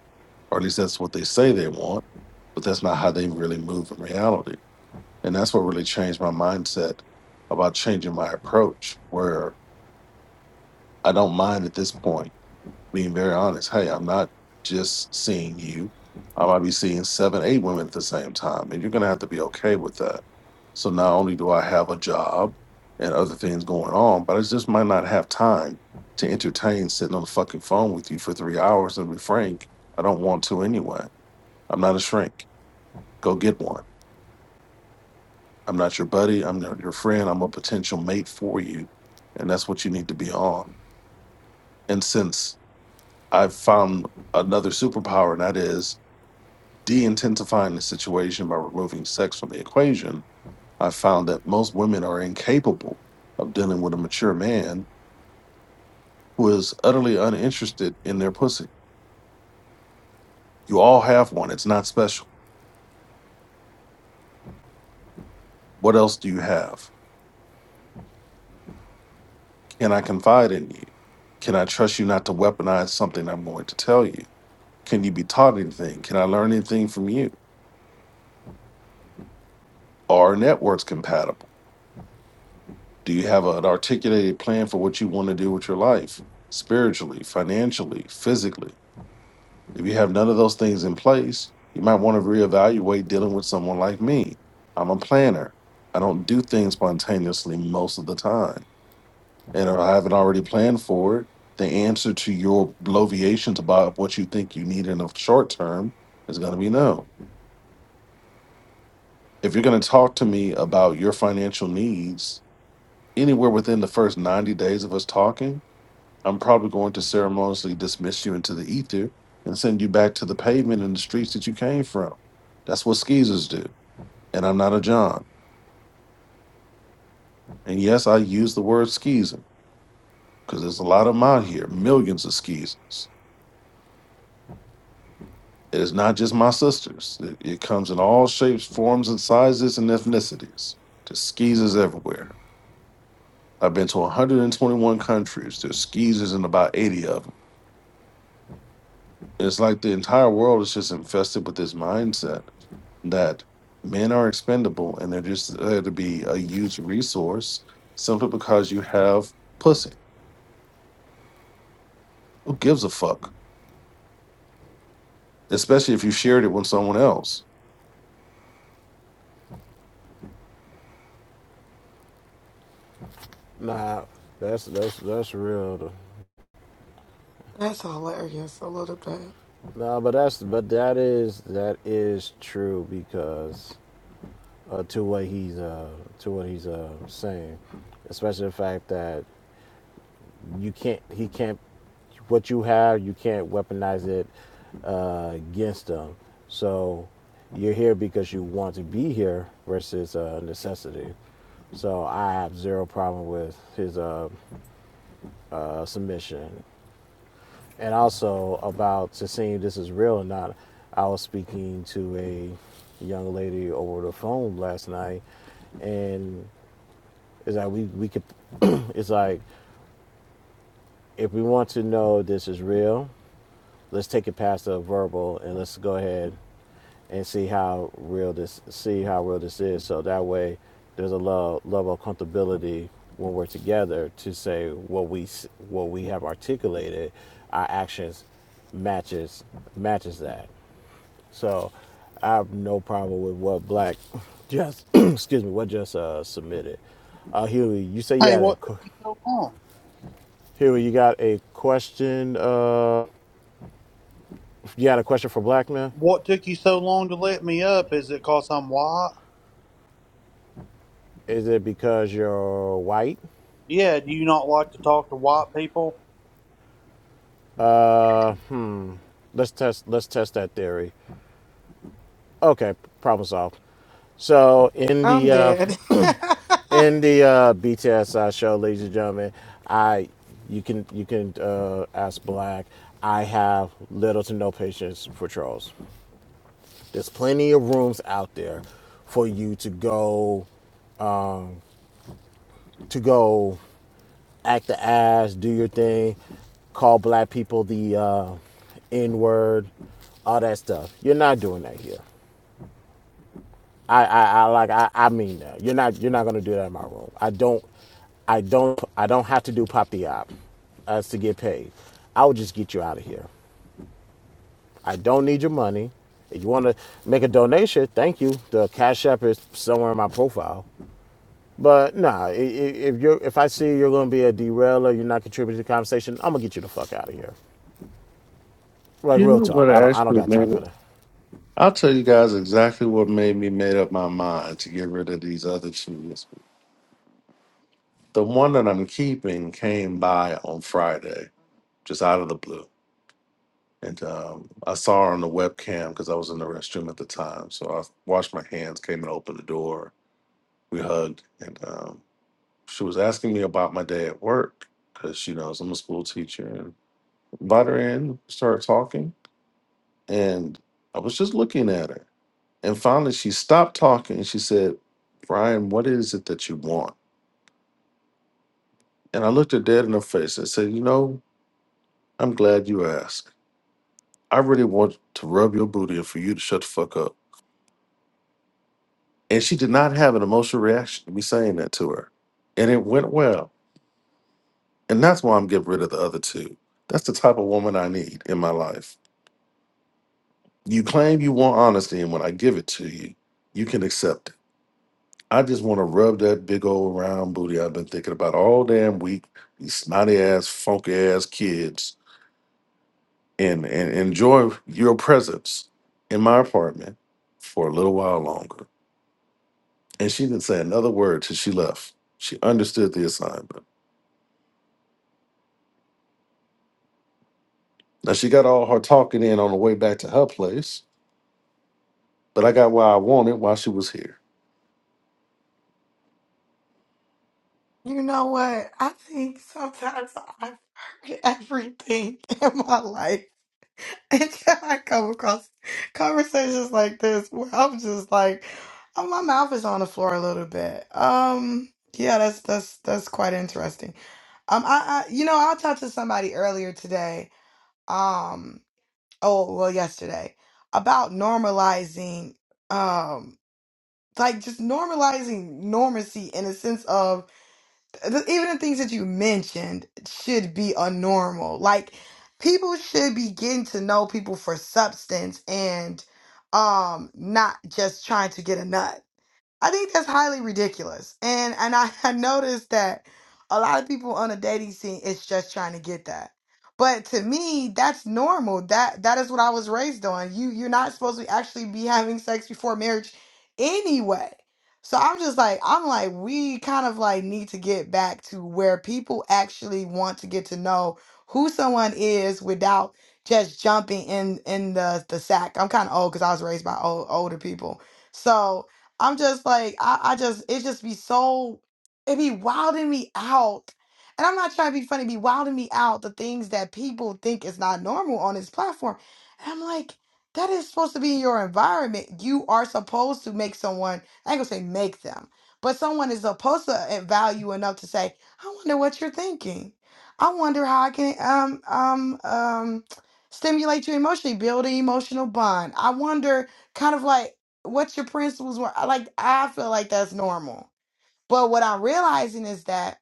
or at least that's what they say they want, but that's not how they really move in reality. And that's what really changed my mindset about changing my approach, where I don't mind at this point being very honest. Hey, I'm not just seeing you. I might be seeing seven, eight women at the same time. And you're going to have to be okay with that. So not only do I have a job and other things going on, but I just might not have time to entertain sitting on the fucking phone with you for three hours. And to be frank, I don't want to anyway. I'm not a shrink. Go get one I'm not your buddy. I'm not your friend. I'm a potential mate for you. And that's what you need to be on. And since I've found another superpower, and that is de intensifying the situation by removing sex from the equation, I found that most women are incapable of dealing with a mature man who is utterly uninterested in their pussy. You all have one, it's not special. What else do you have? Can I confide in you? Can I trust you not to weaponize something I'm going to tell you? Can you be taught anything? Can I learn anything from you? Are our networks compatible? Do you have an articulated plan for what you want to do with your life, spiritually, financially, physically? If you have none of those things in place, you might want to reevaluate dealing with someone like me. I'm a planner. I don't do things spontaneously most of the time. And if I haven't already planned for it, the answer to your bloviations about what you think you need in the short term is going to be no. if you're going to talk to me about your financial needs anywhere within the first 90 days of us talking, I'm probably going to ceremoniously dismiss you into the ether and send you back to the pavement and the streets that you came from. That's what skeezers do. And I'm not a John. And yes, I use the word skeezer because there's a lot of them out here, millions of skeezers. It is not just my sisters, it, it comes in all shapes, forms, and sizes and ethnicities. Just skeezers everywhere. I've been to 121 countries. There's skeezers in about 80 of them. It's like the entire world is just infested with this mindset that men are expendable and they're just there to be a used resource simply because you have pussy. Who gives a fuck? Especially if you shared it with someone else. Nah, that's that's that's real. that's hilarious. I love that. Nah, but that's but that is that is true because uh, to what he's uh to what he's uh saying, especially the fact that you can't he can't what you have, you can't weaponize it uh, against them. So you're here because you want to be here versus uh, necessity. So I have zero problem with his uh, uh, submission. And also about to seeing if this is real or not, I was speaking to a young lady over the phone last night, and it's like we, we could, it's like if we want to know this is real, let's take it past the verbal and let's go ahead and see how real this see how real this is. So that way, there's a love level of comfortability when we're together to say what we s- what we have articulated, our actions matches matches that. So I have no problem with what Black just excuse me what just uh, submitted. Uh, Huey, you say you Hey, had a what took qu- you so long? Huey, you got a question. Uh, you had a question for Black man. What took you so long to let me up? Is it 'cause I'm white? Is it because you're white? Yeah, do you not like to talk to white people? Let's test. Let's test that theory. Okay, problem solved. So in I'm the uh, dead. in the uh, BTSI show, ladies and gentlemen, I you can you can uh, ask Black. I have little to no patience for trolls. There's plenty of rooms out there for you to go to go act the ass, do your thing, call black people the uh, N word, all that stuff. You're not doing that here. I, I, I like I, I mean that. You're not you're not gonna do that in my room. I don't I don't I don't have to do pop the op as to get paid. I will just get you out of here. I don't need your money. If you wanna make a donation, thank you. The Cash App is somewhere in my profile. But nah, if you're if I see you're gonna be a derailer, you're not contributing to the conversation, I'm gonna get you the fuck out of here. Like You real know talk. what I don't I don't actually got time made for it? that. I'll tell you guys exactly what made me made up my mind to get rid of these other shoes. The one that I'm keeping came by on Friday, just out of the blue. And um, I saw her on the webcam because I was in the restroom at the time. So I washed my hands, came and opened the door. We hugged, and um, she was asking me about my day at work because she knows I'm a school teacher. And brought her in, started talking, and I was just looking at her. And finally, she stopped talking and she said, "Brian, what is it that you want?" And I looked her dead in her face and said, "You know, I'm glad you asked. I really want to rub your booty and for you to shut the fuck up." And she did not have an emotional reaction to me saying that to her. And it went well. And that's why I'm getting rid of the other two. That's the type of woman I need in my life. You claim you want honesty, and when I give it to you, you can accept it. I just want to rub that big old round booty I've been thinking about all damn week, these snotty ass, funky ass kids, and, and enjoy your presence in my apartment for a little while longer. And she didn't say another word till she left. She understood the assignment. Now she got all her talking in on the way back to her place, but I got what I wanted while she was here. you know what? I think sometimes I've heard everything in my life until I come across conversations like this where I'm just like, oh, my mouth is on the floor a little bit. Um, yeah, that's that's that's quite interesting. Um, I, I you know I talked to somebody earlier today. Um, oh well, yesterday about normalizing. Um. like just normalizing normacy in a sense of th- even the things that you mentioned should be a normal like people should be getting to know people for substance and um not just trying to get a nut I think that's highly ridiculous. And and I, I noticed that a lot of people on a dating scene is just trying to get that. But to me, that's normal. That that is what I was raised on. You you're not supposed to actually be having sex before marriage anyway. So I'm just like I'm like we kind of like need to get back to where people actually want to get to know who someone is without just jumping in in the the sack. I'm kind of old because I was raised by old, older people. So I'm just like, I, I just, it just be so, it be wilding me out. And I'm not trying to be funny, it be wilding me out the things that people think is not normal on this platform. And I'm like, that is supposed to be your environment. You are supposed to make someone, I ain't gonna say make them, but someone is supposed to uh, value enough to say, I wonder what you're thinking. I wonder how I can um um um stimulate you emotionally, build an emotional bond. I wonder kind of like what your principles were. I Like I feel like that's normal. But what I'm realizing is that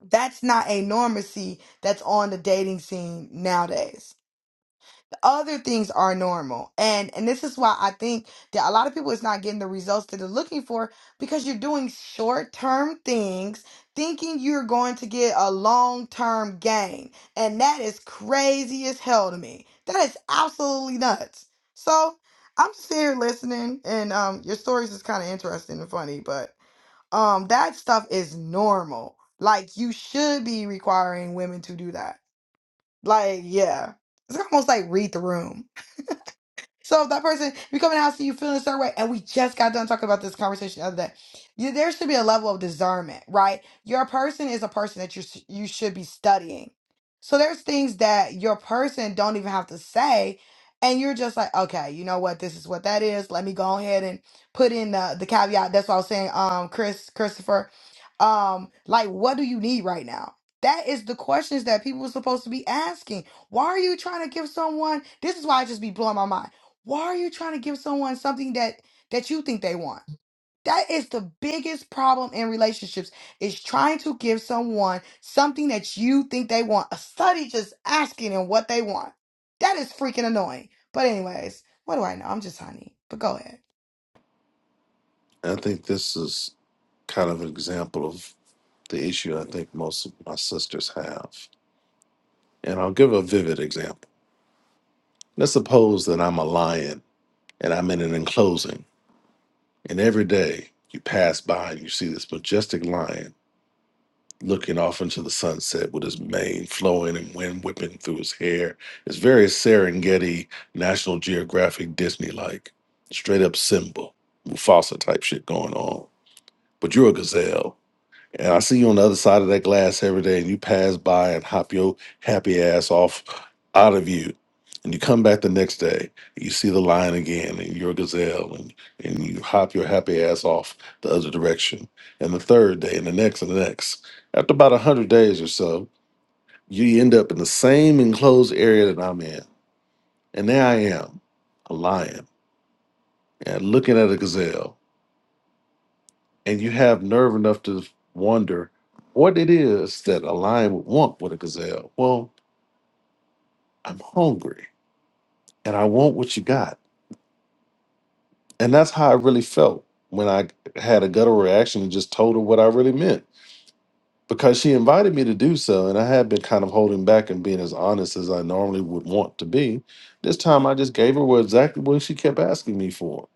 that's not a normacy that's on the dating scene nowadays other things are normal and and this is why i think that a lot of people is not getting the results that they're looking for because you're doing short term things thinking you're going to get a long term gain and that is crazy as hell to me that is absolutely nuts so i'm just here listening and um your stories is kind of interesting and funny but um that stuff is normal like you should be requiring women to do that like yeah it's almost like read the room so if that person, if you come in the house and you feel in a certain way, and we just got done talking about this conversation the other day, you, there should be a level of discernment, right? Your person is a person that you sh- you should be studying. So there's things that your person don't even have to say, and you're just like, okay, you know what? This is what that is. Let me go ahead and put in the the caveat. That's what I was saying, um, Chris, Christopher, um, like, what do you need right now? That is the questions that people are supposed to be asking. Why are you trying to give someone? This is why I just be blowing my mind why are you trying to give someone something that that you think they want that is the biggest problem in relationships is trying to give someone something that you think they want a study just asking them what they want that is freaking annoying but anyways what do i know i'm just honey but go ahead And I think this is kind of an example of the issue I think most of my sisters have. And I'll give a vivid example. Let's suppose that I'm a lion and I'm in an enclosing, and every day you pass by and you see this majestic lion looking off into the sunset with his mane flowing and wind whipping through his hair. It's very Serengeti, National Geographic, Disney like, straight up Simba, Mufasa type shit going on. But you're a gazelle. And I see you on the other side of that glass every day, and you pass by and hop your happy ass off out of you. And you come back the next day, and you see the lion again, and you're a gazelle, and, and you hop your happy ass off the other direction. And the third day, and the next, and the next. After about 100 days or so, you end up in the same enclosed area that I'm in. And there I am, a lion, and looking at a gazelle and you have nerve enough to wonder what it is that a lion would want with a gazelle. Well, I'm hungry and I want what you got. And that's how I really felt when I had a guttural reaction and just told her what I really meant because she invited me to do so. And I had been kind of holding back and being as honest as I normally would want to be. This time I just gave her what exactly what she kept asking me for.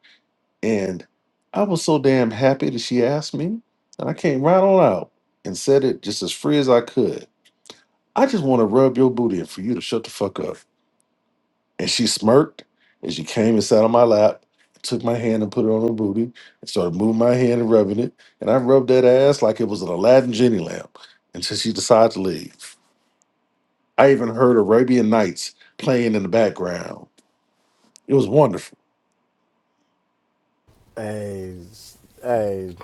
And I was so damn happy that she asked me. And I came right on out and said it just as free as I could. I just want to rub your booty and for you to shut the fuck up. And she smirked and she came and sat on my lap, took my hand and put it on her booty, and started moving my hand and rubbing it. And I rubbed that ass like it was an Aladdin Jenny lamp until she decided to leave. I even heard Arabian Nights playing in the background. It was wonderful. Hey, hey,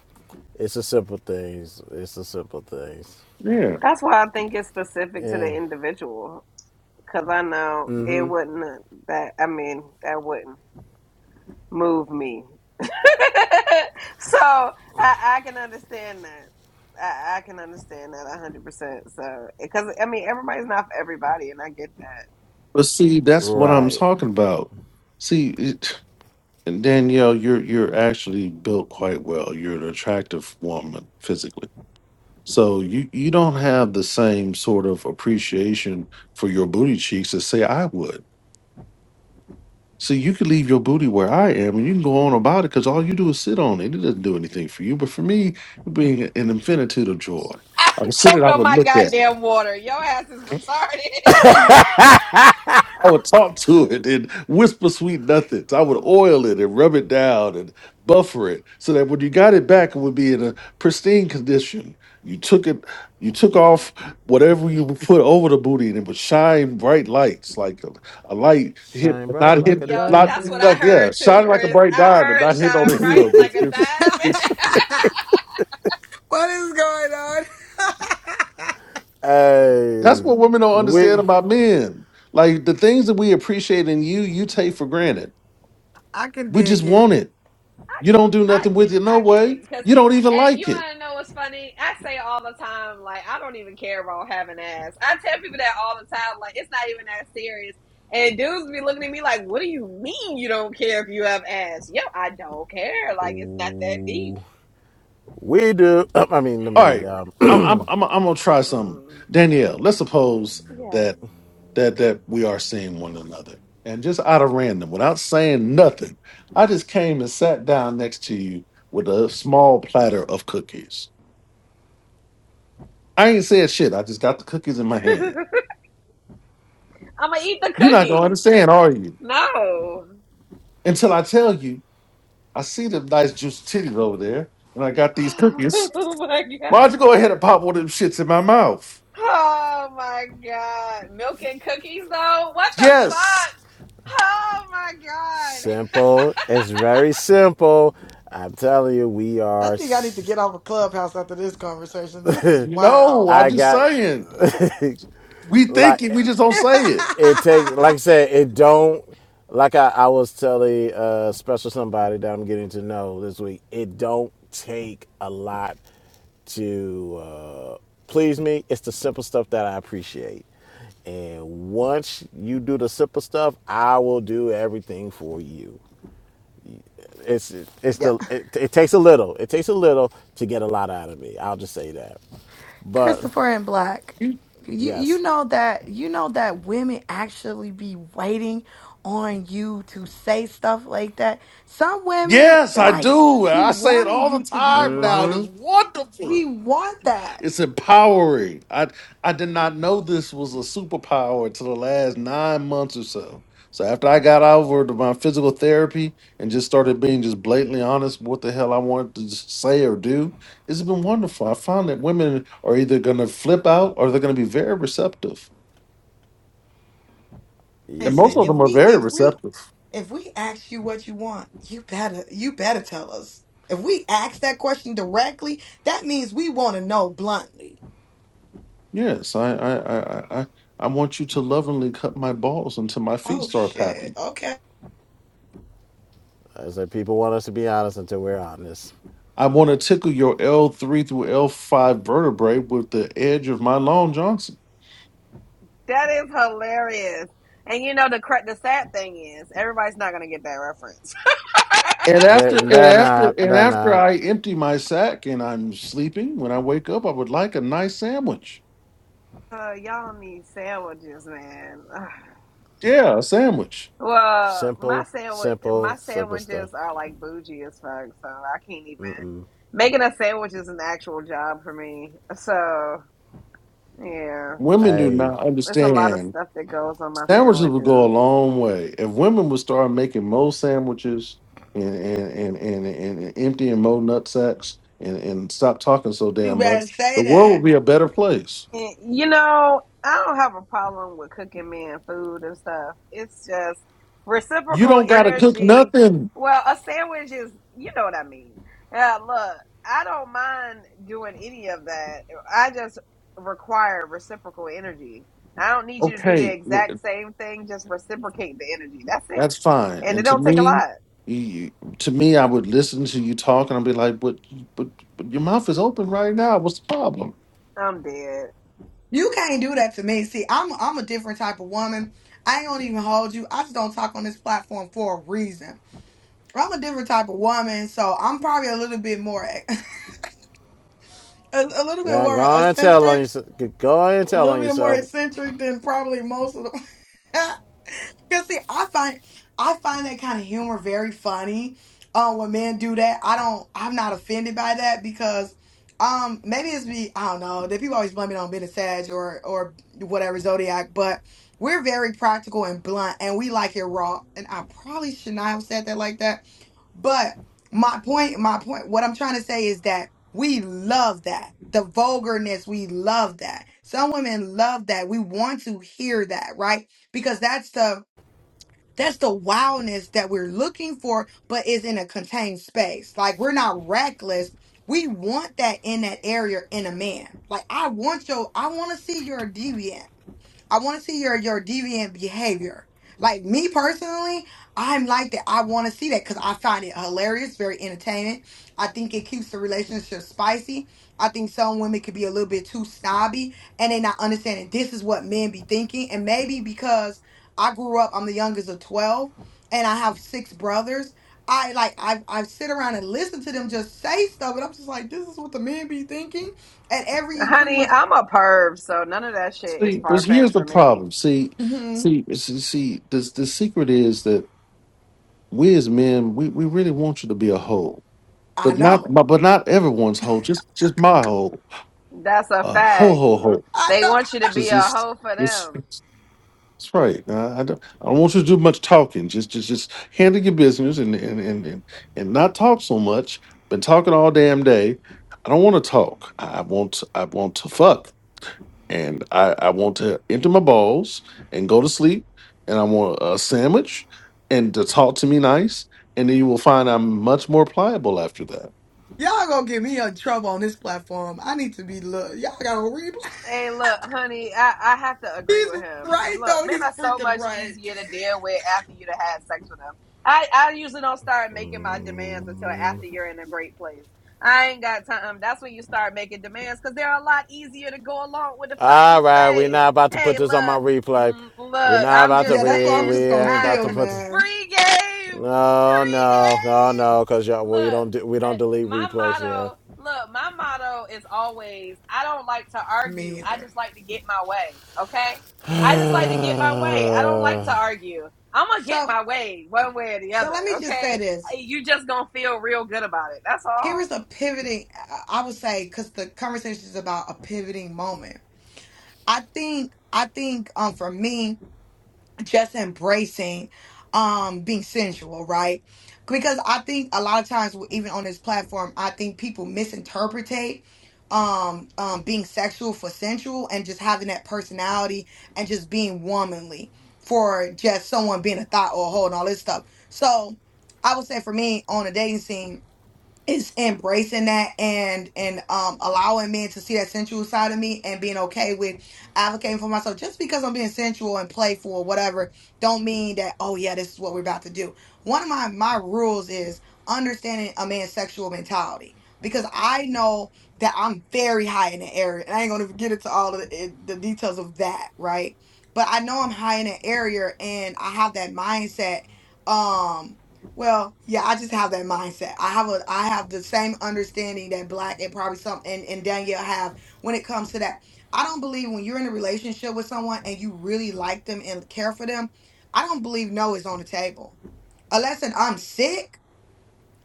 it's the simple things. It's the simple things. Yeah. That's why I think it's specific to the And individual. Cause I know it Mm. wouldn't, that, I mean, that wouldn't. move me. so I, I can understand that. I, I can understand that a hundred percent. So because I mean everybody's not for everybody, and I get that. But see, that's what I'm right. talking about. See, it, and Danielle, you're you're actually built quite well. You're an attractive woman physically So you you don't have the same sort of appreciation for your booty cheeks as say I would. See, you could leave your booty where I am, and you can go on about it because all you do is sit on it. It doesn't do anything for you. But for me, it being an infinitude of joy, I I would sit it. choked I on would my look at. goddamn water. Your ass is retarded. I would talk to it and whisper sweet nothings. I would oil it and rub it down and buffer it so that when you got it back, it would be in a pristine condition. You took it, you took off whatever you put over the booty, and it would shine bright lights like a, a light hit, Shine bright not like a hit, Yo, not that's what diamond. I like heard yeah, too, shine like a Chris. bright I diamond, heard not hit on the shine bright heel. like It's, a it's, diamond. it's, it's- what is going on? that's Hey, what women don't understand we about men. Like the things that we appreciate in you, you take for granted. I can We just dig want it. it. I You can, don't do I nothing with can, it, no I can way. dig because, You don't even hey, like you it. want to know what's funny? I say all the time, like I don't even care about having ass. I tell people that all the time, like it's not even that serious. And dudes be looking at me like, "What do you mean you don't care if you have ass?" Yo, I don't care. Like it's not that deep. we do. um, I mean, let All me. right, Um, I'm I'm I'm, I'm gonna try something, Mm, Danielle. Let's suppose that yes, that that we are seeing one another, and just out of random, without saying nothing, I just came and sat down next to you with a small platter of cookies. I ain't said shit. I just got the cookies in my hand. I'm gonna eat the You're not gonna cookies. understand, are you? No. Until I tell you, I see the nice juicy titties over there, and I got these cookies. oh my god. Why'd you go ahead and pop one of them shits in my mouth? Oh my god. Milk and cookies though? What the Yes. fuck? Oh my god. simple. It's very simple. I'm telling you, we i are. think i need to get off a clubhouse after this conversation this is No, wild I I'm just got saying. We think like. it, we just don't say it. it takes like I said, it don't like I, I was telling uh special somebody that I'm getting to know this week, it don't take a lot to uh please me. It's the simple stuff that I appreciate. And once you do the simple stuff, I will do everything for you. It's it's the it, it takes a little. It takes a little to get a lot out of me. I'll just say that. But Christopher and Black, You- you you yes, know that you know that women actually be waiting on you to say stuff like that. Some women Yes, I like do. be I say it wanting all you the to be time now. and blunt. It's We wonderful. want that. It's empowering. I I did not know this was a superpower until the last nine months or so. So after I got over to my physical therapy and just started being just blatantly honest with what the hell I wanted to just say or do, it's been wonderful. I found that women are either gonna flip out or they're gonna be very receptive. And most Listen, yeah. of if them are we very if we receptive. if we ask you what you want, you better you better tell us. If we ask that question directly, that means we want to know bluntly. Yes, I, I, I, I, I want you to lovingly cut my balls until my feet Oh start shit. popping. Okay. as I said, people want us to be honest until we're honest. I want to tickle your L3 through L5 vertebrae with the edge of my Long Johnson. That is hilarious. And you know the cra- the sad thing is everybody's not going to get that reference. And They're, after and they're after not. and They're after not. I empty my sack and I'm sleeping, when I wake up, I would like a nice sandwich. Uh, y'all need sandwiches, man. Yeah, a sandwich. well, my Simple, sandwich simple, my simple stuff. sandwiches are like bougie as fuck, so I can't even making a sandwich is an actual job for me. So, yeah. Women do Hey, not There's a lot of understand stuff that goes on my Sandwiches would go a sandwiches. long way. If women would start making more sandwiches and and and and, and, and emptying more nut sacks and, and stop talking so You damn much, better the say world that. would be a better place. And, you know, I don't have a problem with cooking me and food and stuff. It's just You reciprocal don't gotta cook energy. nothing. Well, a sandwich is, you know what I mean. Yeah, look, I don't mind doing any of that. I just require reciprocal energy. I don't need you to do the Okay, exact same thing, just reciprocate the energy. That's it. that's fine. And it And to don't take a me, lot. you, to me, I would listen to you talk and I'd be like, but, but but your mouth is open right now. What's the problem? I'm dead. You can't do that to me. See, I'm I'm a different type of woman. I ain't gonna even hold you. I just don't talk on this platform for a reason. I'm a different type of woman, so I'm probably a little bit more a, a little bit now more go and tell on eccentric, yourself. Go and a tell little on bit more yourself. eccentric than probably most of them. Cause see, I find I find that kind of humor very funny. Uh, when men do that, I don't. I'm not offended by that because, um, maybe it's me. I don't know. That people always blame it on being a Sag or or whatever zodiac, but we're very practical and blunt, and we like it raw. And I probably should not have said that like that. But my point, my point, what I'm trying to say is that we love that. The vulgarness, we love that. Some women love that. We want to hear that, right? Because that's the that's the wildness that we're looking for, but is in a contained space. Like we're not reckless. We want that in that area in a man. Like I want your, I want to see your deviant. I want to see your your deviant behavior. Like me personally, I'm like that. I want to see that because I find it hilarious, very entertaining. I think it keeps the relationship spicy. I think some women could be a little bit too snobby and they not understanding this is what men be thinking. And maybe because I grew up, I'm the youngest of twelve, and I have six brothers. I like I I sit around and listen to them just say stuff, and I'm just like, this is what the men be thinking. And every pretty Honey, much, I'm a perv, so none of that shit is See, but far here's fetched the for me. problem. See, mhm, see, see, see. This the secret is that we as men, we, we really want you to be a hoe, I but not know. but, but not everyone's hoe. Just just my hoe, That's a uh, ho fact. ho Mm, ho. I They know. want you to be Just a just hoe for it's them. it's, it's right. Uh, I don't I don't want you to do much talking. Just just just handle your business and and and and, and not talk so much. Been talking all damn day. I don't want to talk. I I want I want to fuck and I, I want to empty my balls and go to sleep, and I want a sandwich and to talk to me nice, and then you will find I'm much more pliable after that. Y'all gonna get me in trouble on this platform. I need to be look. Y'all gotta replay. Hey, look, honey, I, I have to agree He's with him. right You look, though. men He's are so freaking much right. easier to deal with after you've had sex with them. I, I usually don't start making my demands until after you're in a great place. I ain't got time. That's when you start making demands because they're a lot easier to go along with the fuck you All right, we we're say. not about to Hey, put this on my look, replay. mm, we are look, not I'm about to. just Yeah, that's why We I'm we saying, just gonna ain't I, about chill, to put. This. man. free game, No, free no, oh game. no, cause y'all we Look. don't do, we Uh, don't delete my replays here. motto, look, my motto is always I don't like to argue. Me I either. just like to get my way. Okay? I just like to get my way. I don't like to argue. I'm going to get So, my way one way or the so other. let me just say Okay? this. Hey, You just going to feel real good about it. That's Here all. is a pivoting, I I would say, because the conversation is about a pivoting moment. I think, I think, um, for me. just embracing um being sensual right because i think a lot of times w- even on this platform i think people misinterpretate um um being sexual for sensual and just having that personality and just being womanly for just someone being a thought or a hold and all this stuff so i would say for me on a dating scene is embracing that and and um allowing men to see that sensual side of me and being okay with advocating for myself just because I'm being sensual and playful or whatever don't mean that oh yeah this is what we're about to do. One of my my rules is understanding a man's sexual mentality because I know that I'm very high in the area and I ain't gonna get into all of the, the details of that right, but I know I'm high in the area and I have that mindset um. Well, yeah, I just have that mindset. I have a I have the same understanding that black and probably some and, and Danielle have when it comes to that. I don't believe when you're in a relationship with someone and you really like them and care for them, I don't believe no is on the table. Unless and I'm sick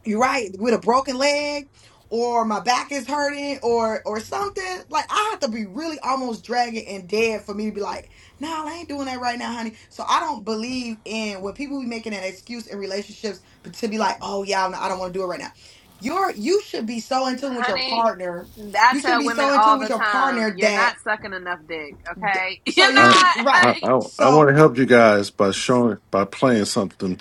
you're right with a broken leg or my back is hurting or or something like i have to be really almost dragging and dead for me to be like no, nah, i ain't doing that right now honey so i don't believe in when people be making an excuse in relationships but to be like oh yeah I'm i don't want to do it right now you're you should be so in tune with your Honey, partner I you should tell be women so in tune all with the your time, partner you're that not sucking enough dick. Okay? so You're you I should right I not. I, I want so to help you guys by showing by playing something.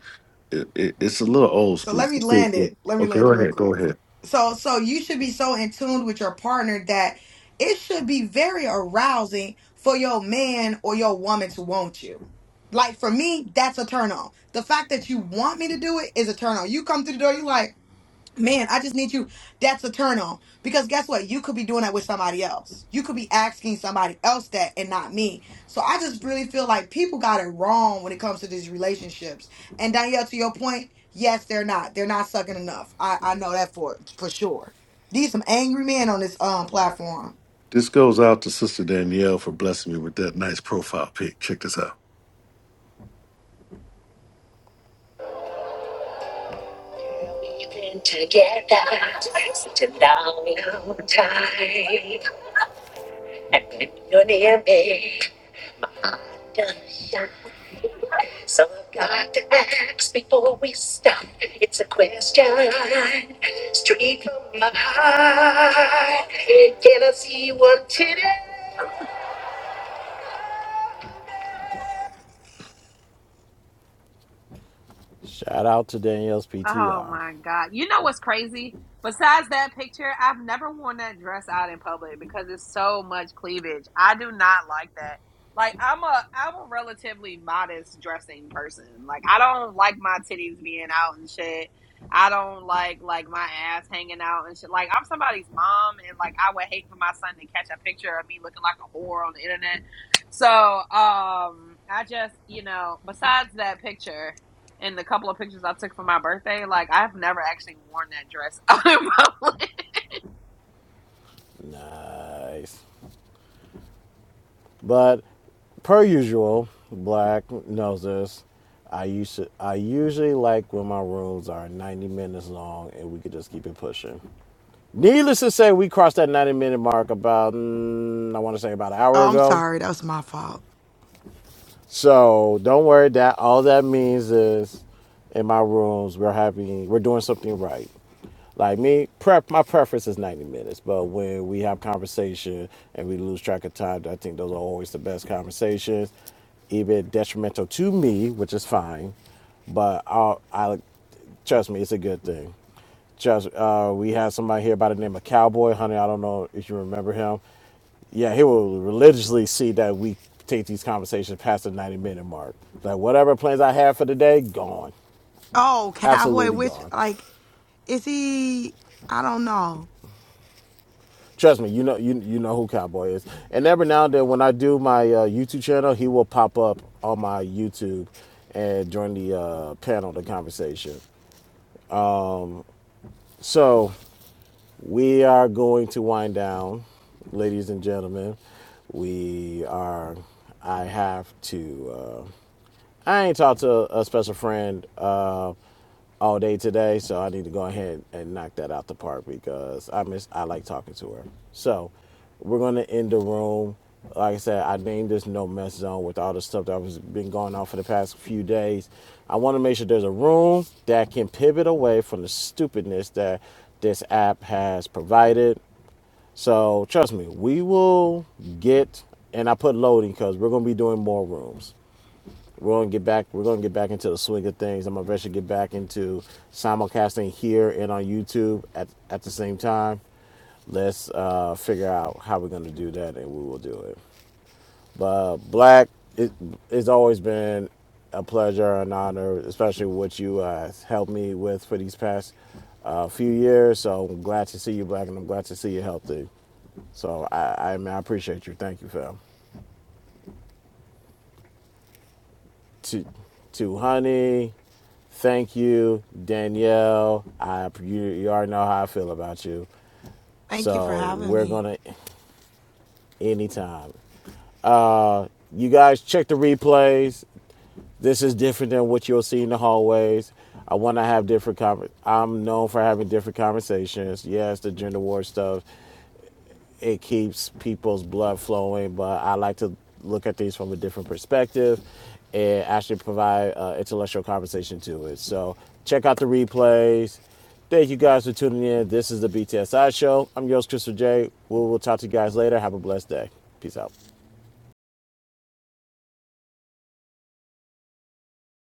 It, it, it's a little old So school. let me land it. Let me Okay, land go it real ahead. Go quick. ahead. So so you should be so in tune with your partner that it should be very arousing for your man or your woman to want you. Like for me, that's a turn on. The fact that you want me to do it is a turn on. You come through the door, you like. Man, I just need you. That's a turn on. Because guess what? You could be doing that with somebody else. You could be asking somebody else that and not me. So I just really feel like people got it wrong when it comes to these relationships. And Danielle, to your point, yes, they're not. They're not sucking enough. I, I know that for for sure. These some angry men on this um platform. This goes out to Sister Danielle for blessing me with that nice profile pic. Check this out. We've been together such a long, long time. And when you're near me. So I've got to ask before we stop. It's a question straight from my heart. Can I see one today? Shout out to Danielle's Oh PTR. my God. You know what's crazy? Besides that picture, I've never worn that dress out in public because it's so much cleavage. I do not like that. Like I'm a I'm a relatively modest dressing person. Like I don't like my titties being out and shit. I don't like like my ass hanging out and shit. Like I'm somebody's mom and like I would hate for my son to catch a picture of me looking like a whore on the internet. So um I just, you know, besides that picture, and the couple of pictures I took for my birthday, like I've never actually worn that dress out in public. Nice. But per usual, Black knows this. I used to, I usually like when my rooms are 90 minutes long and we could just keep it pushing. Needless to say, we crossed that 90 minute mark about mm, I want to say about an hour Oh, I'm ago. sorry. That was my fault. So don't worry. That all that means is, in my rooms, we're having we're doing something right. Like me, prep my preference is ninety minutes, but when we have conversation and we lose track of time, I think those are always the best conversations. Even detrimental to me, which is fine, but I, I trust me, it's a good thing. Just uh, we had somebody here by the name of Cowboy Honey. I don't know if you remember him. Yeah, he will religiously see that we take these conversations past the 90 minute mark. Like whatever plans I have for the day, gone. Oh, Cowboy, Absolutely which, gone. like, is he? I don't know. Trust me, you know you you know who Cowboy is. And every now and then when I do my uh, YouTube channel, he will pop up on my YouTube and during the uh, panel the conversation. So we are going to wind down, ladies and gentlemen. We are I have to uh, I ain't talked to a special friend uh, all day today, so I need to go ahead and knock that out the park because I miss I like talking to her. So we're gonna end the room. Like I said, I named this no mess zone with all the stuff that was been going on for the past few days. I want to make sure there's a room that can pivot away from the stupidness that this app has provided. So trust me, we will get. And I put loading because we're gonna be doing more rooms. We're gonna get back. We're gonna get back into the swing of things. I'm gonna eventually get back into simulcasting here and on YouTube at at the same time. Let's uh, figure out how we're gonna do that, and we will do it. But Black, it, it's always been a pleasure and honor, especially what you uh, helped me with for these past uh, few years. So I'm glad to see you, Black, and I'm glad to see you healthy. So I, I, man, I appreciate you. Thank you, fam. to to honey thank you danielle i you, you already know how i feel about you Thank you for so having we're me. gonna anytime you guys check the replays this is different than what you'll see in the hallways i want to have different conver- i'm known for having different conversations yes the gender war stuff it keeps people's blood flowing. But I like to look at these from a different perspective and actually provide uh, intellectual conversation to it. So check out the replays. Thank you guys for tuning in. This is the BTSI show. I'm yours, Christopher J. We will talk to you guys later. Have a blessed day. Peace out.